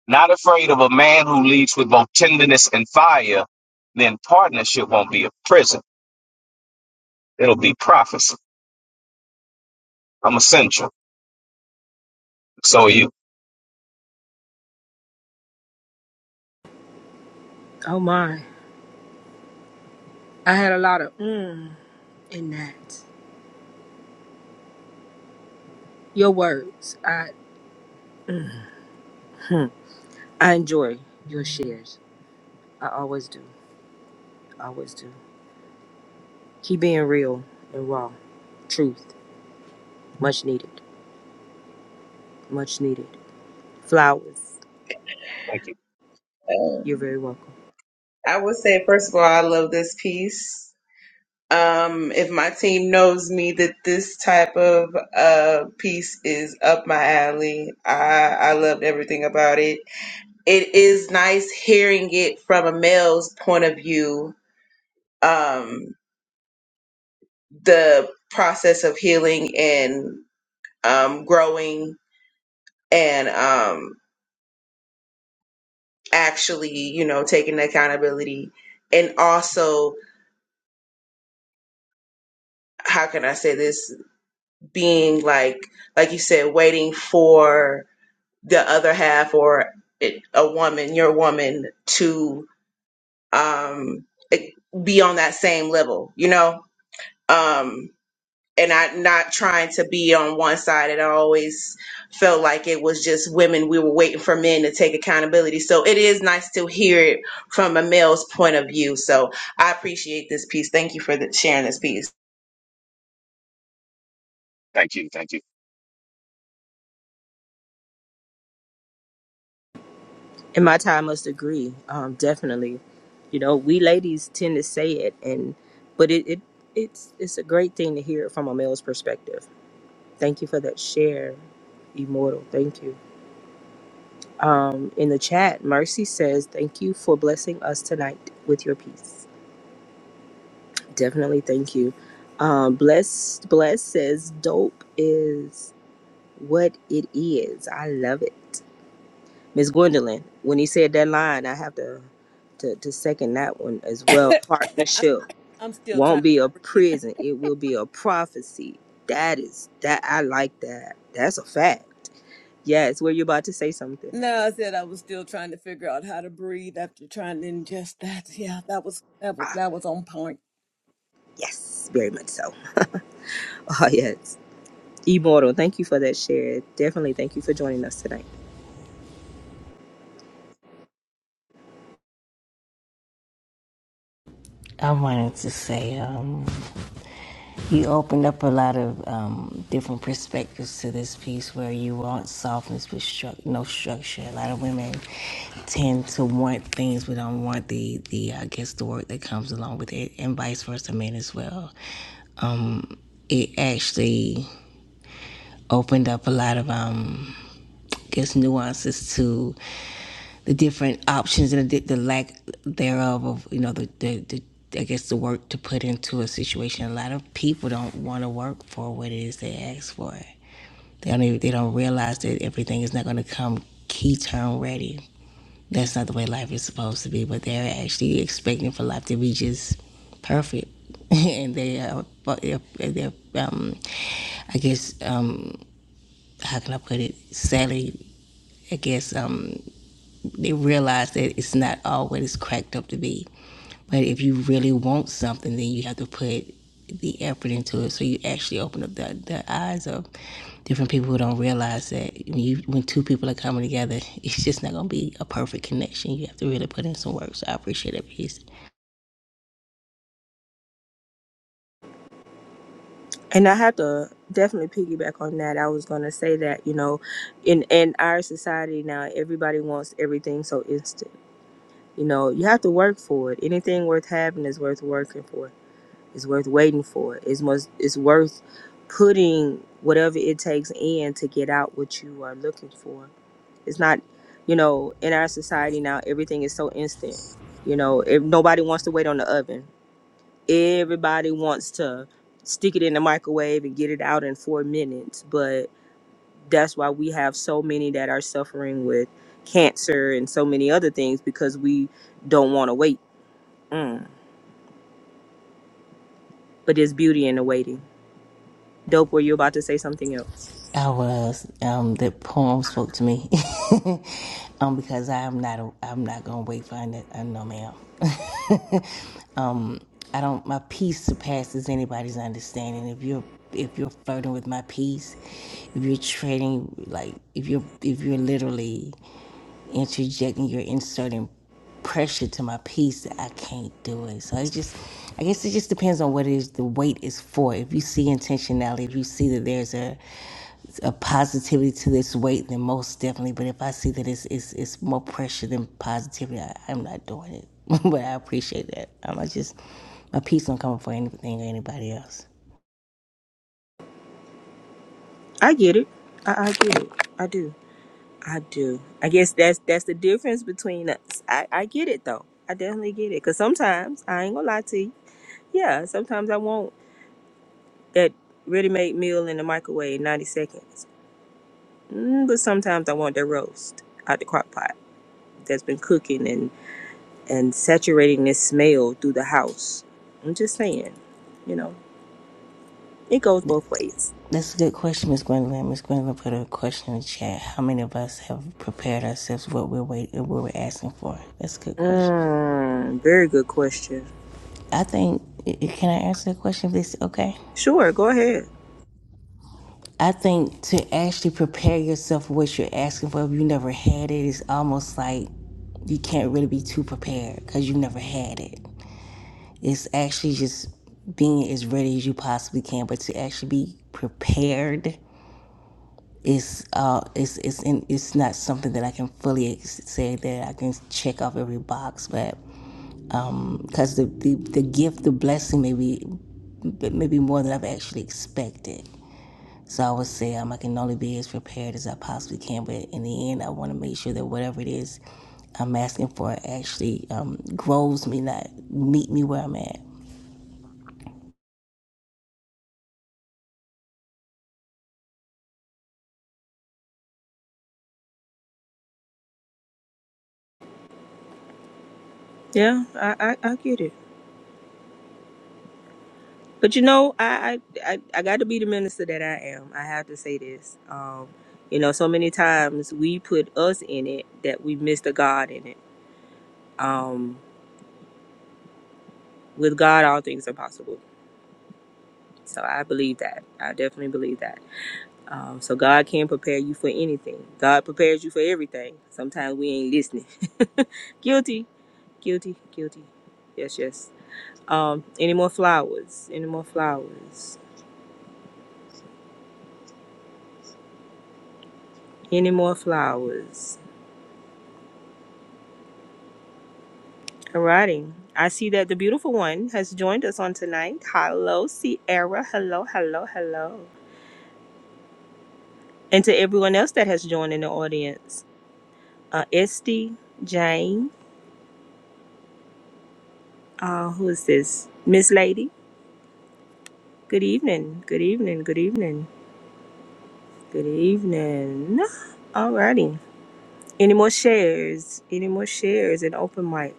Speaker 14: not afraid of a man who leads with both tenderness and fire, then partnership won't be a prison. It'll be prophecy. I'm essential. So are you.
Speaker 3: Oh my, I had a lot of mm in that. Your words, I hmm, I enjoy your shares. I always do, always do. Keep being real and raw. Truth, much needed, much needed. Flowers,
Speaker 14: Thank you.
Speaker 3: you're
Speaker 4: Um,
Speaker 3: very welcome.
Speaker 4: I would say first of all, I love this piece. um, if my team knows me that this type of uh, piece is up my alley, I, I loved everything about it. It is nice hearing it from a male's point of view, um, the process of healing and um, growing and um, actually, you know, taking accountability. And also, how can I say this? Being like, like you said, waiting for the other half or it, a woman, your woman, to um, it- be on that same level, you know? Um, and I not trying to be on one side. And I always felt like it was just women. We were waiting for men to take accountability. So it is nice to hear it from a male's point of view. So I appreciate this piece. Thank you for the, sharing this piece.
Speaker 14: Thank you. Thank you.
Speaker 3: In my time, I must agree. Um, definitely, you know, we ladies tend to say it, and but it, it it's it's a great thing to hear it from a male's perspective. Thank you for that share, immortal. Thank you. Um, in the chat, Mercy says, "Thank you for blessing us tonight with your peace." Definitely, thank you. Um, bless bless says, "Dope is what it is. I love it." Miss Gwendolyn, when he said that line, I have to, to to second that one as well.
Speaker 11: I'm
Speaker 3: Partnership
Speaker 11: I'm still trying
Speaker 3: won't be a
Speaker 11: to breathe.
Speaker 3: prison; it will be a prophecy. That is that I like that. That's a fact. Yes, were you about to say something?
Speaker 11: No, I said I was still trying to figure out how to breathe after trying to ingest that. Yeah, that was that was
Speaker 3: Ah,
Speaker 11: that was on point.
Speaker 3: yes, very much so. Ah, yes. Immortal, thank you for that share. Definitely thank you for joining us tonight.
Speaker 13: I wanted to say, um, you opened up a lot of um, different perspectives to this piece where you want softness but stru- no structure. A lot of women tend to want things but don't want the, the I guess, the work that comes along with it, and vice versa, men as well. Um, it actually opened up a lot of, um, I guess, nuances to the different options and the, the lack thereof of, you know, the, the, the I guess the work to put into a situation. A lot of people don't want to work for what it is they ask for. They don't even, they don't realize that everything is not going to come key term ready. That's not the way life is supposed to be. But they're actually expecting for life to be just perfect, and they are they're, they're um, I guess um, how can I put it? Sadly, I guess um, they realize that it's not all what it's cracked up to be. But if you really want something, then you have to put the effort into it. So you actually open up the, the eyes of different people who don't realize that when, you, when two people are coming together, it's just not going to be a perfect connection. You have to really put in some work. So I appreciate it. Peace.
Speaker 3: And I have to definitely piggyback on that. I was gonna say that, you know, in in our society now, everybody wants everything so instant You know, you have to work for it. Anything worth having is worth working for. It's worth waiting for. It's must it's worth putting whatever it takes in to get out what you are looking for. It's not, you know, in our society now everything is so instant. You know, if nobody wants to wait on the oven. Everybody wants to stick it in the microwave and get it out in 4 minutes, but that's why we have so many that are suffering with cancer and so many other things because we don't want to wait Mm. But there's beauty in the waiting. Dope, were you about to say something else?
Speaker 13: I was. Um, the poem spoke to me. um, because I am not. A, I'm not gonna wait for. an- uh, No, ma'am. um, I don't. My peace surpasses anybody's understanding. If you're if you're flirting with my peace, if you're trading like if you're if you're literally interjecting, you're inserting pressure to my peace that I can't do it. So it just, I guess it just depends on what it is the weight is for. If you see intentionality, if you see that there's a a positivity to this weight, then most definitely. But if I see that it's it's, it's more pressure than positivity, I, I'm not doing it. but I appreciate that. I'm not just my peace don't come for anything or anybody else.
Speaker 3: I get it. I, I get it. I do. I do. I guess that's that's the difference between us. I, I get it though. I definitely get it. Cause sometimes I ain't gonna lie to you. Yeah, sometimes I want that ready-made meal in the microwave in 90 seconds. Mm, but sometimes I want that roast out the crock pot that's been cooking and and saturating this smell through the house. I'm just saying, you know, it goes both ways.
Speaker 13: That's a good question, Miss Gwendolyn. Miss Gwendolyn put a question in the chat. How many of us have prepared ourselves for what we're waiting? what we're asking for? That's a good question.
Speaker 3: Mm, very good question.
Speaker 13: I think can I answer the question? If this okay?
Speaker 3: Sure, go ahead.
Speaker 13: I think to actually prepare yourself for what you're asking for, if you never had it, it's almost like you can't really be too prepared because you never had it. It's actually just being as ready as you possibly can, but to actually be prepared is uh it's it's in, it's not something that I can fully ex- say that I can check off every box, but because the, the the gift, the blessing, maybe maybe more than I've actually expected. So I would say um, I can only be as prepared as I possibly can, but in the end, I want to make sure that whatever it is I'm asking for actually um, grows me, not meet me where I'm at.
Speaker 3: Yeah, I, I, I get it. But you know, I, I, I, I got to be the minister that I am. I have to say this. Um, you know, so many times we put us in it that we miss the God in it. Um, with God, all things are possible. So I believe that. I definitely believe that. Um, so God can prepare you for anything. God prepares you for everything. Sometimes we ain't listening. Guilty, guilty, guilty. Yes, yes. Um, any more flowers? Any more flowers? Any more flowers? Alrighty. I see that the beautiful one has joined us on tonight. Hello, Sierra. Hello, hello, hello. And to everyone else that has joined in the audience, uh, Esty, Jane, uh, who is this? Miss Lady. Good evening. Good evening. Good evening. Good evening. Alrighty. Any more shares? Any more shares in open mic?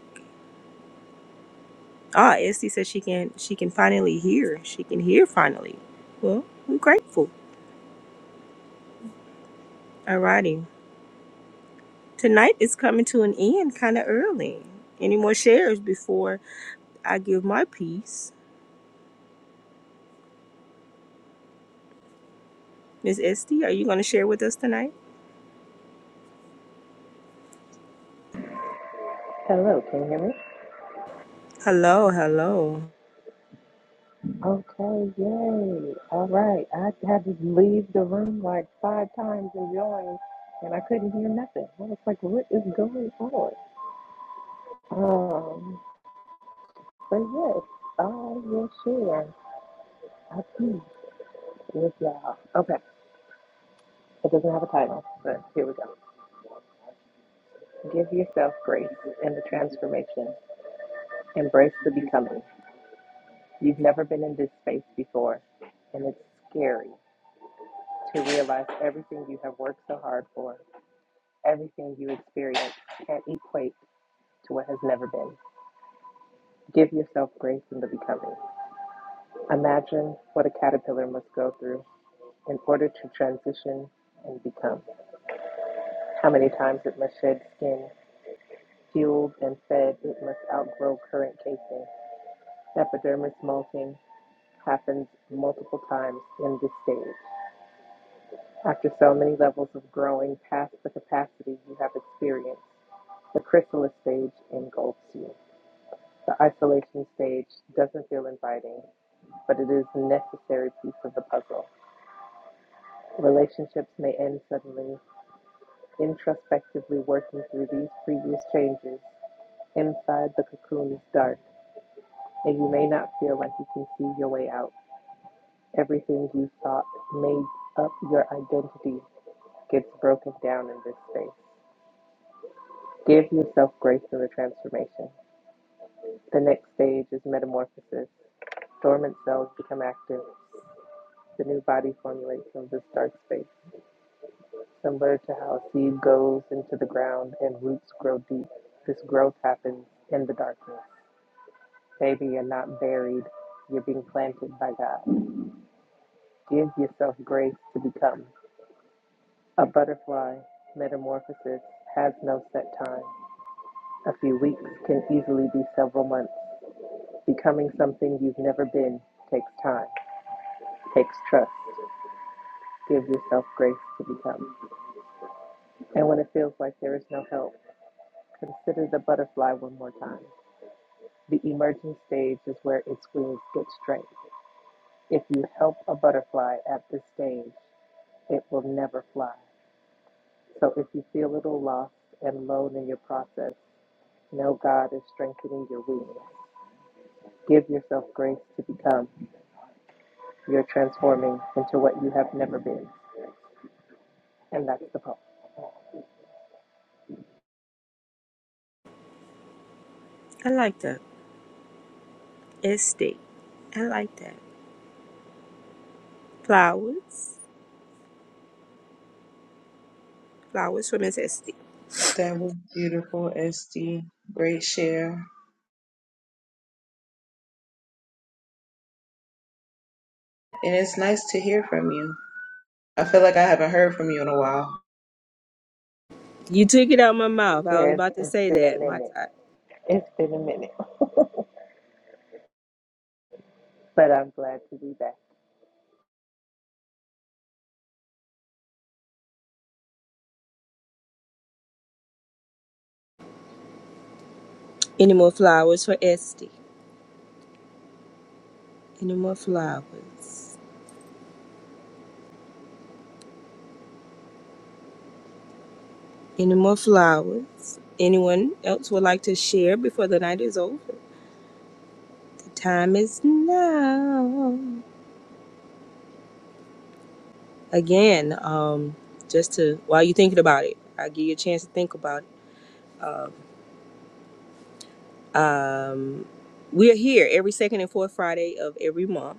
Speaker 3: Ah, Esty says she can she can finally hear. She can hear finally. Well, I'm grateful. Alrighty. Tonight is coming to an end kinda early. Any more shares before I give my piece? Miss Esty, are you gonna share with us tonight?
Speaker 15: Hello, can you hear me?
Speaker 3: Hello, hello.
Speaker 15: Okay, yay. All right. I had to leave the room like five times and join, and I couldn't hear nothing. I was like, what is going on? Um, but yes, I will share a piece with y'all. Okay, it doesn't have a title, but here we go. Give yourself grace in the transformation. Embrace the becoming. You've never been in this space before, and it's scary to realize everything you have worked so hard for Everything you experience can't equate to what has never been. Give yourself grace in the becoming. Imagine what a caterpillar must go through in order to transition and become. How many times it must shed skin, fueled and fed, it must outgrow current casing. Epidermis molting happens multiple times in this stage. After so many levels of growing past the capacity you have experienced, the chrysalis stage engulfs you. The isolation stage doesn't feel inviting, but it is a necessary piece of the puzzle. Relationships may end suddenly. Introspectively working through these previous changes, inside the cocoon is dark, and you may not feel like you can see your way out. Everything you thought made up your identity gets broken down in this space. Give yourself grace in the transformation. The next stage is metamorphosis. Dormant cells become active. The new body formulates from this dark space, similar to how a seed goes into the ground and roots grow deep. This growth happens in the darkness. Baby, you're not buried, you're being planted by God. Give yourself grace to become. A butterfly metamorphosis has no set time. A few weeks can easily be several months. Becoming something you've never been takes time, takes trust. Give yourself grace to become. And when it feels like there is no help, Consider the butterfly one more time. The emerging stage is where its wings get straight. If you help a butterfly at this stage, it will never fly. So if you feel a little lost and alone in your process, know God is strengthening your wings. Give yourself grace to become. You're transforming into what you have never been. And that's the poem.
Speaker 3: I like that. Esty. I like that. Flowers. Flowers for Miss Esty.
Speaker 4: That was beautiful, Esty. Great share. And it's nice to hear from you. I feel like I haven't heard from you in a while.
Speaker 3: You took it out of my mouth. I was
Speaker 15: Yes,
Speaker 3: about to
Speaker 15: it's
Speaker 3: say
Speaker 15: been a
Speaker 3: that. My
Speaker 15: minute.
Speaker 3: time.
Speaker 15: It's been a minute. but I'm glad to be back.
Speaker 3: Any more flowers for Esty? Any more flowers? Any more flowers? Anyone else would like to share before the night is over? The time is now. Again, um, just to while you're thinking about it, I'll give you a chance to think about it. Um, um, we are here every second and fourth Friday of every month,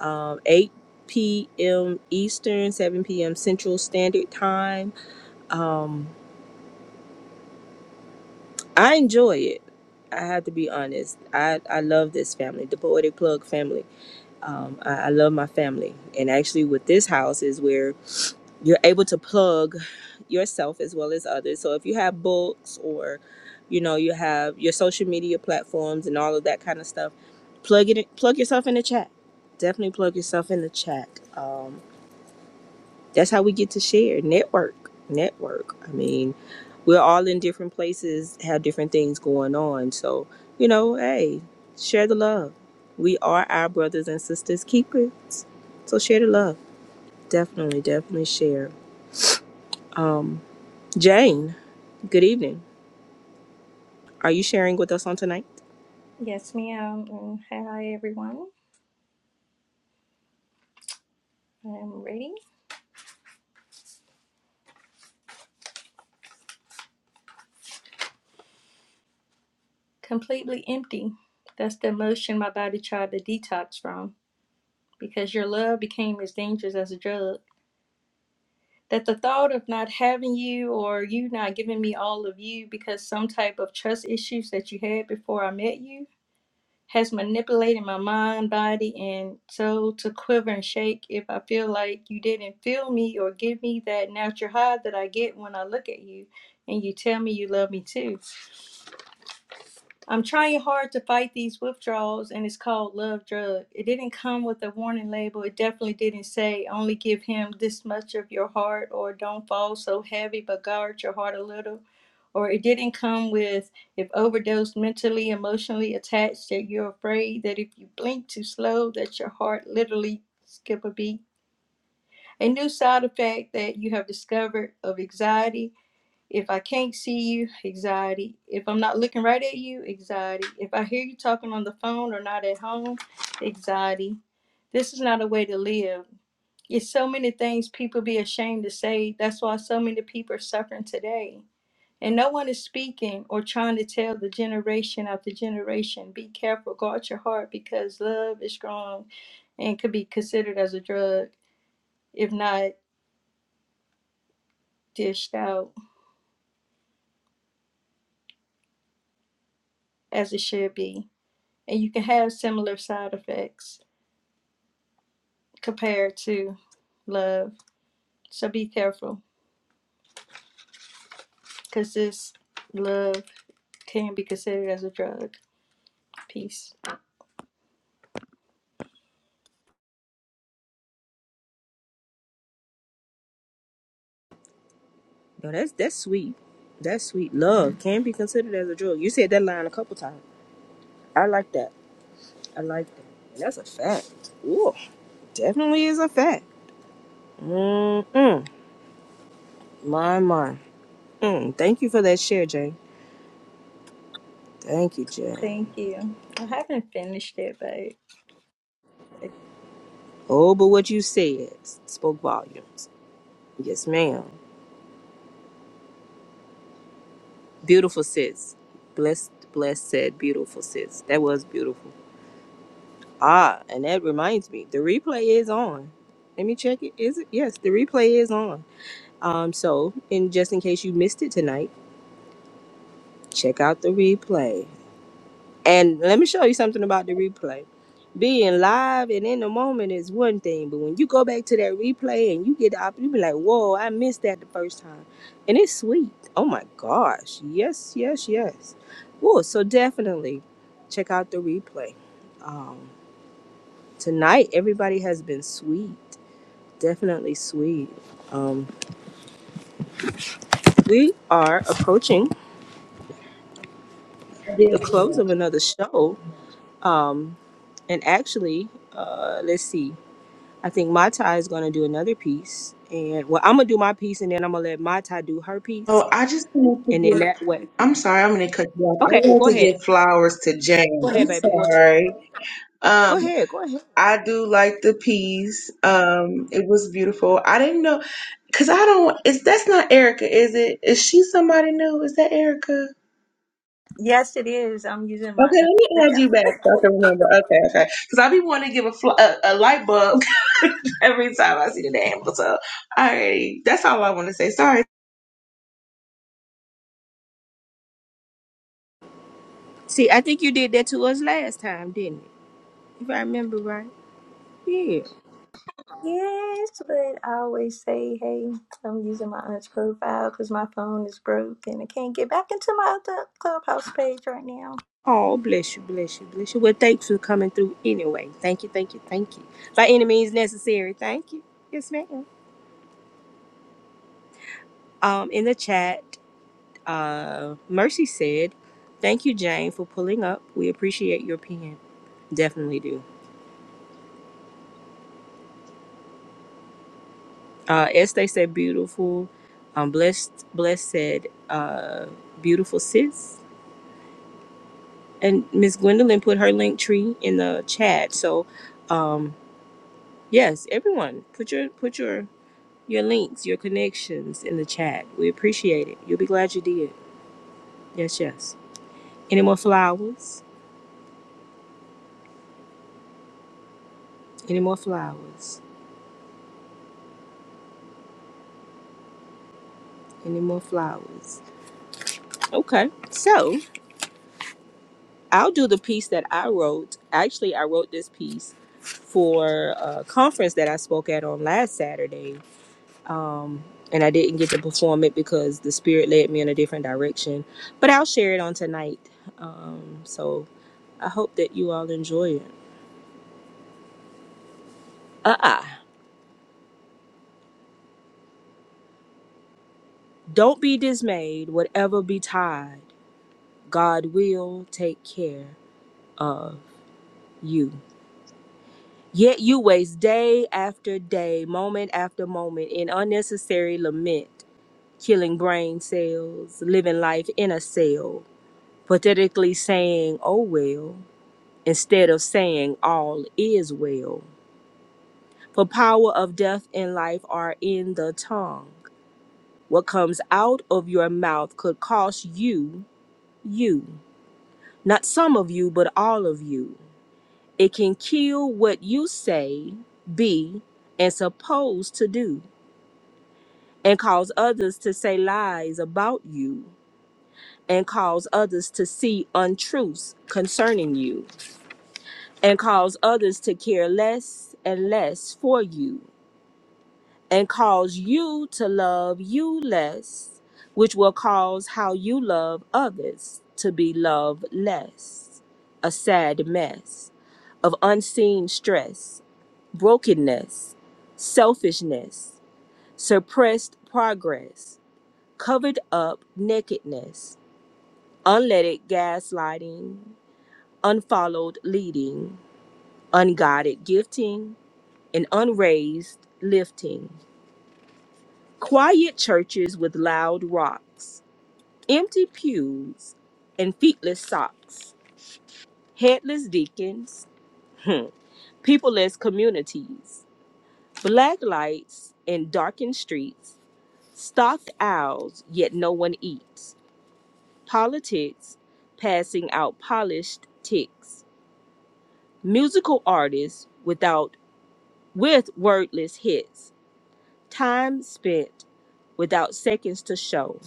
Speaker 3: um, 8 p.m. Eastern, 7 p.m. Central Standard Time. Um, I enjoy it. I have to be honest. I, I love this family, the Poetic Plug family. um, I, I love my family and actually with this house is where you're able to plug yourself as well as others so if you have books or you know you have your social media platforms and all of that kind of stuff plug it in- plug yourself in the chat definitely plug yourself in the chat Um, that's how we get to share network network i mean we're all in different places have different things going on so you know hey share the love we are our brothers and sisters keepers so share the love definitely definitely share um jane good evening are you sharing with us on tonight
Speaker 16: Yes, ma'am. And hi, everyone. I am ready. Completely empty. That's the emotion my body tried to detox from because your love became as dangerous as a drug. That the thought of not having you or you not giving me all of you because some type of trust issues that you had before I met you has manipulated my mind, body, and soul to quiver and shake if I feel like you didn't feel me or give me that natural high that I get when I look at you and you tell me you love me too. I'm trying hard to fight these withdrawals, and it's called Love Drug. It didn't come with a warning label. It definitely didn't say only give him this much of your heart, or don't fall so heavy, but guard your heart a little. Or it didn't come with if overdosed mentally, emotionally attached, that you're afraid that if you blink too slow, that your heart literally skip a beat. A new side effect that you have discovered of anxiety if I can't see you, anxiety. If I'm not looking right at you, anxiety. If I hear you talking on the phone or not at home, anxiety. This is not a way to live. It's so many things people be ashamed to say. That's why so many people are suffering today. And no one is speaking or trying to tell the generation after generation be careful, guard your heart because love is strong and could be considered as a drug, if not dished out as it should be. and you can have similar side effects compared to love. So be careful because this love can be considered as a drug. Peace.
Speaker 3: no that's that's sweet that's sweet love can be considered as a drug you said that line a couple times i like that i like that that's a fact Ooh, definitely is a fact Mm-mm. My, my. Mm. Thank you for that share, Jay. Thank you, Jay.
Speaker 16: Thank you. I haven't finished it, but
Speaker 3: Oh, but what you said spoke volumes. Yes, ma'am. Beautiful sis. Blessed, blessed said beautiful sis. That was beautiful. Ah, and that reminds me, the replay is on. Let me check it. Is it? Yes, the replay is on. Um, so, and just in case you missed it tonight, check out the replay. And let me show you something about the replay. Being live and in the moment is one thing, but when you go back to that replay and you get the opportunity, you be like, whoa, I missed that the first time. And it's sweet. Oh my gosh. Yes, yes, yes. Whoa, so definitely check out the replay. Um, tonight, everybody has been sweet. Definitely sweet. Um, we are approaching the close
Speaker 4: Hallelujah.
Speaker 3: of another show. Um, and actually, uh, let's see. I think my tie is gonna do another piece, and well, I'm gonna do my piece, and then I'm gonna let my tie do her piece,
Speaker 4: Oh, I just wanted to
Speaker 3: and then
Speaker 4: give.
Speaker 3: that way,
Speaker 4: I'm sorry, I'm gonna cut you off. I
Speaker 3: okay,
Speaker 4: want
Speaker 3: go
Speaker 4: to
Speaker 3: ahead,
Speaker 4: give flowers to Jane.
Speaker 3: go ahead,
Speaker 4: I'm
Speaker 3: baby, go ahead,
Speaker 4: sorry.
Speaker 3: go
Speaker 4: Um,
Speaker 3: ahead, go ahead.
Speaker 4: I do like the piece. Um, it was beautiful. I didn't know because I don't. Is that's not Erica? Is it? Is she somebody new? Is that Erica?
Speaker 16: yes, it is. I'm using my
Speaker 4: Okay, let me
Speaker 16: aunt's
Speaker 4: add you
Speaker 16: account.
Speaker 4: back so I can remember. Okay, okay. Because I be wanting to give a, fl- a, a light bulb every time I see the damn episode. All right, that's all I want to say. Sorry.
Speaker 3: See, I think you did that to us last time, didn't it? If I remember right, yeah.
Speaker 16: Yes, but I always say, hey, I'm using my aunt's profile because my phone is broke and I can't get back into my other clubhouse page right now.
Speaker 3: Oh, bless you, bless you, bless you. Well, thanks for coming through anyway. Thank you, thank you, thank you. By any means necessary, thank you. Yes, ma'am. Um, in the chat, uh, Mercy said, "Thank you, Jane, for pulling up. We appreciate your pen. Definitely do." Uh, Este said beautiful. Um, blessed, blessed said uh, beautiful sis. And Miss Gwendolyn put her link tree in the chat. So, um, yes, everyone, put your put your your links, your connections in the chat. We appreciate it. You'll be glad you did. Yes, yes. Any more flowers? Any more flowers? Any more flowers? Okay. So. I'll do the piece that I wrote. Actually, I wrote this piece for a conference that I spoke at on last Saturday. Um, and I didn't get to perform it because the spirit led me in a different direction. But I'll share it on tonight. Um, so I hope that you all enjoy it. Uh uh-uh. uh. do not be dismayed, whatever betide, God will take care of you. Yet you waste day after day, moment after moment in unnecessary lament killing brain cells, living life in a cell, pathetically saying, oh well, instead of saying, all is well. For power of death and life are in the tongue. What comes out of your mouth could cost you, you. Not some of you, but all of you. It can kill what you say, be, and supposed to do, and cause others to say lies about you and cause others to see untruths concerning you, and cause others to care less and less for you, and cause you to love you less, which will cause how you love others to be loved less. A sad mess of unseen stress, brokenness, selfishness, suppressed progress, covered up nakedness, unleaded gaslighting unfollowed leading, unguided gifting, and unraised lifting. Quiet churches with loud rocks, empty pews, and feetless socks, headless deacons, hmm, peopleless communities, black lights and darkened streets, stocked owls yet no one eats, politics passing out polished ticks, musical artists without with wordless hits Time spent without seconds to show.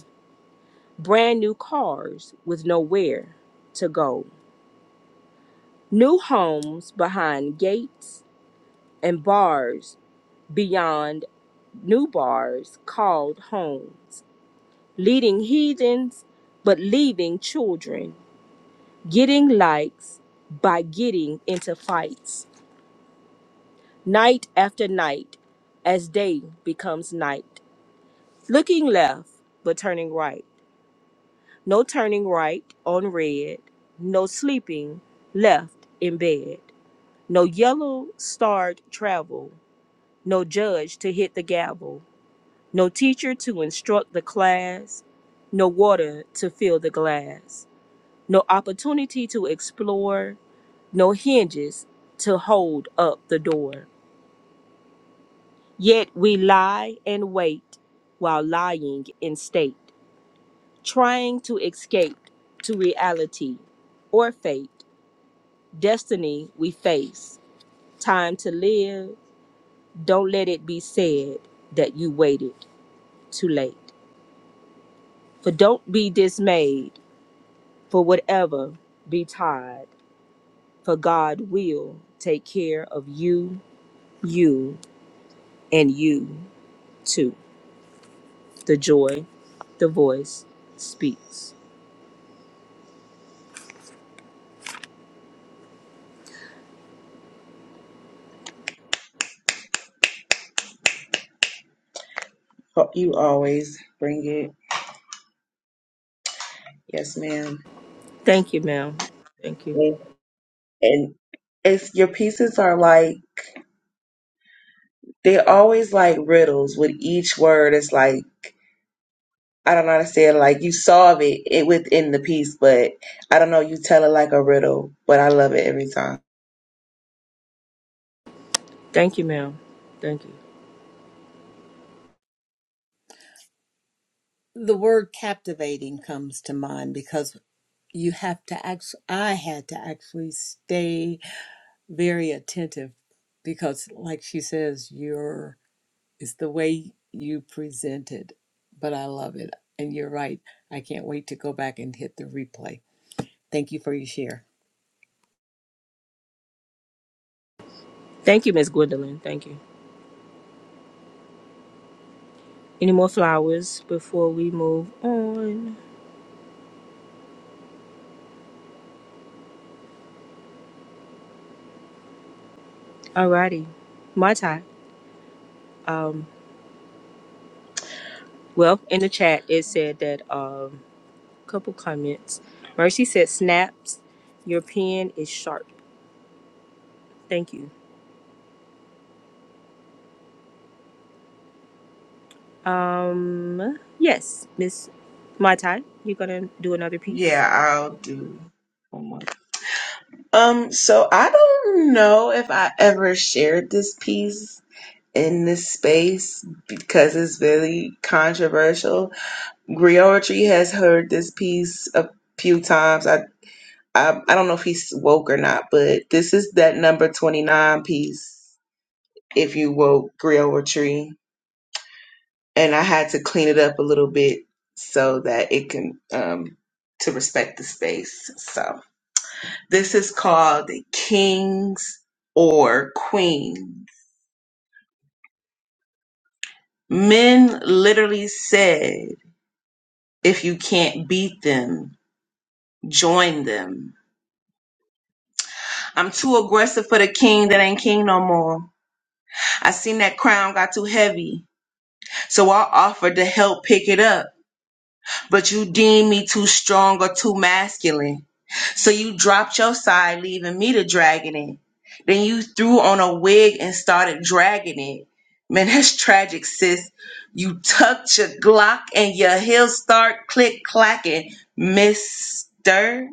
Speaker 3: Brand new cars with nowhere to go. New homes behind gates and bars beyond new bars called homes. Leading heathens, but leaving children. Getting likes by getting into fights. Night after night as day becomes night. Looking left, but turning right no turning right on red, no sleeping left in bed, no yellow starred travel, no judge to hit the gavel, no teacher to instruct the class, no water to fill the glass, no opportunity to explore, no hinges to hold up the door. Yet we lie and wait while lying in state, trying to escape to reality or fate destiny we face, time to live. Don't let it be said that you waited too late. For don't be dismayed, for whatever be tired, for God will take care of you, you, and you too. The joy, the voice speaks.
Speaker 4: Oh, You always bring it. Yes, ma'am.
Speaker 3: Thank you, ma'am. Thank you.
Speaker 4: And, and it's your pieces are like, they're always like riddles with each word. It's like, I don't know how to say it. Like you solve it, it within the piece, but I don't know. You tell it like a riddle, but I love it every time.
Speaker 3: Thank you, ma'am. Thank you.
Speaker 11: The word captivating comes to mind because you have to act. I had to actually stay very attentive because like she says your it's the way you present it but i love it and you're right i can't wait to go back and hit the replay thank you for your share
Speaker 3: Thank you, Miss Gwendolyn. Thank you. Any more flowers before we move on? Alrighty. My time. Um, well, in the chat, it said that a um, couple comments. Mercy said, "Snaps, your pen is sharp." Thank you. Um, yes, Miss Mai Tai, you're gonna do another piece.
Speaker 4: Yeah, I'll do. one more. Um, so I don't know if I ever shared this piece in this space because it's really controversial. Griotry has heard this piece a few times. I, I I don't know if he's woke or not, but this is that number 29 piece, if you woke Griotry. And I had to clean it up a little bit so that it can um to respect the space. So This is called the kings or queens. Men literally said, if you can't beat them, join them. I'm too aggressive for the king that ain't king no more. I seen that crown got too heavy, so I offered to help pick it up. But you deemed me too strong or too masculine. So you dropped your side, leaving me to dragging it. Then you threw on a wig and started dragging it. Man, that's tragic, sis. You tucked your Glock and your heels start click clacking. Mister,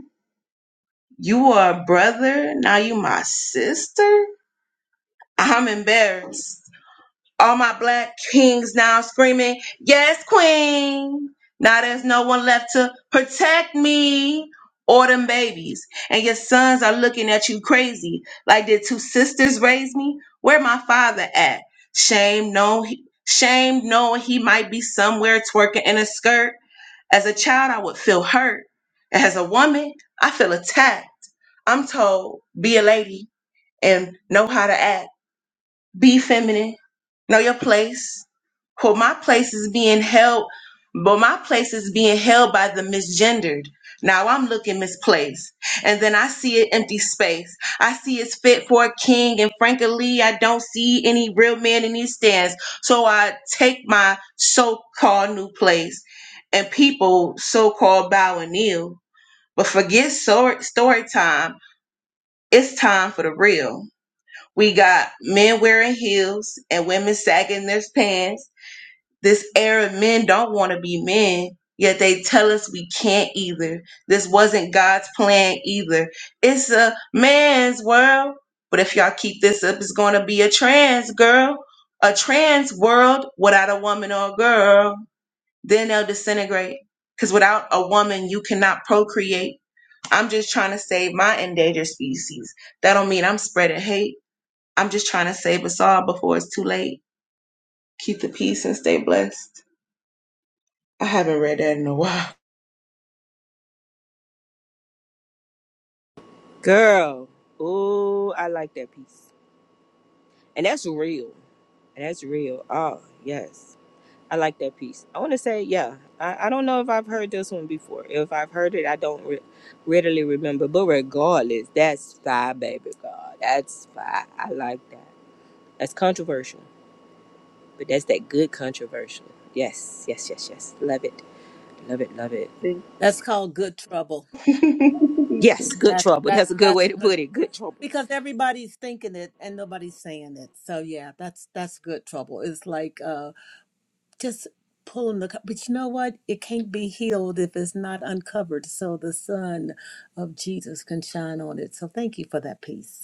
Speaker 4: you are a brother, now you my sister? I'm embarrassed all my black kings now screaming, Yes, Queen. Now there's no one left to protect me or them babies. And your sons are looking at you crazy. Like, did two sisters raise me? Where my father at? Shame, no, shame, knowing he might be somewhere twerking in a skirt. As a child, I would feel hurt. As a woman, I feel attacked. I'm told, be a lady and know how to act. Be feminine Know your place. For my place is being held, but my place is being held by the misgendered. Now I'm looking misplaced. And then I see an empty space. I see it's fit for a king. And frankly, I don't see any real man in these stands. So I take my so called new place and people so called bow and kneel. But forget story, story time. It's time for the real. We got men wearing heels and women sagging their pants this era of men don't want to be men, yet they tell us we can't either. This wasn't God's plan either. It's a man's world. But if y'all keep this up, it's going to be a trans girl, a trans world without a woman or a girl. Then they'll disintegrate. Because without a woman, you cannot procreate. I'm just trying to save my endangered species. That don't mean I'm spreading hate. I'm just trying to save us all before it's too late. Keep the peace and stay blessed. I haven't read that in a while.
Speaker 3: Girl. Oh, I like that piece. And that's real. And that's real. Oh, yes. I like that piece. I want to say, yeah, I, I don't know if I've heard this one before. If I've heard it, I don't re- readily remember. But regardless, that's fire, baby God. That's fire. I like that. That's controversial, but that's that good controversial. Yes, yes, yes, yes. Love it. Love it, love it.
Speaker 4: Thank
Speaker 11: that's called good trouble
Speaker 3: Yes,
Speaker 4: you.
Speaker 3: good
Speaker 11: that
Speaker 3: trouble.
Speaker 11: that
Speaker 3: That's a good way
Speaker 11: that's
Speaker 3: to
Speaker 11: good
Speaker 3: put it. Good trouble.
Speaker 11: because everybody's thinking it and nobody's saying it so yeah that's that's good trouble it's like uh just pulling the co- but you know what it can't be healed if it's not uncovered so the sun of jesus can shine on it so thank you for that piece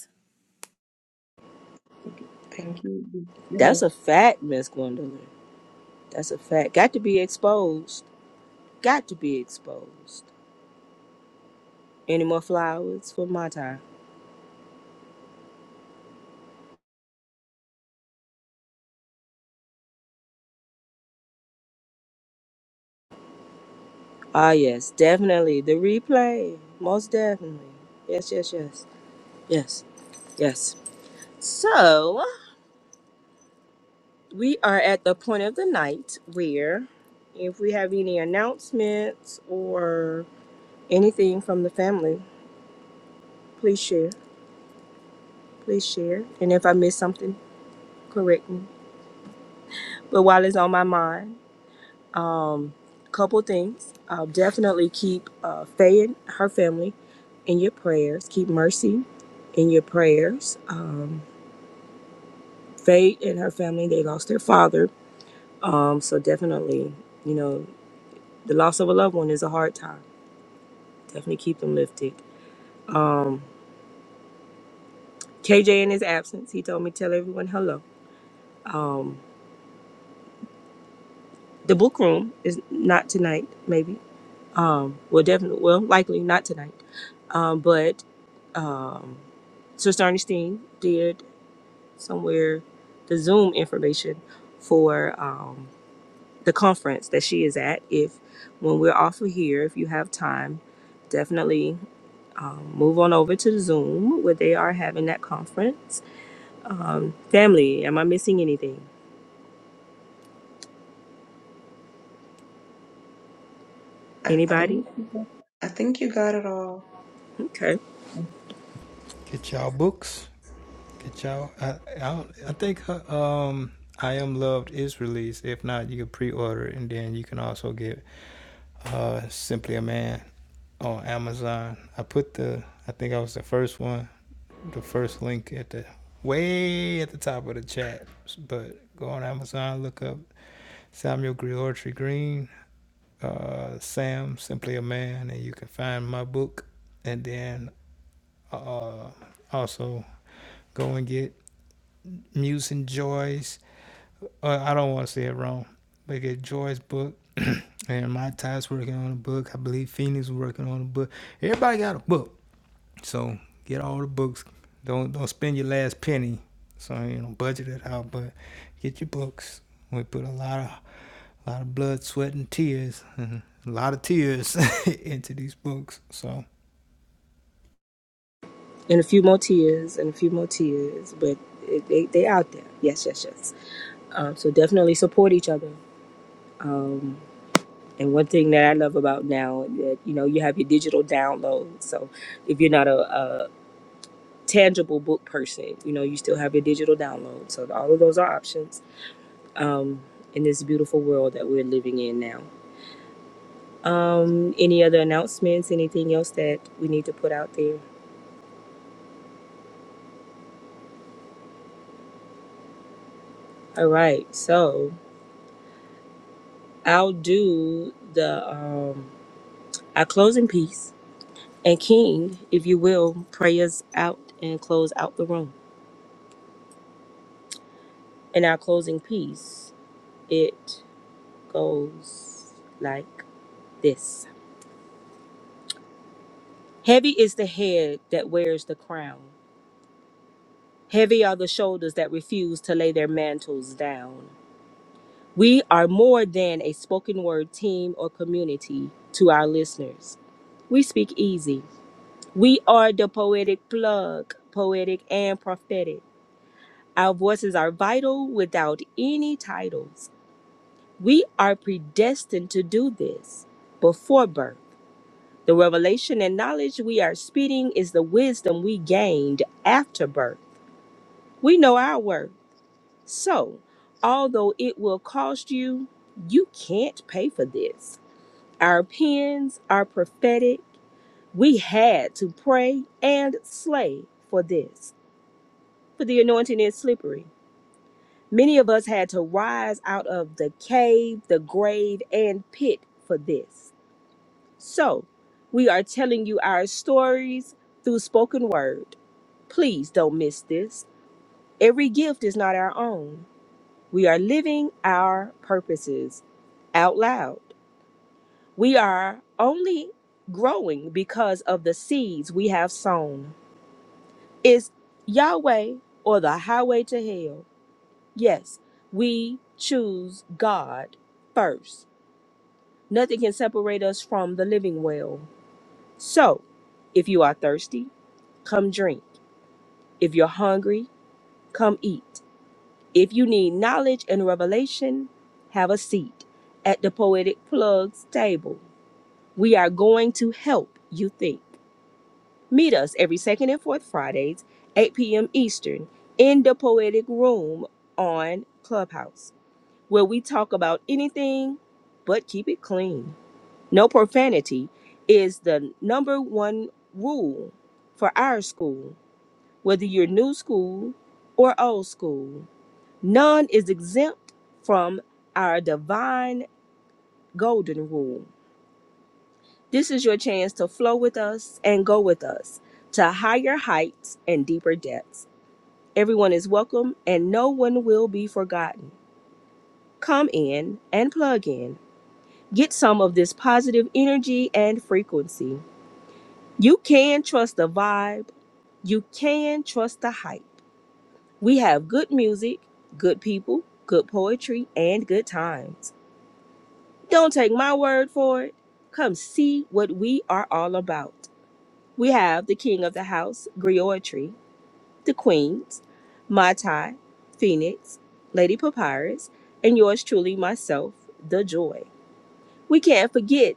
Speaker 4: Thank you. Yeah.
Speaker 3: That's a fact, Miss Gwendolyn. That's a fact. Got to be exposed. Got to be exposed. Any more flowers for my time? Ah, yes, definitely. The replay. Most definitely. Yes, yes, yes. Yes, yes. So, we are at the point of the night where if we have any announcements or anything from the family, please share. Please share. And if I miss something, correct me. But while it's on my mind, um, couple things. I'll definitely keep uh, Faye and her family in your prayers. Keep mercy in your prayers. Um, Faye and her family, they lost their father. Um, so definitely, you know, the loss of a loved one is a hard time. Definitely keep them lifted. Um, KJ in his absence, he told me tell everyone hello. Um, the book room is not tonight, maybe. Um, well, definitely, well, likely not tonight. Um, but um, Sister Ernestine did somewhere the Zoom information for. Um, the conference that she is at. If when we're off of here, if you have time, definitely um, move on over to the Zoom where they are having that conference. Um, family, am I missing anything?
Speaker 4: I
Speaker 3: Anybody?
Speaker 4: think I think you got it all.
Speaker 3: Okay.
Speaker 1: Get y'all books. Get y'all. I I, I think her, um I Am Loved is released. If not, you can pre-order it, and then you can also get uh Simply a Man on Amazon. I put the I think I was the first one the first link at the way at the top of the chat. But go on Amazon, look up Samuel Griotry Green, uh, Sam Simply a Man, and you can find my book. And then uh, also go and get Muse and Joy's. Uh, I don't want to say it wrong, but get Joy's book. and my Ty's working on a book. I believe Phoenix working on a book. Everybody got a book. So get all the books. Don't don't spend your last penny. So you know, budget it out, but get your books. We put a lot of a lot of blood, sweat, and tears, and a lot of tears into these books. So,
Speaker 3: And a few more tears and a few more tears, but it, they they out there. Yes, yes, yes. Um, so definitely support each other. Um, and one thing that I love about now that you know you have your digital downloads. So if you're not a, tangible book person. You know, you still have your digital download. So all of those are options um, in this beautiful world that we're living in now. Um, any other announcements? Anything else that we need to put out there? All right. So I'll do the um, our closing piece and King, if you will, pray us out and close out the room. In our closing piece, it goes like this. Heavy is the head that wears the crown. Heavy are the shoulders that refuse to lay their mantles down. We are more than a spoken word team or community to our listeners. We speak easy. We are the poetic plug, poetic and prophetic. Our voices are vital without any titles. We are predestined to do this before birth. The revelation and knowledge we are speeding is the wisdom we gained after birth. We know our worth. So, although it will cost you, you can't pay for this. Our pens are prophetic. We had to pray and slay for this. For the anointing is slippery. Many of us had to rise out of the cave, the grave, and pit for this. So, we are telling you our stories through spoken word. Please don't miss this. Every gift is not our own. We are living our purposes out loud. We are only growing because of the seeds we have sown. Is Yahweh or the highway to hell? Yes, we choose God first. Nothing can separate us from the living well. So, if you are thirsty, come drink. If you're hungry, come eat. If you need knowledge and revelation, have a seat at the Poetic Plugs table. We are going to help you think. Meet us every second and fourth Fridays, 8 p.m. Eastern, in the Poetic Room on Clubhouse, where we talk about anything but keep it clean. No profanity is the number one rule for our school, whether you're new school or old school. None is exempt from our divine golden rule. This is your chance to flow with us and go with us to higher heights and deeper depths. Everyone is welcome and no one will be forgotten. Come in and plug in. Get some of this positive energy and frequency. You can trust the vibe, you can trust the hype. We have good music, good people, good poetry, and good times. Don't take my word for it. Come see what we are all about. We have the king of the house, Griotry, the queens, Matai, Phoenix, Lady Papyrus, and yours truly, myself, The Joy. We can't forget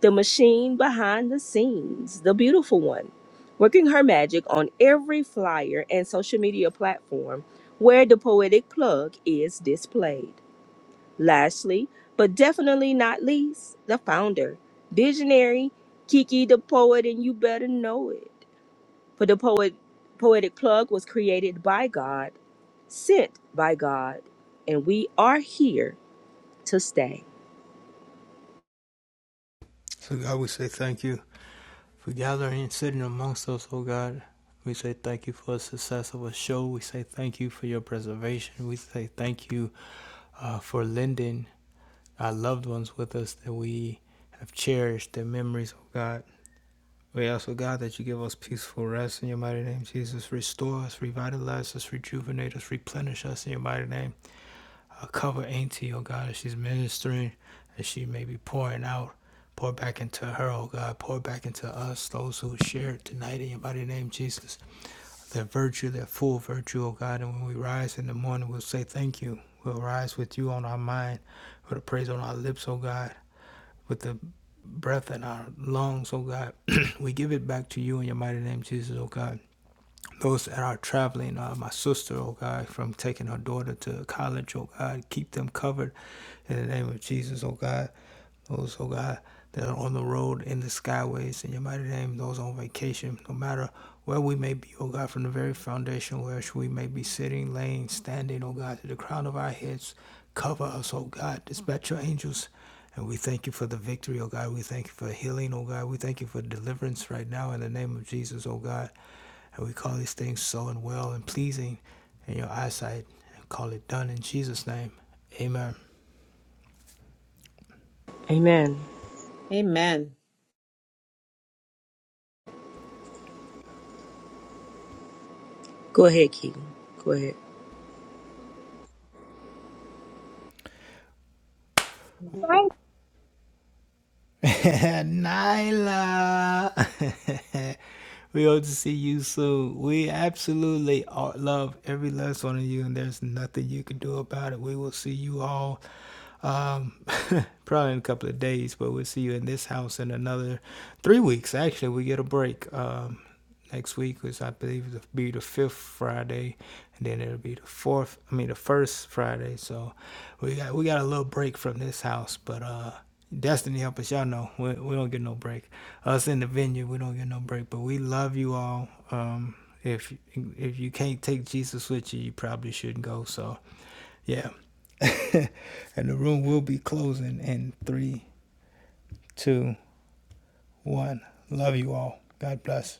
Speaker 3: the machine behind the scenes, the beautiful one, working her magic on every flyer and social media platform where the poetic plug is displayed. Lastly, but definitely not least, the founder, visionary Kiki the poet, and you better know it. For the poet, poetic plug was created by God, sent by God, and we are here to stay.
Speaker 1: so God, we say thank you for gathering and sitting amongst us, oh God. We say thank you for the success of a show. We say thank you for your preservation. We say thank you uh, for lending our loved ones with us that we have cherished their memories, oh God. We ask, O God, that you give us peaceful rest in your mighty name, Jesus. Restore us, revitalize us, rejuvenate us, replenish us in your mighty name. Uh, cover Auntie, O God, as she's ministering, as she may be pouring out. Pour back into her, O God. Pour back into us, those who share tonight in your mighty name, Jesus. Their virtue, their full virtue, O God. And when we rise in the morning, we'll say thank you. We'll rise with you on our mind, with a praise on our lips, O God with the breath in our lungs, oh God. we give it back to you in your mighty name, Jesus, oh God. Those that are traveling, uh, my sister, oh God, from taking her daughter to college, oh God, keep them covered in the name of Jesus, oh God. Those, oh God, that are on the road, in the skyways, in your mighty name, those on vacation, no matter where we may be, oh God, from the very foundation where we may be sitting, laying, standing, oh God, to the crown of our heads, cover us, oh God, dispatch your angels. And we thank you for the victory, oh God. We thank you for healing, oh God. We thank you for deliverance right now in the name of Jesus, oh God. And we call these things so and well and pleasing in your eyesight and call it done in Jesus' name. Amen.
Speaker 3: Amen.
Speaker 11: Amen
Speaker 3: Go ahead, Kiki. Go ahead.
Speaker 1: Nyla, we hope to see you soon. We absolutely are- love every last one of you, and there's nothing you can do about it. We will see you all um, probably in a couple of days, but we'll see you in this house in another three weeks. Actually, we get a break. Um, next week, which I believe will be the fifth Friday, and then it'll be the fourth. I mean, the first Friday. So we got we got a little break from this house, but uh, Destiny help us. Y'all know we, we don't get no break. Us in the vineyard, we don't get no break. But we love you all. Um, if if you can't take Jesus with you, you probably shouldn't go. So yeah, and the room will be closing in three, two, one. Love you all. God bless.